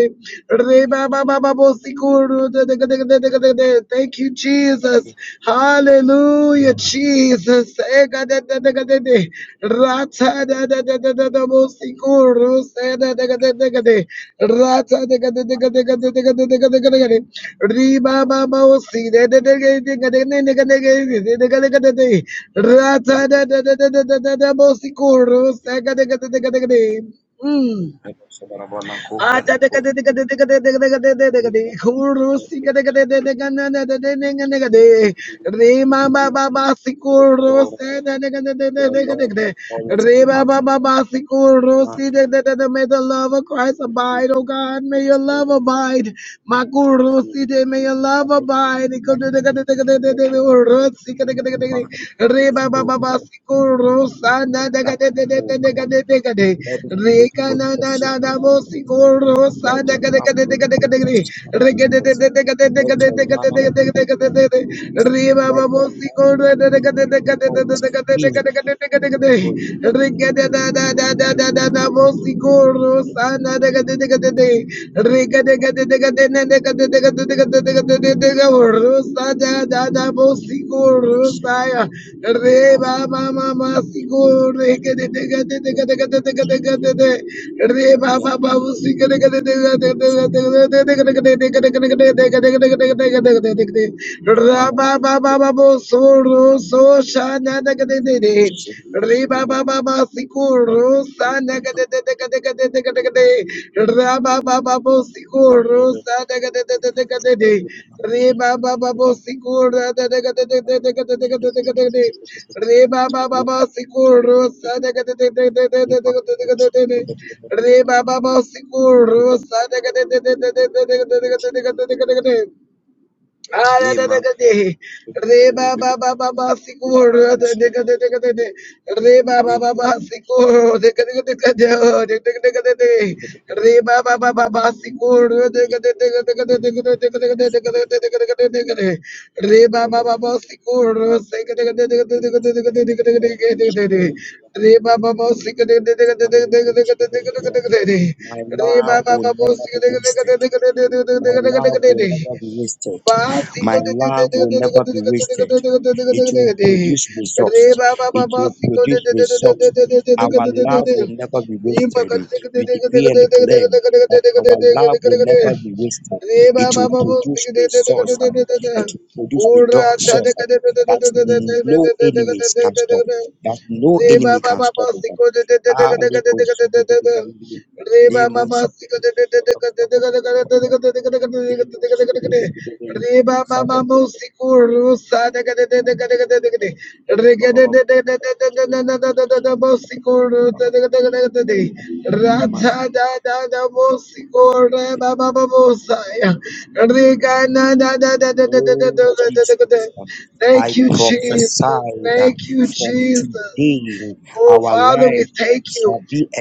Riggy, Thank you, Jesus. Hallelujah, Jesus. Rata Mm. May the love of Christ abide, oh God. May your love abide. Makurusite, may your love abide rosa na da ga de de de de de ga de de ga de. Reka na na na na mo si ko Rosaya, Reba Mama Sigur, Rabba Reba baba baba sikur rosa de de de de de de de de de de de de de. Re ba ba ba siku ru de de de de de de de de de de de de de de de de de. Ah, deka deka de de. Re ba ba ba ba ba, secure. Deka deka deka de de. Re ba ba ba ba, secure. Deka deka deka de de. de de de Re ba ba ba ba, secure. Deka deka deka de de. Re ba ba ba ba, secure. Deka deka deka de de. Re ba ba ba ba, secure. Deka deka deka de de. de Re ba ba ba ba, secure. Deka deka deka de de. Re ba ba ba ba, secure. Deka deka deka de de. de Básico de de de de de de de de de de de Re ba ba ba básico de de de de de de de de de de de de Impa ka de
the
de de de de de de de de de de Re ba ba ba básico de de de de de de de de Ura cha de de de de de de de de de de de de de Re ba
enemy
ba
can
ba básico de de de de de de de de de Reba Baba, Reba Baba Musikur Sada Rata. Thank you, Jesus. Thank you, Jesus. Oh, Father, we thank you.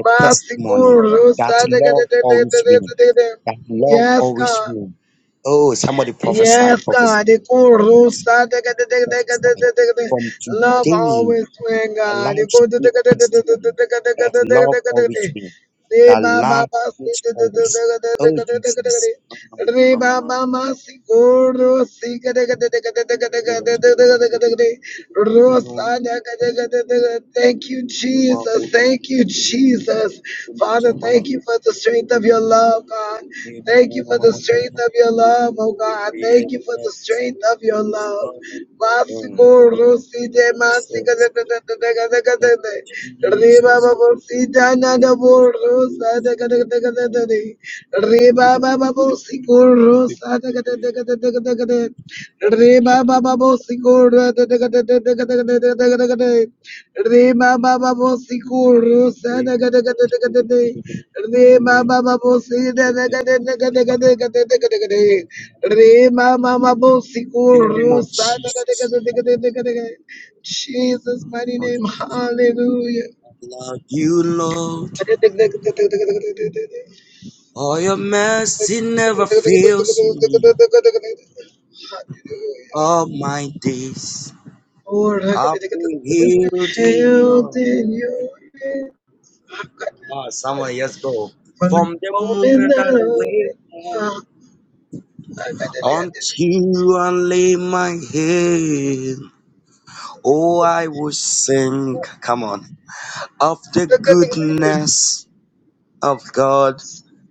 Masikuru sadakadadadadadadada. Yes, God. Yes, God. Ikuru sadakadadadadadadada. Love always win, God. Ikuru- Say, ba, ba, ba, say, da, da, da, da, da, da, da, da, da, da. Re ba ba ma si ko ro si ga da ga da da ga da da ga da ga da da da ga da ga da ga da. Ro sa da ga da ga da da ga. Thank you, Jesus. Thank you, Jesus. Father, thank you for the strength of your love, God. Thank you for the strength of your love, oh God. Thank you for the strength of your love. Ma si ko ro si de ma si ga da da da da da ga da ga da da. Re ba ba ba si da na da bo ro sa da ga da ga da ga da da da. Re ba ba ba bo sikoro sa da ga da da ga da da ga da ga da. Re ba ba ba bo sikoro da da ga da da da ga da ga da da da ga da ga da. Re ba ba ba bo sikoro sa da ga da ga da da ga da da. Re ba ba ba bo si da da ga da da ga da ga da ga da da ga da ga da. Re ba ba ba bo sikoro sa da ga da ga da da ga da da ga da ga. Jesus mighty name, hallelujah.
love you, Lord. All your mercy never fails all my days.
Lord, I can held in your hand.
summer. yes, go.
One
From the
moment
moment that I
now,
wake up
I got
until I lay my head, oh, I will sing. Come on, of the goodness of God.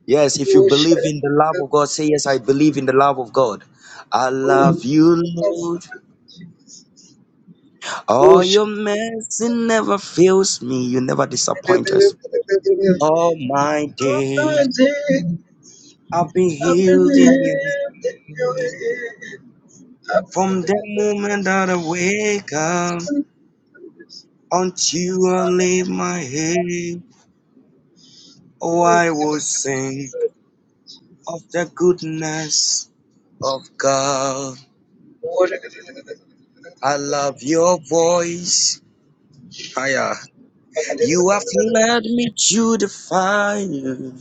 Yes, if you
Oh,
believe in the love of God, say, Yes, I believe in the love of God. I
Oh,
love
I'm-
you,
I'm-
Lord.
oh,
All
shit.
your mercy never fails me. You never
I'm
disappoint us. All my
not
days
dead.
I've been
in the
healed in you.
hand in your hand. I'm
From the moment that I wake up until I lay my head, oh, I will sing of the goodness of God. I love your voice. Hiya. You have led me to the fire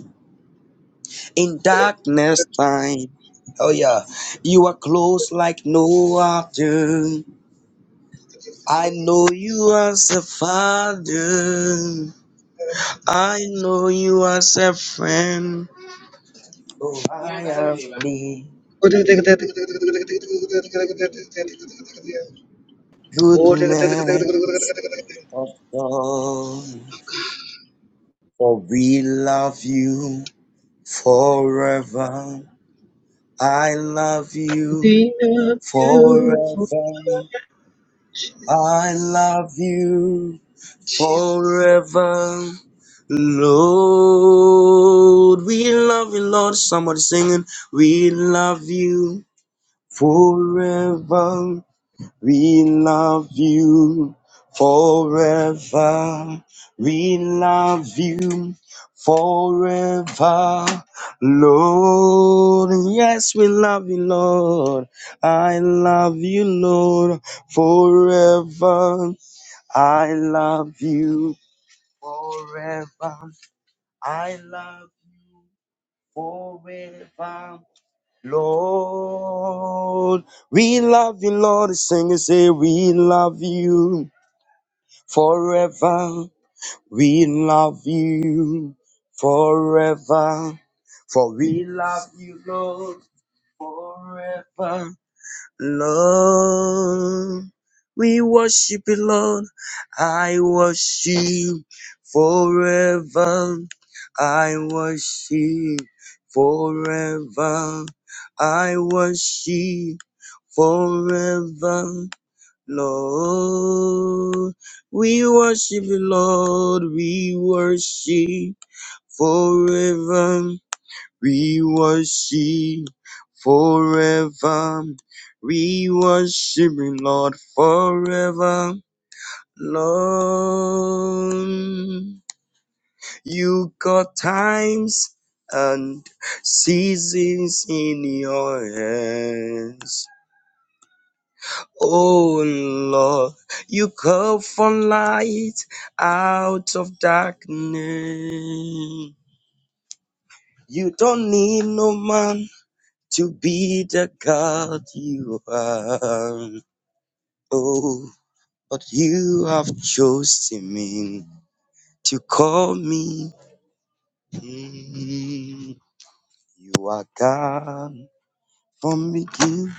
in darkness time. Oh yeah, you are close like no other. I know you as a father. I know you as a friend. Oh, I the
Oh,
goodness forever. I
Jesus.
you forever. We love you forever. We love you forever. Lord, yes, we love you, Lord. I love you, Lord, forever. I love you forever. I love forever. Lord, we love you, Lord. Sing and say, We love you forever. We love you forever. For we love you, Lord, forever. Lord, we worship you, Lord. I worship you forever. I for I for Lord, we for We worship for we worship you, Lord for Lord. You got times and seasons in your hands. Oh Lord, you call for light out of darkness. You don't need no man to be the God you are. Oh. But you have chosen me to call me. Mm, You are God from beginning.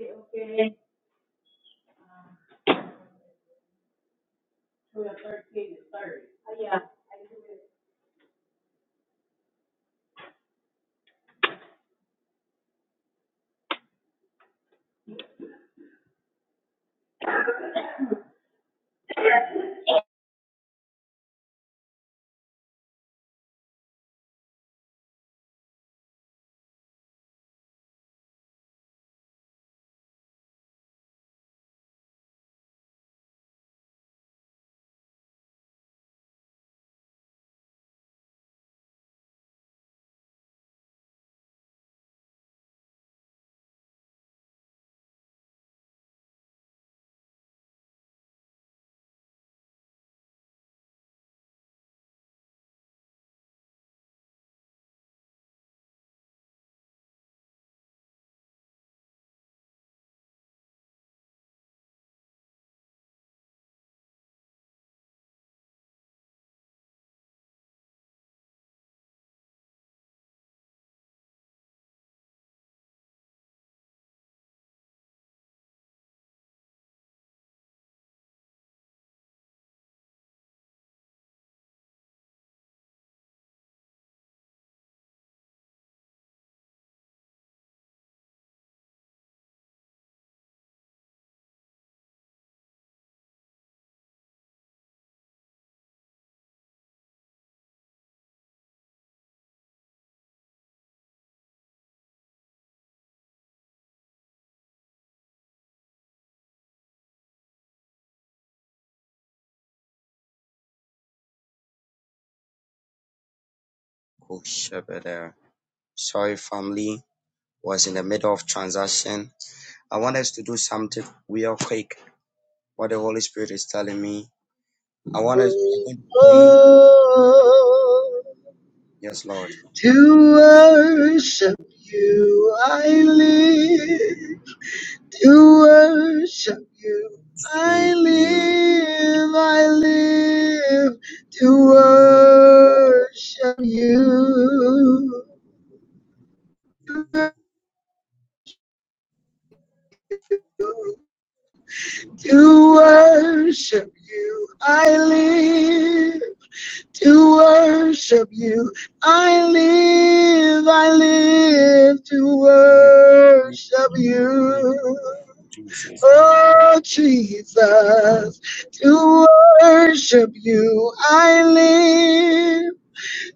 Okay, for the third payment.
Oh, Shabada. Sorry, family. Was in the middle of transaction. I want us to do something real quick. What the Holy Spirit is telling me. I want us I want to pray.
Oh,
Yes, Lord.
to worship you I live. To worship you I live. I live to worship you. To worship you I live. to worship you. I live, I live to worship you. Oh, Jesus, to worship you. I live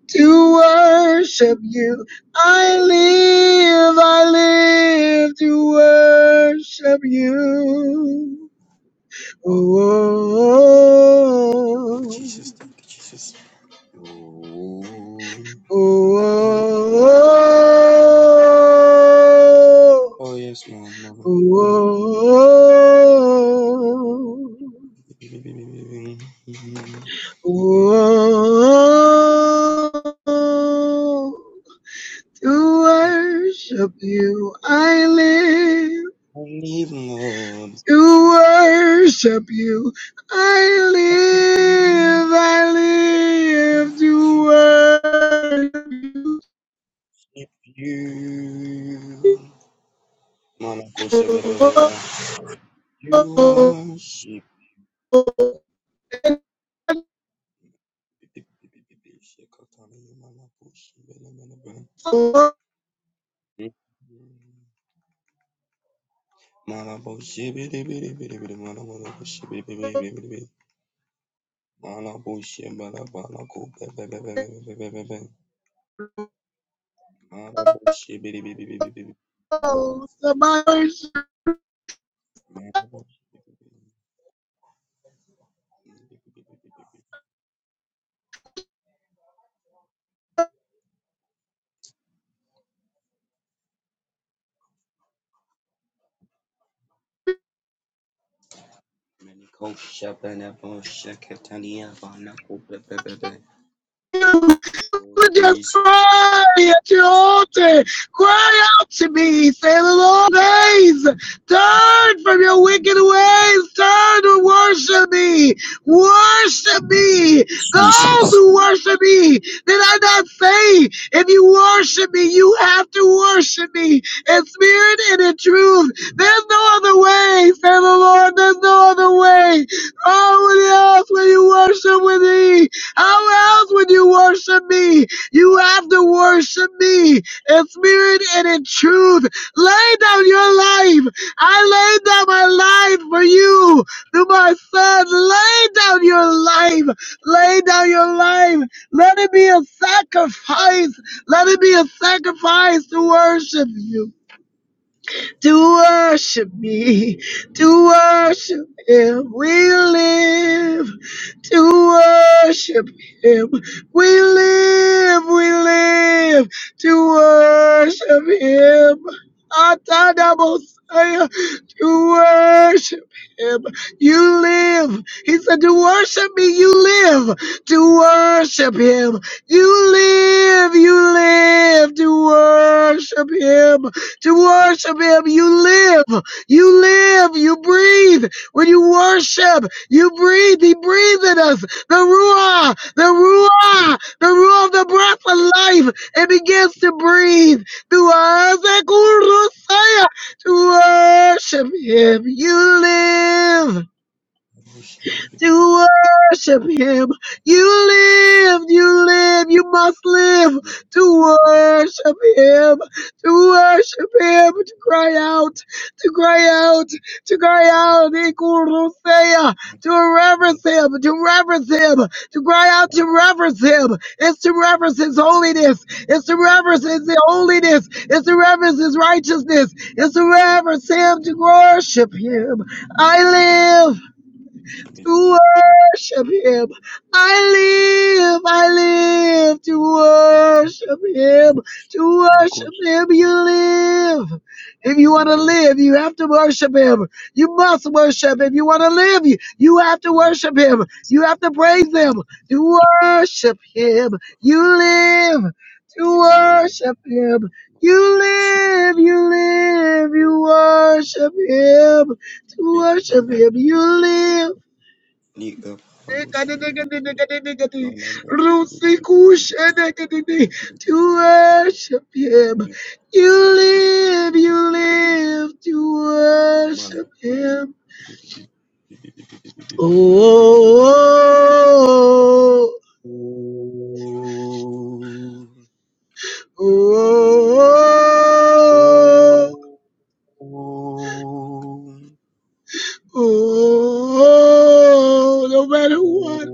to worship you. I live, I live to worship you. oh. oh, oh, oh. Oh, oh, oh, oh, oh. To worship you, I live. To worship you, I live. I live to worship
Malabo shibidi bidi bidi bidi malabo shibidi bidi bidi Mana bushi bala bala ko be be be be be be be be be. Mana bushi bili bili bili bili. Mana bushi bili bili bili bili bili bili bili. Ya bala ko be.
you. just
Jesus
cry at your altar. Cry out to me. Say the Lord days. Turn from your wicked ways. Turn and worship me. Worship me. Those who worship me. Did I not say, if you worship me, you have to worship me in spirit and in truth. There's no other way. Say the Lord, there's no other way. Oh, what else will you worship with me? How else would you worship me? You have to worship me in spirit and in truth. Lay down your life. I laid down my life for you. To my son, lay down your life. Lay down your life. Let it be a sacrifice. Let it be a sacrifice to worship you to worship me, to worship him. We live to worship him. We live, we live to worship him. Atadabosaya, To worship him, you live. He said, To worship me, you live. To worship him, you live, you live to worship him to worship Him. You live, you live, you breathe. When you worship, you breathe. He breathed in us the Ruah, the Ruah, the Ruah of the breath of life. It begins to breathe through us. To worship Him, you live to worship him. You live, you live, you must live to worship him, to worship him, to cry out, to cry out, to cry out, Ikurusea, to reverence him, to reverence him, to cry out, to reverence him. It's to reverence his holiness, it's to reverence his holiness, it's to reverence his righteousness, it's to reverence him, to worship him. I live to worship him. I live, I live to worship him. To worship him, you live. If you want to live, you have to worship him. You must worship. If you want to live, you, you have to worship him. You have to praise him. To worship him, you live.
be
To
mama mama.
worship him, you
She
live, you live, you worship him. To
be
worship
mama.
him,
She
you
be be be be.
live
Liga bala bushi bili bili bili. Mana bushi bili bili bili bili. Mana bushi bili bili bili. Mana bushi bili bili bili. Mana bushi bili bili bili bili.
to worship him. You live, you live to worship him. Oh, oh, oh, oh, oh, oh, oh, oh, oh, oh, oh, no matter what.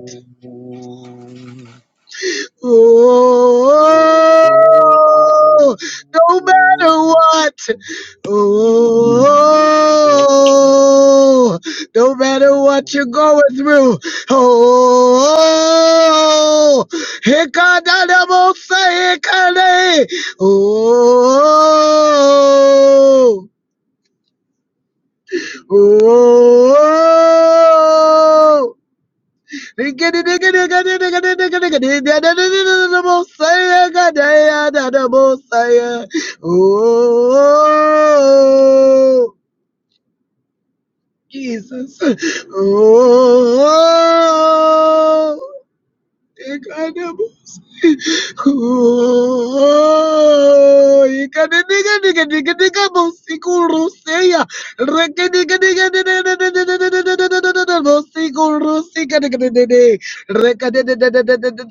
Oh, no matter what. Oh, no matter what you're going through. Oh, hikadadabosaikade. Oh, oh. Oh, Jesus. Oh, Oh, Rekadikade,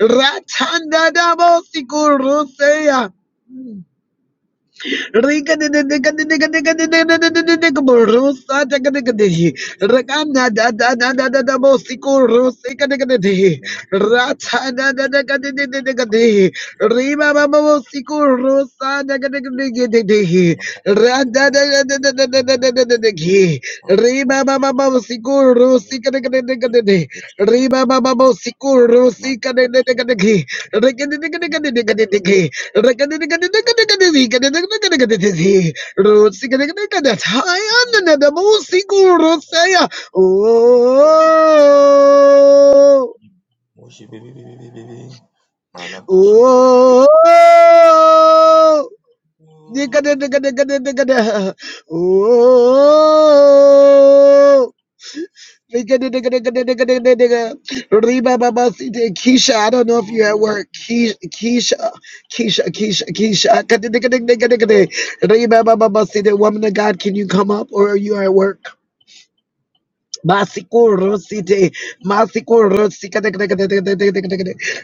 Ratanda Dabo Sikurusea. Rima mama mama sikuru sikadekadekadekadekade Ribababo de Sikadeki Rekadiki Rekadiki Rosikadikadabo Sikuru Saya Oh
Mana bushi bili.
Oh
Oh.
Nikadikadikadikada Oh Reba baba Sita, Keisha, I don't know if you're at work. Keisha, Keisha, Keisha, Keisha, Keisha. Reba Baba Sita, Woman of God, can you come up or are you at work? Masiko Rosite, Masiko Rosika,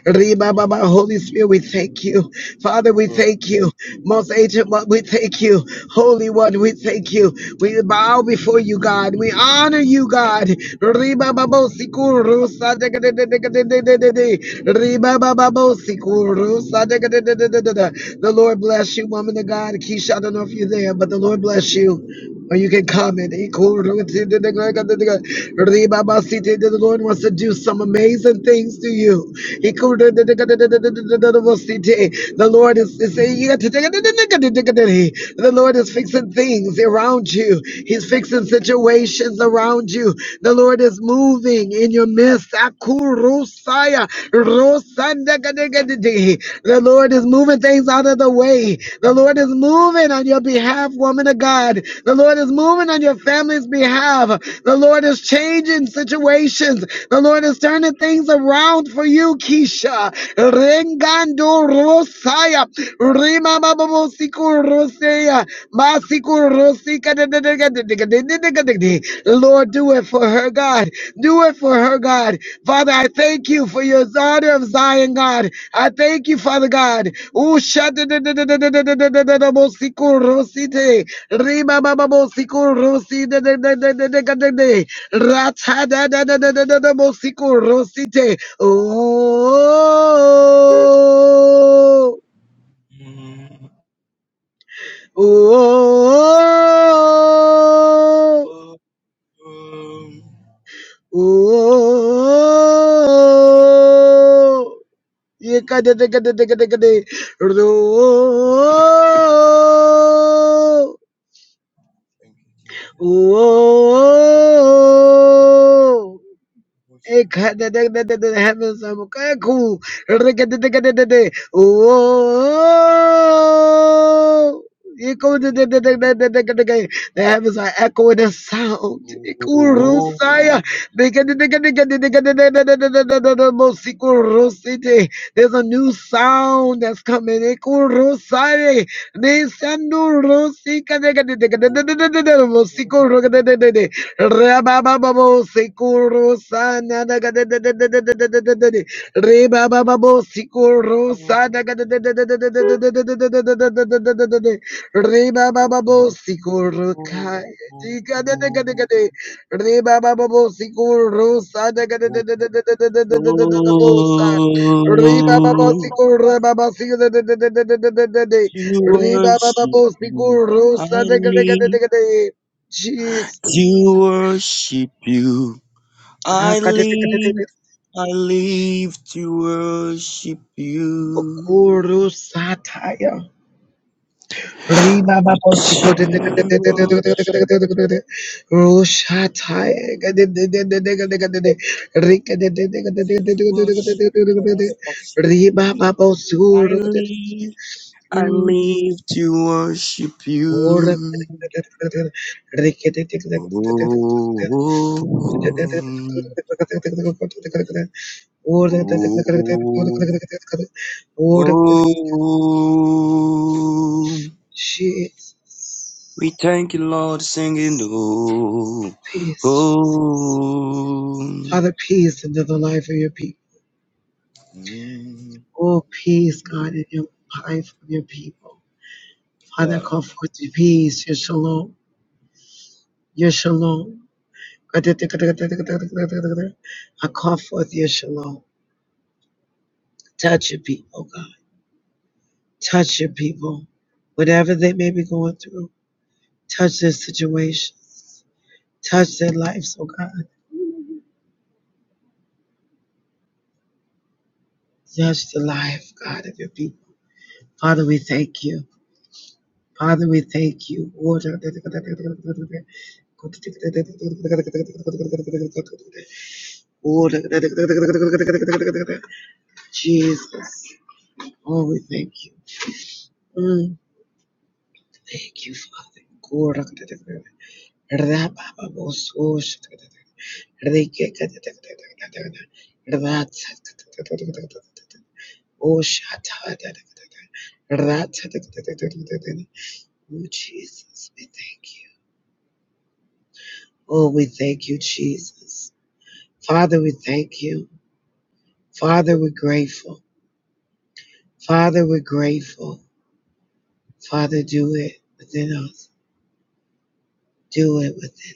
Riba Baba, Holy Spirit, we thank you. Father, we thank you. Most Ancient One, we thank you. Holy One, we thank you. We bow before you, God. We honor you, God. Riba Baba, Siku Rosa, Riba Baba, Siku Rosa. The Lord bless you, woman of God. Keisha, I don't know if you're there, but the Lord bless you. Or you can comment. The Lord wants to do some amazing things to you. The Lord is, is the Lord is fixing things around you. He's fixing situations around you. The Lord is moving in your midst. The Lord is moving things out of the way. The Lord is moving on your behalf, woman of God. The Lord is is moving on your family's behalf. The Lord is changing situations. The Lord is turning things around for you, Keisha. Rengando Rosaya. Rima Bababo Siku Rosea. Masiku Rosika. Lord, do it for her, God. Do it for her, God. Father, I thank you for your daughter of Zion, God. I thank you, Father God. Usha Rima baba bo siku de de de de de de de de de Racha da da da da da da da bo siku rusi te. Oh,
Mm.
oh, oh, oh.
Oh.
oh ka de
Um.
de ka de de ka de ka de. Ro.
Thank you, Jesus.
Oh. oh, oh,
Worship and
The heavens are cool. Oh, echo the
adore.
the heavens are echoing the sound. Ikurusaya. There's a new sound that's coming. Ikurusaya. Nisanu Rosika Rosiku Rabababo Sikuru Sana Rebababo Sikuru Sana Rebababo Sikuru
To
Kai Rebababo Sikuru Sana Rebababo Sikuru Rababasiku Riba Baba
worship you,
Bospikur
I
Rosa
live. To
Jesus.
worship you,
Ah,
I live.
kateteketekete.
I live to worship you.
Bukuru sataya. Rima babo siko teteketeketeketeketeketekete. Rushataya. Kateteketeketekete. Riketeketeketeketeketeketekete. Rima babo suru ketete.
I live to worship
Kura
you.
keteketeketeketekete.
Oh, oh,
Riketeketeketeketeketekete. She
oh, oh, Oh,
is
we thank you, Lord, singing. Oh,
peace, Jesus.
oh.
Father, peace into the life of your people.
Mm.
Oh, peace, God, in your life of your people. Father, call forth your peace, your shalom, your shalom. I call forth your shalom. Touch your people, God. Touch your people. Whatever they may be going through, touch their situations. Touch their lives, oh God. Touch the life, God, of your people. Father, we thank you. Father, we thank you. Order. Order. Jesus. Oh, we thank you. Mm, thank you, Father. Order. Rabababososha. Oh, Jesus, we thank you. Oh, we thank you, Jesus. Father, we thank you. Father, we're grateful. Father, we're grateful. Father, do it within us. Do it within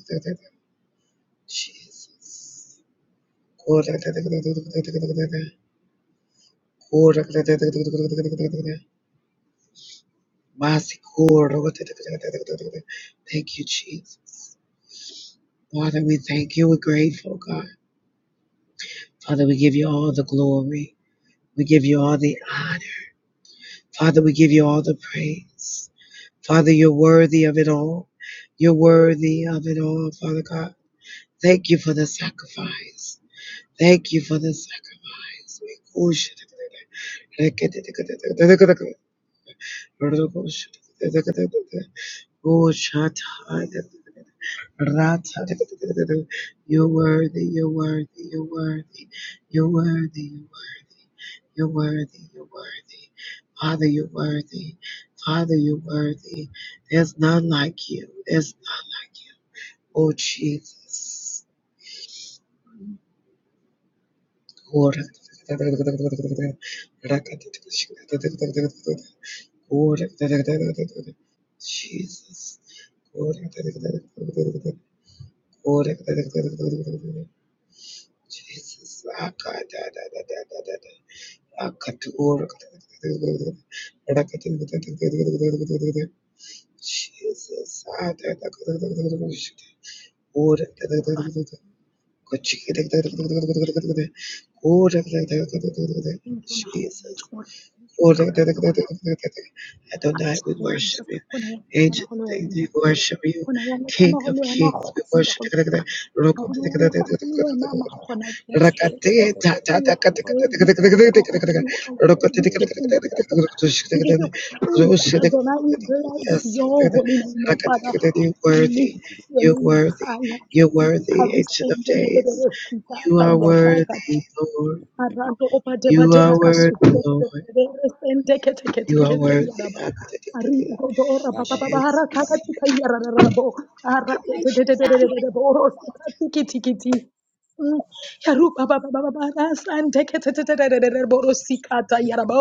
us. Jesus. Mercy, Thank you, Jesus. Father, we thank you. We're grateful, God. Father, we give you all the glory. We give you all the honor. Father, we give you all the praise. Father, you're worthy of it all. You're worthy of it all, Father God. Thank you for the sacrifice. Thank you for the sacrifice. We worship you. ra you are worthy, you're worthy, you're worthy, you're worthy, you're worthy, you're worthy, you're worthy. Father, you're worthy. Father, you're worthy. There's none like you. There's Oh Jesus. Oh, Jesus. Jesus. Jesus.
Jehovah, Thank you, Jehovah. Thank you, Nahona
Jesus.
Chora. Thank you, Kaula Lokola. Papa,
Adonai, we worship
Jesus,
you.
khona yena, khona
Angel,
ho le wena.
we worship you.
Khona yena,
King
kana ho
of
le wena,
kings, we
kgosi ya
worship
go loka.
you.
Ha khona yena, kana ho le wena, makgona
Yes. You're
You are worthy, Lord God. You are worthy, Jesus. We give you praise, Adonai. We bless your holy name, Father. We
worthy.
lift your
You're
name
worthy.
higher.
You're worthy, Ancient of
Karusenge
Days.
Debedebosita
You are
Tayataka
worthy, Lord.
Arando opa de
You
badera
are
kasu.
worthy, Lord.
Resende kete kete
You are
kete
worthy.
yaraba. Ari dodo ora baba baba ara
Jesus.
kaka tika yarara bo. Ara de de de de de de de bo. Rosa tiki tiki tiki. ti. Mm. Yaru baba baba baba ara sande kete te te te te te te bo. Rosi kata yaraba.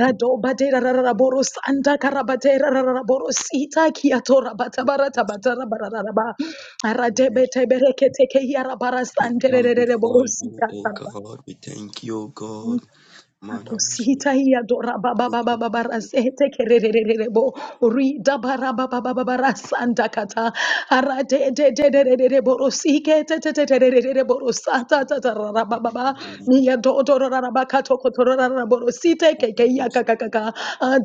Rado badera rara bo. Rosanda karabadera rara bo. Rosita kiato rabata barata barata barata raba. Ara de bete bereke teke yaraba. Rasande re re re re bo.
For
Rosi
you,
kata
oh
raba.
God, we thank you, oh God, Madam.
Akosita ia dora baba baba baba rasete kererererebo ri dabara baba baba baba rasanda kata arate de de de de de de de borosike te te te te de de de de borosata ta ta ra baba baba ia do do ra ra baka to ko borosite ke ke ia ka ka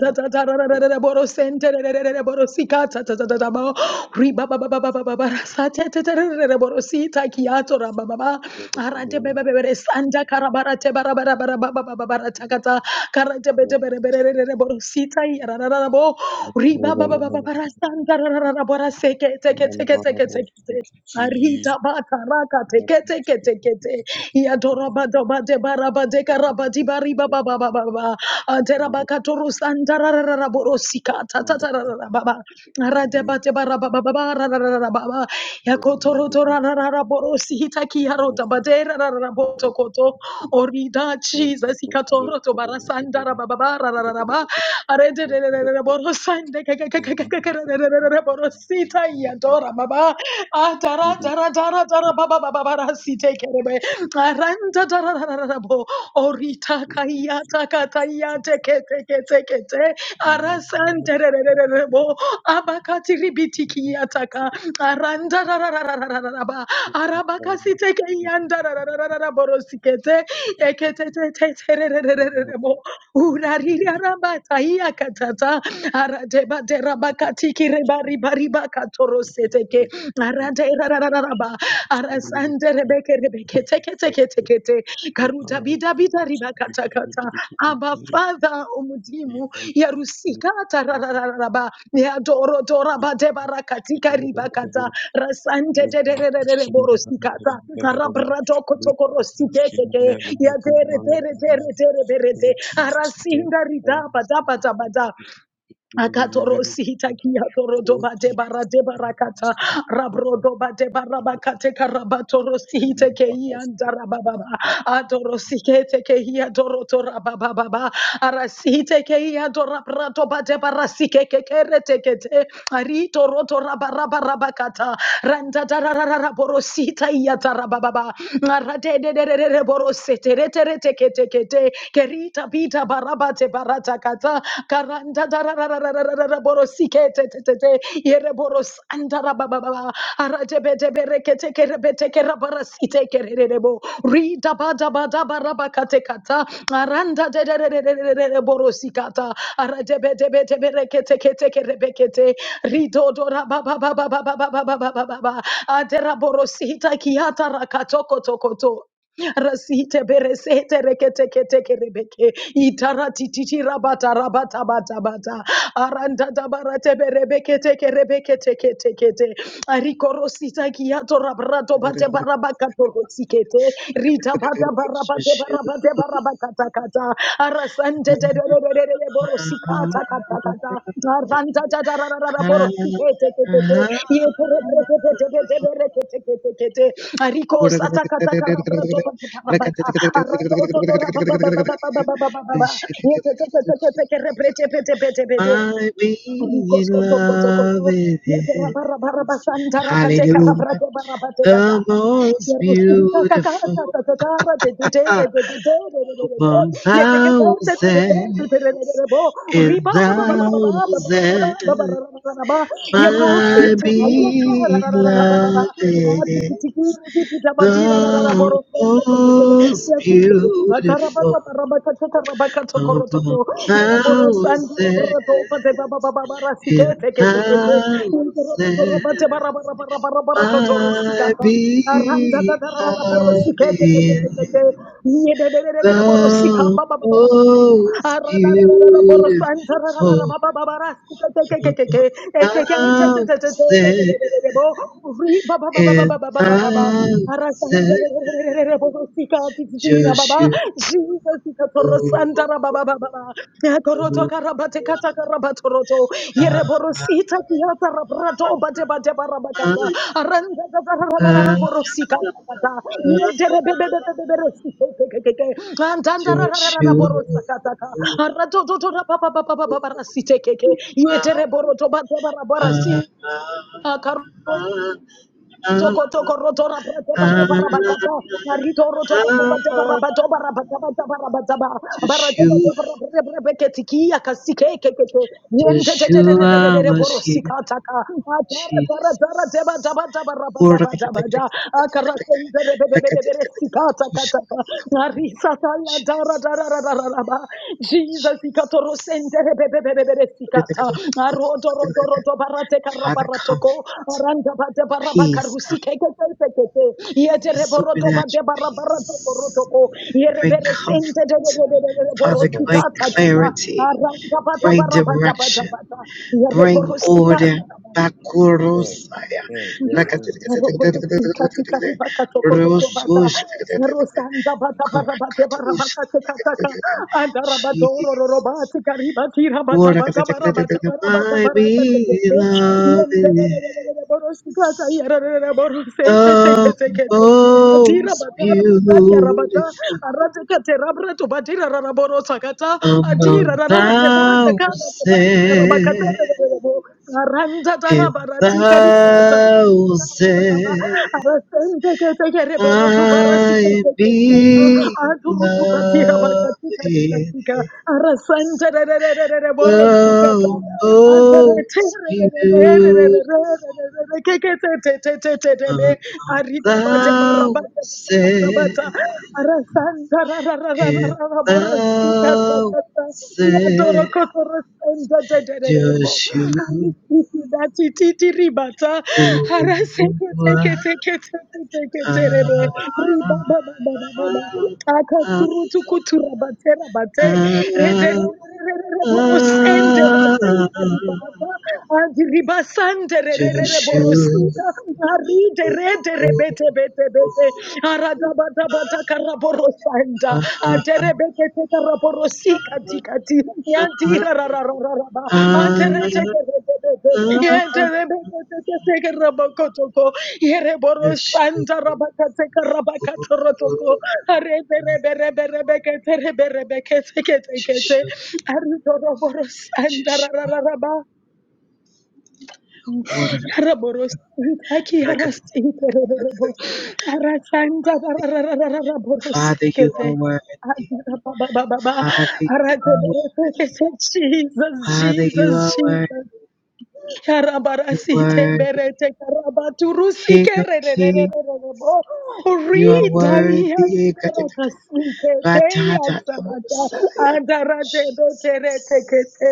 ta ta ta ra ra borosente de de de de borosika ta ta ta ta ba riba ba ba ba ba ba ba ba ra sa te te te re re re si te be be be be re sanda kara ba ra te ba ra ba bo si riba ba ba ba ba ba ra sanda ra ra ra Arita bata raka teke teke teke te. Iadora bada bade bara bade karaba di bari baba baba baba. Adera baka toru sandara rara borosika tata rara baba. Arade bade bara baba baba rara baba. Yakotoro tora rara borosita kiaro tabade rara boto koto. Orida Jesus ikatoro to bara sandara baba bara rara baba. Arede rara borosande kaka kaka kaka rara borosita Aya dora baba. Atara tara tara tara baba baba bara si take it away. Aranta tara tara tara bo. Orita kaya taka taya teke teke teke te. Arasan tere tere tere bo. Abakati ribiti kia taka. Aranda tara tara tara tara ba. Arabaka si teke yanda tara tara tara boro sikete. Ekete te te tere re re re re bo. Urarira raba taya katata. arate ba bakatiki reba riba riba katoro seteke arante rarararaba arasande rebeke rebeke teke teke teke te karuta bida bida riba kata kata aba father umudimu ya rusika tararararaba ya doro dora bade barakatika riba kata rasante tererere borosikata rabrato kotoko rositeke ke ya tere tere tere tere berete arasinda rida bada bada bada Akatoro sita kia toro doba debara debara kata rabro doba debara bakate karabatoro sihite ke ianda Adorosikete kehia dorotora baba baba. Arasite kehia doraprato bate barasike kekere tekete. Arito roto raba raba raba kata. Randa tararara borosita iya tarababa. Arate de de de de de borosete rete rete kete kete. Kerita bita barabate barata kata. Karanda tararara borosita Rida Rasite beresete rekete kete kerebeke. Itarati titi rabata rabata bata bata. Aranda dabarate berebeke teke rebeke teke teke te. Arikorosita kiato rabrato bate barabaka torosikete. Rita bata barabate barabate barabakata kata. Arasante te te te te te te te boro sikata kata kata. Aranta ta ta ra ra ra ra boro
Ah,
sikete te te te.
ah.
Ye te re pre te te te
My
te te bere te te te te te te. Ariko sata kata kara pra to pa pa pa pa ka. Arato to to ra ba ba ba ba ba ba ba ba ba ba ba. Ye te te te te te te ke re pre te pe te pe te pe te.
being
Ruko
in
soto koto koto.
love with
Yete
him.
rabarabara santara kate
Hallelujah.
karabrate barabate bada.
The most
Yerustinta kaka
beautiful
ta ta ta ta ra te te te re
ah,
te te te re re re re re.
among
Yete ke te te te te te
thousand
te te re re re re bo.
and
Riba ba ba ba ba ba ba ba ba ba ba ba
thousand.
ba ba ra ra ra ra ra ba. Yeko
My
sita ba ya ra ra ra ra ra ra ba ba ba. Ah,
beloved.
tiki tiki ru tu tu ta ba di ra ra ra ra bo
The
ro se te te te te.
most
Yakutu tu ba ta ra ba ta
beautiful
ba ra ba ka ta ta ra ba ka to ko ro to
among
ko.
thousands
Aranda
in thousands, my beloved, the most beautiful among thousands in thousands, Joshua.
Jesus, Yakoroto karabate kata karabatoroto.
Ah, ah,
Yereborosita kiyata rabrato bate bate barabakata.
ah.
Aranda
I
borosika kata. Yejerebebebebebeberesite Antanda
just
borosa kata.
you.
Arato toto rapa papa papa barasite keke.
Ah,
Yetereboroto bate
ah,
barabarasi.
ah, ah,
Toko toko rotora, rapa tepa tepa
ah.
rabakata tarito roto pa tepa tepa rabato barabata bata barabata bara bara
Just
tepa
you,
tepa rabere brebe ketiki akasike kekete yente
just
te te te
you
te te te te
are
te
my shield,
borosika taka atara tara
Jesus.
tara tepa tepa tepa rabata bata bata akarakente rebe rebe rebe rebe sika taka taka arisa tala tara
Jesus.
tara tara tara raba Jesus
Jesus.
ikatorosente rebe rebe rebe rebe sikata aroto Rodorodo barate
Father,
karabaratoko.
comfort,
Aranda bade
peace,
barabakarusi keke keke keke. Yete
Your
reborodo bade
supernatural
barabaratoko
peace.
rotoko.
Bring
Yerebere
comfort.
sente de de de de de de
Father, bring
borosikata tata.
clarity.
Aranda bada
Bring
barabata bada
direction.
bada.
Bring order.
Yereborosikata.
Bakurosaya.
Roborosi kati kati
Rakatakatakatakatakatakatakatakatakata.
bakato koroto bata
Rosush.
rosanda bata bara, bate bara,
Karakatush.
bakate kataka anda rabadoro
Jesus.
robati kariba tira bata bata bara, bata
Warakatakatakatakatakata.
bara, bata
My
bara, kariba,
beloved,
bata,
is the most
rabata yara bata,
beautiful.
arate kate rabre to batira raborosa kata adira
Among
rabate bata,
thousand
Randa
and
darabara tikari
thousand, I beloved, the most beautiful. A
Arida bada bara bada bada bada.
thousand
Arasanda ra ra ra ra ra
and
ra ra boro sika ta
thousand,
ta ta. Yadoro kotoro senda de de de de de bo.
Joshua.
Arisiki da ti ti ti ribata. Araseke teke teke teke teke
Just you. Just
terebe.
you.
Riba ba ba ba ba ba ba. Aka turu tuku tura bate bate. Re de re re re re re re boro sende ra tika riba. Andiribasante re re re re borosika. Aride re de re bete bete bete. Aradabata bata bata karaborosanta. Antere bete te karaborosika tikati. Yantira ra ra ra ra ra ba. Antere te ke re te te te. Yantere bete te te te karabakotoko. Yere borosanta rabakate karabakatorotoko. Arede re be re re re be ke te re be re be ke te ke te ke
Just
te.
you.
Aridoro
Just
borosanta ra
you.
ra ra ra ba. Raboros Itaki Haras Iterebo Arasanta
Father, you are
Raborosekete.
worthy. Father, you are worthy.
Jesus, Jesus,
Father, you are worthy.
Jesus. Karabarasite
worthy.
berete karabaturusi
King of kings,
kererererererebo.
you are
Ridaya
worthy.
ndarakasite
ra ta ta
teya
ta ta bo
sarata
sa
andarate beterete kete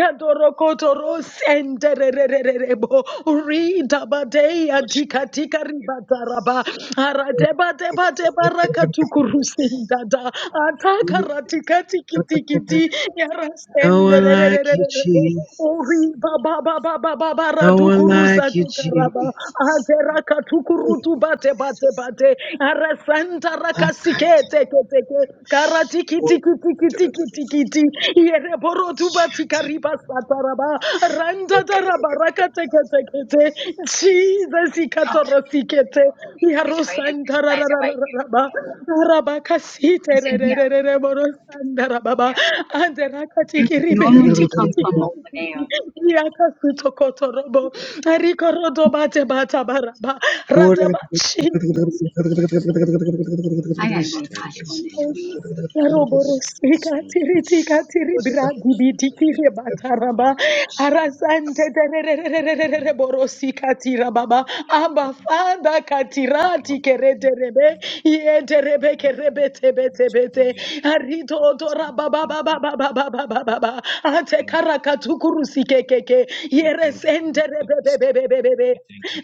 yadorokotorosendererererebo. Ridabadeya tikatika ribataraba. Aradebadebadebarakatukurusindada. Atakaratikatikitikiti
No one like you,
yarasenderererererebo.
Jesus.
Ori baba baba baba bara
No one
tukuru
like you,
satu karaba
Jesus.
atera katukuru tu bate bate bate arasanta rakasike teke teke karati kiti kiti kiti kiti kiti yere boro tu bati kariba sataraba randa taraba rakateke teke Jesus, ikatorosikete,
This way and this place away.
iharosandarararararaba, arabakasite,
It's in here.
rerererere, borosandarababa,
Yeah. You normally come from over there.
anderakatikiriberitikitikitikiti, iakasutokotorobo, arikorodobate batabaraba,
I gotta
radaba,
go
Jesus.
to Costco week.
Roborosika tiri tika tiri bra dibi diki rebataraba arasante terererererere borosika tira baba aba fanda katirati kereterebe yeterebe kerebe tebe tebe te arito otora baba baba baba baba baba ate karakatuku sikekeke yeresente rebebebebebebe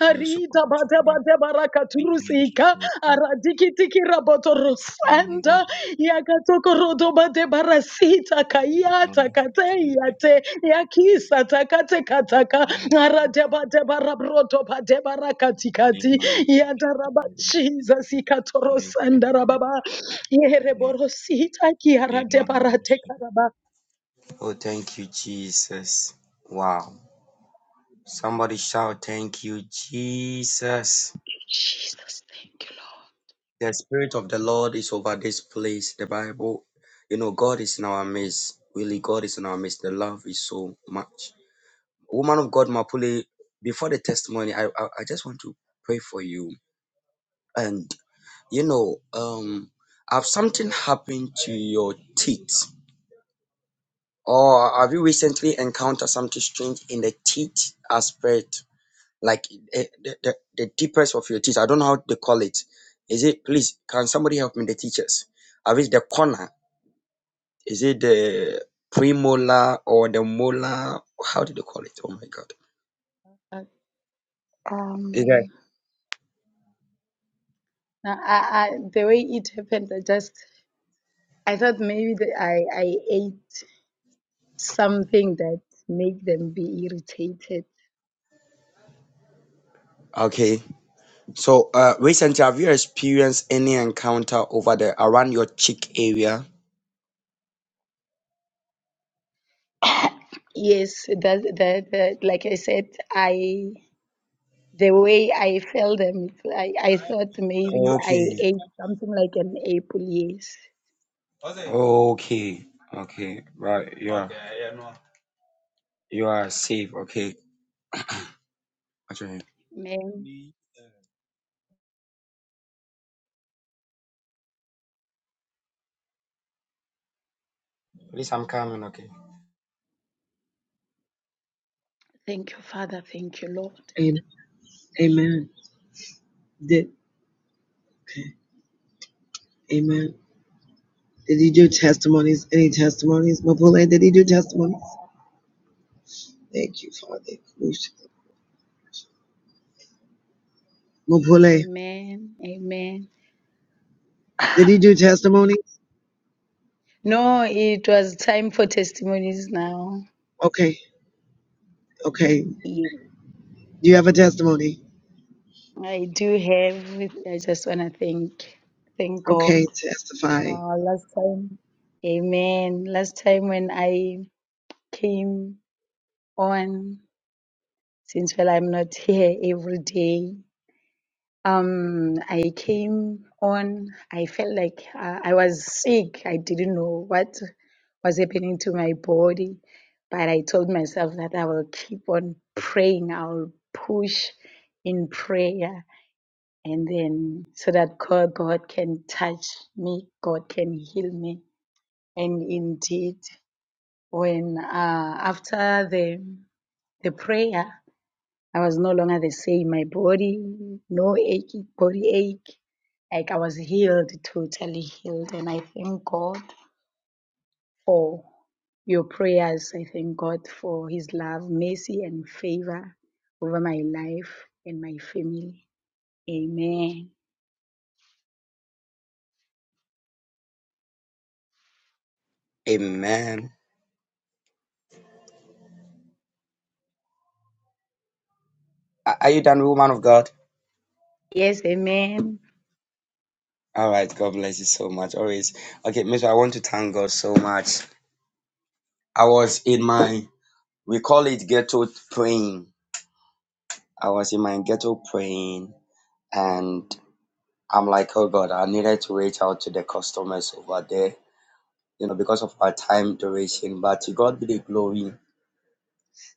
Arita bata bata baraka turusika aradiki tiki raboto rusanda Yakatokorodobate barasita kayata kateyate yakisa takate kataka aradebate barabrotobate barakatikati yadaraba Jesus ikatorosandarababa yereborosita kiaradebarate karaba.
Oh, thank you, Jesus. Wow. Somebody shout, Thank you, Jesus.
Jesus, thank you,
The Spirit of the Lord is over this place. The Bible, you know, God is in our midst. Really, God is in our midst. The love is so much. Woman of God, Mapule, before the testimony, I, I, I just want to pray for you. And, you know, um, have something happened to your teeth? Or have you recently encountered something strange in the teeth aspect? Like eh, the, the, the deepest of your teeth? I don't know how they call it. Is it, please, can somebody help me, the teachers? Have it the corner? Is it the premolar or the molar? How do they call it? Oh my God.
Lord.
Eh,
Um, I, I, I- the way it happened, I just I thought maybe that I I ate something that make them be irritated
okay. So, uh, recently, have you experienced any encounter over there around your cheek area?
Yes, that that, that like I said, I the way I felt them, it's like I thought maybe I
Okay.
ate something like an apple. Yes,
Okay. Okay. Right. You are. You are safe. Okay. Okay.
Amen.
Please, I'm coming. Okay.
Thank you, Father. Thank you, Lord.
Amen. Amen. Did okay. Amen. Did he do testimonies? Any testimonies? Mapule, did he do testimonies? Thank you, Father. Mapule,
Amen. Amen.
did he do testimonies?
No, it was time for testimonies now.
Okay. Okay. Do
Yeah,
you have a testimony?
I do have. I just wanna thank thank God.
Okay. Testify.
Uh, last time, Amen. Last time when I came on. since well I'm not here every day. Um, I came on. I felt like uh, I was sick. I didn't know what was happening to my body, but I told myself that I will keep on praying. I'll push in prayer, and then so that God, God can touch me. God can heal me. And indeed, when uh, after the the prayer, I was no longer the same. My body, no ache, body ache. Like I was healed, totally healed. And I thank God for your prayers. I thank God for his love, mercy, and favor over my life and my family. Amen.
Amen. Are are you done, woman of God?
Yes, amen.
All right. God bless you so much. Always. Okay, Mister. I want to thank God so much. I was in my. We call it ghetto praying. I was in my ghetto praying, and I'm like, oh God, I needed to reach out to the customers over there, you know, because of our time duration. But to God be the glory.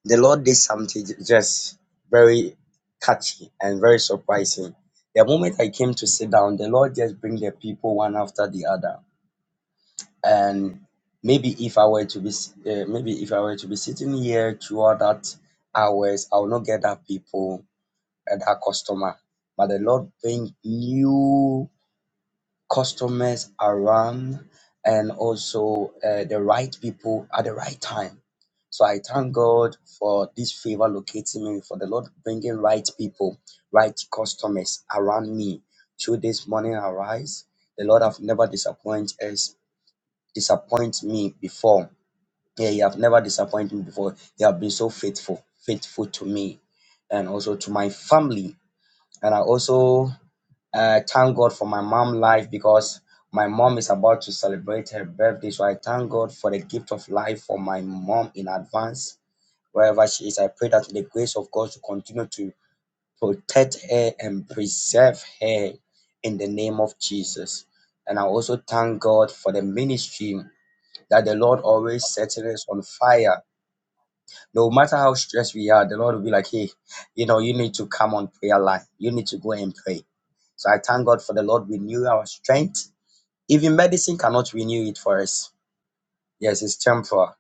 The Lord did something j- just very catchy and very surprising. The moment I came to sit down, the Lord just bring the people one after the other. And maybe if I were to be, s- uh, maybe if I were to be sitting here throughout that hours, I will not get that people, uh, that customer. But the Lord bring new customers around and also uh, the right people at the right time. So I thank God for this favor locating me, for the Lord bringing right people, right customers around me. Through this morning arise, the Lord have never disappointed us, disappoint me before. Yeah, He have never disappointed me before. He have been so faithful, faithful to me, and also to my family. And I also uh, thank God for my mom life because my mom is about to celebrate her birthday. So I thank God for the gift of life for my mom in advance. Wherever she is, I pray that the grace of God to continue to protect her and preserve her in the name of Jesus. And I also thank God for the ministry that the Lord always sets us on fire no matter how stressed we are, the Lord will be like, hey, you know, you need to come on prayer line. You need to go and pray. So I thank God for the Lord renew our strength. Even medicine cannot renew it for us. Yes, it's temporal.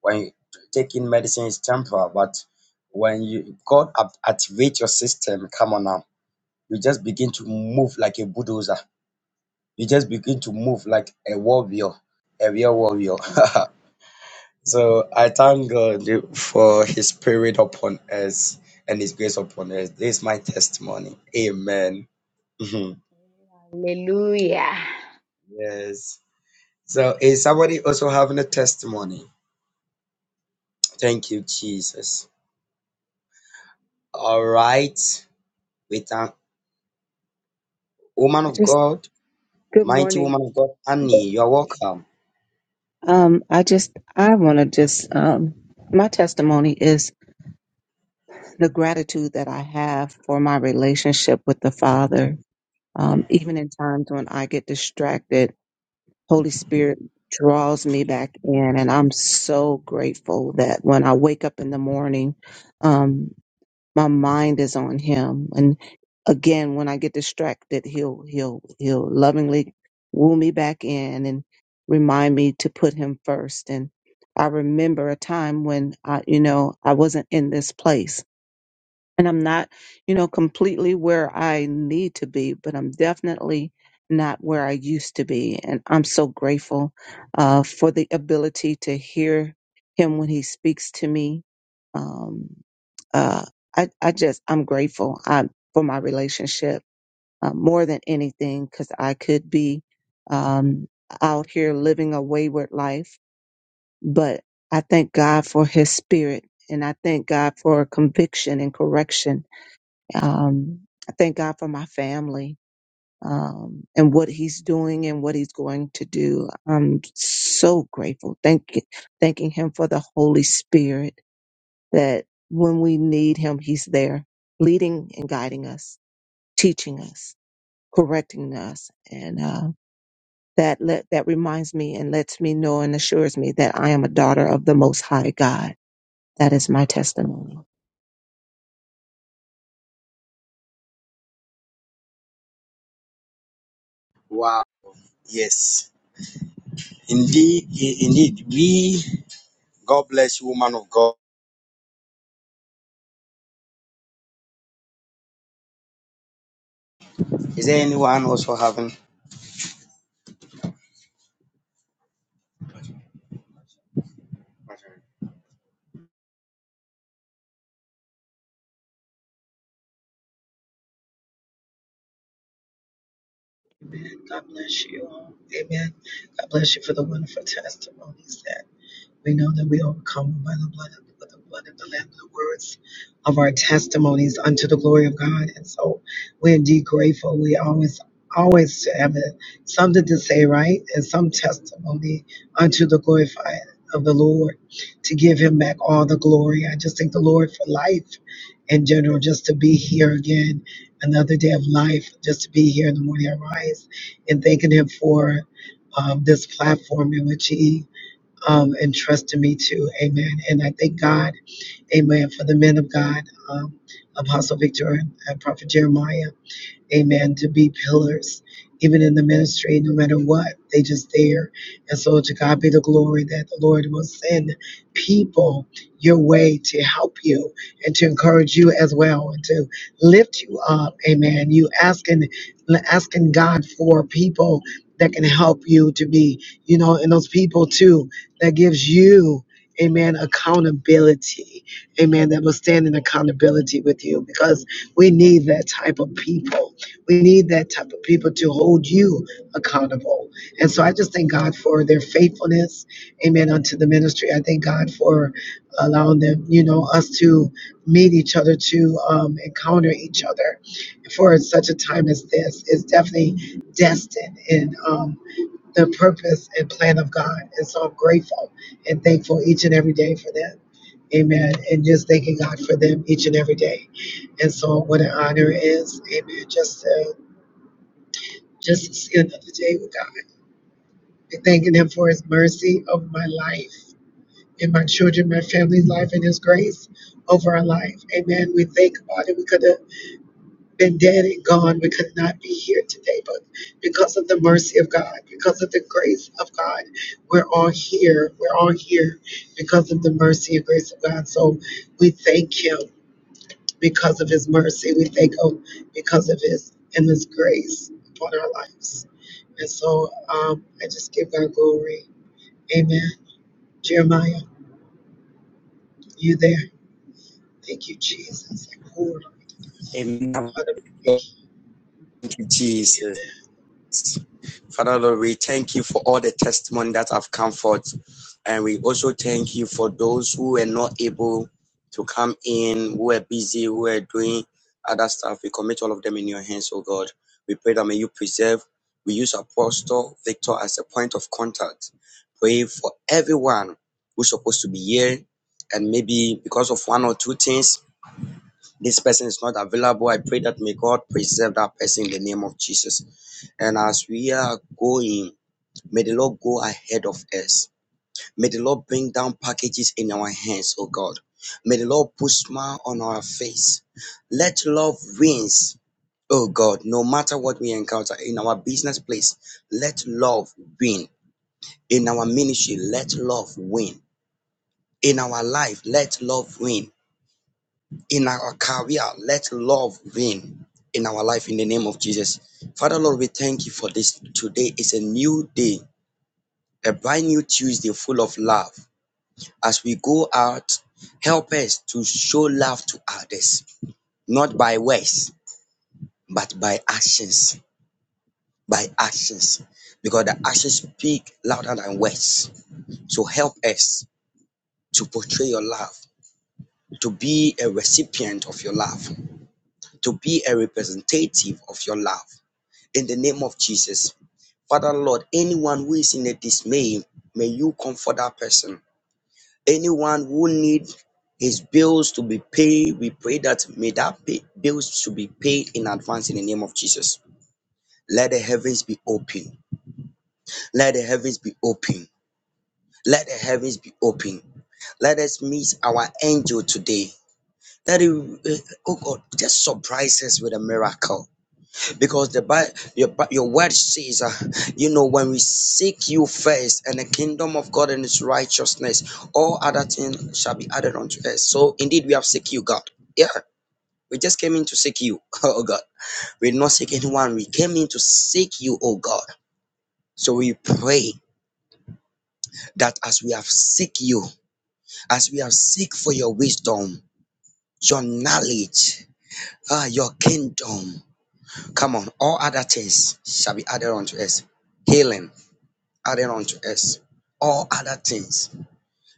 When you taking medicine, it's temporal. But when you God act- activate your system, come on now, you just begin to move like a bulldozer. You just begin to move like a warrior, a real warrior.
Amen.
So I thank God for His Spirit upon us and His grace upon us. This is my testimony. Amen. Mhm.
Hallelujah.
yes. So is somebody also having a testimony? Thank you, Jesus. All right. We thank woman
I
of
just
God,
good
mighty
morning.
woman of God, Annie. You're welcome.
Um, I just I want to just um, my testimony is the gratitude that I have for my relationship with the Father. Um,
Mm.
even in times when I get distracted, Holy Spirit draws me back in, and I'm so grateful that when I wake up in the morning. um, my mind is on him and again when i get distracted he'll he'll he'll lovingly woo me back in and remind me to put him first and i remember a time when i you know i wasn't in this place and I'm not, you know, completely where I need to be, but I'm definitely not where I used to be. And I'm so grateful uh, for the ability to hear him when he speaks to me. Um, uh, I, I just, I'm grateful um for my relationship uh, more than anything because I could be um, out here living a wayward life, but I thank God for his spirit and I thank God for conviction and correction um, I thank God for my family um, and what He's doing and what He's going to do. I'm so grateful. Thank, thanking Him for the Holy Spirit that when we need Him, He's there, leading and guiding us, teaching us, correcting us, and uh, that let, that reminds me and lets me know and assures me that I am a daughter of the Most High God. That is my testimony.
Wow. Yes. Indeed, i- indeed. We, God bless you, woman of God. Is there anyone also having?
Amen. God bless you. all. Amen. God bless you for the wonderful testimonies that. We know that we overcome by the blood of by the blood of the Lamb, the words of our testimonies unto the glory of God. And so we're indeed grateful. We always always have a- something to say, right? And some testimony unto the glorified of the Lord to give him back all the glory. I just thank the Lord for life in general, just to be here again, another day of life, just to be here in the morning I rise and thanking him for um, this platform in which he um, and trust in me too. Amen. And I thank God, amen, for the men of God, um, Apostle Victor and Prophet Jeremiah amen, to be pillars, even in the ministry, no matter what, they just there. And so to God be the glory that the Lord will send people your way to help you and to encourage you as well and to lift you up, amen. You asking asking God for people that can help you to be, you know, and those people too that gives you Amen. Accountability. Amen. That will stand in accountability with you because we need that type of people we need that type of people to hold you accountable. And so I just thank God for their faithfulness. Amen. Unto the ministry. I thank God for allowing them, you know, us to meet each other, to um, encounter each other for such a time as this. It's definitely destined in um, the purpose and plan of God. And so I'm grateful and thankful each and every day for that. Amen. And just thanking God for them each and every day. And so what an honor it is. Amen. Just to just to see another day with God and thanking Him for His mercy over my life and my children, my family's life, and His grace over our life. Amen. We think about it. We could have been dead and gone. We could not be here today, but because of the mercy of God, because of the grace of God, we're all here. We're all here because of the mercy and grace of God. So we thank Him because of his mercy. We thank him because of his endless grace upon our lives. And so um, I just give God glory. Amen. Jeremiah, you there? Thank you, Jesus. Glory to God. Thank
Thank
you.
you, Jesus.
Amen.
Father Lord, we thank you for all the testimony that have come forth. And we also thank you for those who were not able to come in, who were busy, who were doing other stuff. We commit all of them in your hands, oh God. We pray that may you preserve. We use Apostle Victor as a point of contact. Pray for everyone who's supposed to be here. And maybe because of one or two things, this person is not available. I pray that may God preserve that person in the name of Jesus. And as we are going, may the Lord go ahead of us. May the Lord bring down packages in our hands, oh God. May the Lord put smile on our face. Let love wins, oh God, no matter what we encounter in our business place. Let love win. In our ministry, let love win. In our life, let love win in our career. Let love reign in our life in the name of Jesus. Father Lord, we thank you for this. Today is a new day, a brand new Tuesday full of love. As we go out, help us to show love to others, not by words, but by actions. By actions, because the actions speak louder than words. So help us to portray your love, to be a recipient of your love, to be a representative of your love in the name of Jesus. Father Lord, anyone who is in a dismay, may you comfort that person. Anyone who needs his bills to be paid, we pray that may that pay, bills should be paid in advance in the name of Jesus. Let the heavens be open. Let the heavens be open. Let the heavens be open. Let us meet our angel today. That it, eh, oh God, just surprise us with a miracle. because the Bible, your, Bi- your word says, uh, you know, when we seek you first and the kingdom of God and its righteousness, all other things shall be added unto us. So indeed, we have seek you, God. Yeah, we just came in to seek you, oh God. We did not seek anyone. We came in to seek you, oh God. So we pray that as we have seek you, as we have seek for your wisdom, your knowledge, ah, your kingdom, come on, all other things shall be added unto us. Healing added unto us all other things,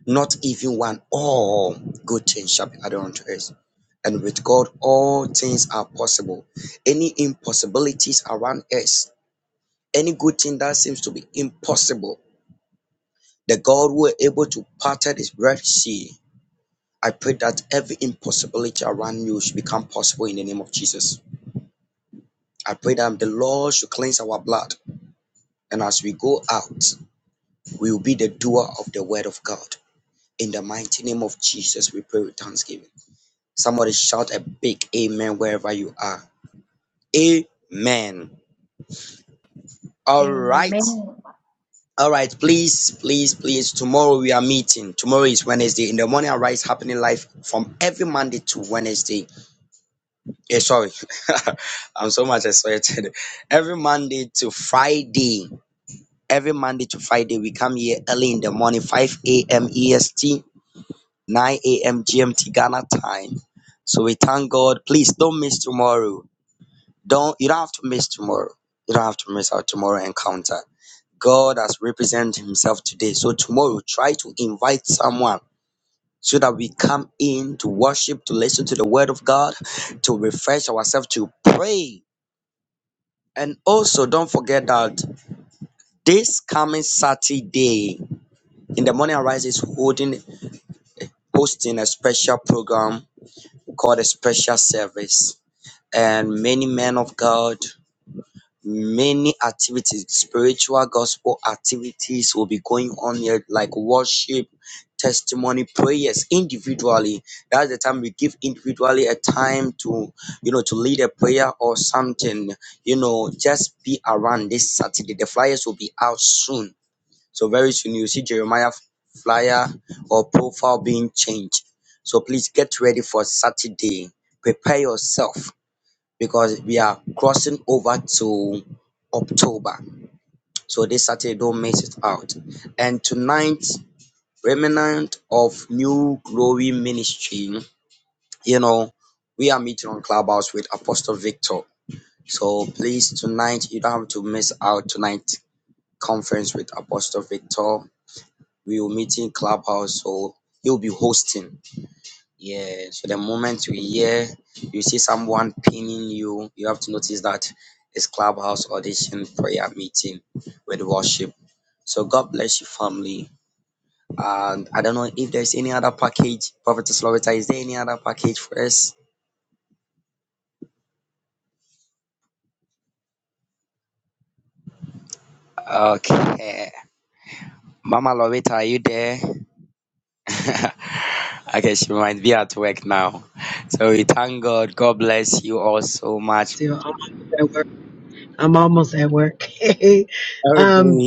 not even one. All good things shall be added unto us. And with God, all things are possible. Any impossibilities around us, any good thing that seems to be impossible, the God who is able to part this Red Sea, I pray that every impossibility around you should become possible in the name of Jesus. I pray that the Lord should cleanse our blood. And as we go out, we will be the doer of the word of God. In the mighty name of Jesus, we pray with thanksgiving. Somebody shout a big amen wherever you are. Amen. All right.
Amen.
All right, please, please, please. Tomorrow we are meeting. Tomorrow is Wednesday. In the morning, arise, happening life from every Monday to Wednesday. Eh, sorry, I'm so much excited. Every Monday to Friday. Every Monday to Friday, we come here early in the morning, 5 a.m. EST. 9 a.m. GMT Ghana time. So we thank God. Please don't miss tomorrow. Don't you don't have to miss tomorrow. You don't have to miss our tomorrow encounter. God has represented himself today. So tomorrow try to invite someone so that we come in to worship, to listen to the word of God, to refresh ourselves, to pray. And also don't forget that this coming Saturday in the morning arise is holding hosting a special program called a special service and many men of God, many activities, spiritual gospel activities will be going on here, like worship, testimony, prayers individually. That's the time we give individually a time to, you know, to lead a prayer or something. You know, just be around this Saturday. The flyers will be out soon. So very soon you see Jeremiah flyer or profile being changed. So please get ready for Saturday. Prepare yourself because we are crossing over to October. So this Saturday, don't miss it out. And tonight, remnant of New Glory Ministry, you know, we are meeting on Clubhouse with Apostle Victor. So please, tonight, you don't have to miss out tonight's conference with Apostle Victor. We will meet in Clubhouse, so he'll be hosting. Yeah, so the moment you hear, you see someone pinning you, you have to notice that it's clubhouse audition prayer meeting with worship. So God bless you, family. And I don't know if there's any other package. Prophetess Loretta, is there any other package for us? Okay. Mama Loretta, are you there? okay, she might be at work now. So we thank God. God bless you all so
I'm
much.
still almost at work. I'm almost at work. um,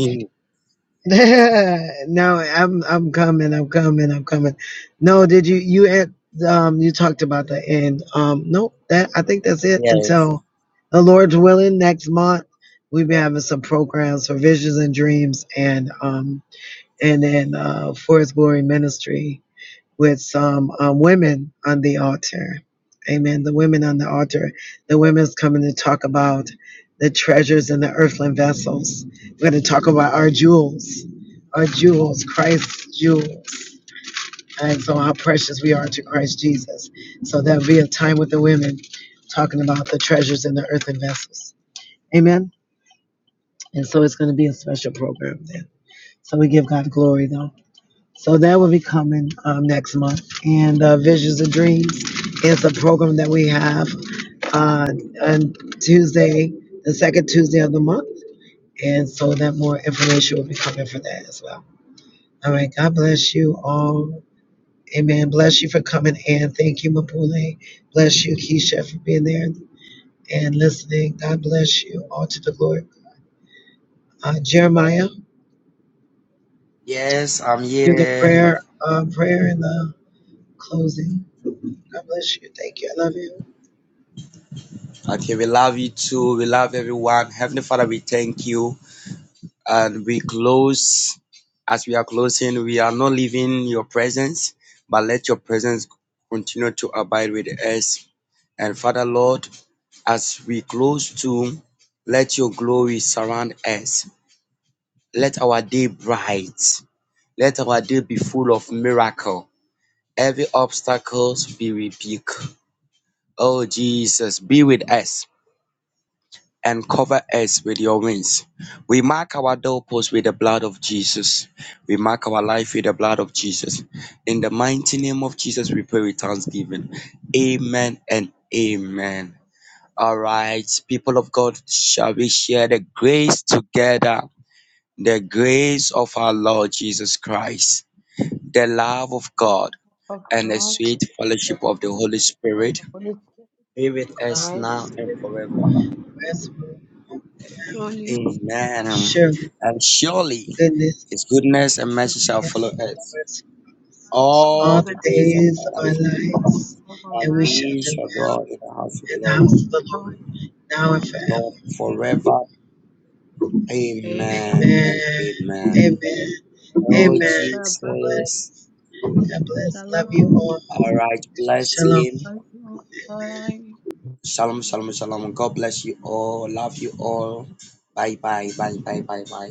no, I'm I'm coming. I'm coming. I'm coming. No, did you you had um you talked about that and um nope that I think that's it until the Lord's willing next month we've been having some programs for visions and dreams and um and then uh for His glory ministry with some um, women on the altar. Amen. The women on the altar. The women's coming to talk about the treasures in the earthly vessels. We're going to talk about our jewels, our jewels, Christ's jewels, and so how precious we are to Christ Jesus. So that'll be a time with the women talking about the treasures in the earthen vessels. Amen. And so it's going to be a special program then. So we give God glory though. So that will be coming um, next month. And uh, Visions and Dreams is a program that we have uh, on Tuesday, the second Tuesday of the month. And so that more information will be coming for that as well. All right. God bless you all. Amen. Bless you for coming in. Thank you, Mapule. Bless you, Keisha, for being there and listening. God bless you all to the Lord. Uh, Jeremiah,
Yes, I'm
do the
here.
prayer, uh, prayer in the closing. God bless you. Thank you. I love you.
Okay, we love you too. We love everyone. Heavenly Father, we thank you. And we close, as we are closing, we are not leaving your presence, but let your presence continue to abide with us. And Father, Lord, as we close too, let your glory surround us. Let our day bright. Let our day be full of miracle. Every obstacles be rebuked. Oh Jesus, be with us and cover us with your wings. We mark our doorposts with the blood of Jesus. We mark our life with the blood of Jesus. In the mighty name of Jesus, we pray with thanksgiving. Amen and amen. All right, people of God, shall we share the grace together? The grace of our Lord Jesus Christ, the love of God,
Of
and the
God,
sweet
the
fellowship of the Holy
fellowship of
Spirit
the Holy
be with us
Spirit,
now
God's
and forevermore.
rest will overwhelm.
surely
Amen. Um,
Surely
And surely
goodness
his goodness and mercy shall follow
yes,
us
mercy rest
works all
all
all
the
the
the
days
days
of
days of
our
our
life,
lives,
of our
and
and we
life.
shall
we shall dwell
dwell
in the house of the
in the
Lord,
house of the Lord
House
now and
Lord
forever.
Lord forever. Amen
Amen.
and
Amen.
amen.
Amen.
Oh,
Amen.
Baba
God
Jesus.
bless. God bless. Love you
Shalom.
All
all.
right,
Shalom.
blessing.
Michael,
Shalom, shalom, shalom. God bless you all. Love you all. Bye, bye, bye, bye, bye, bye.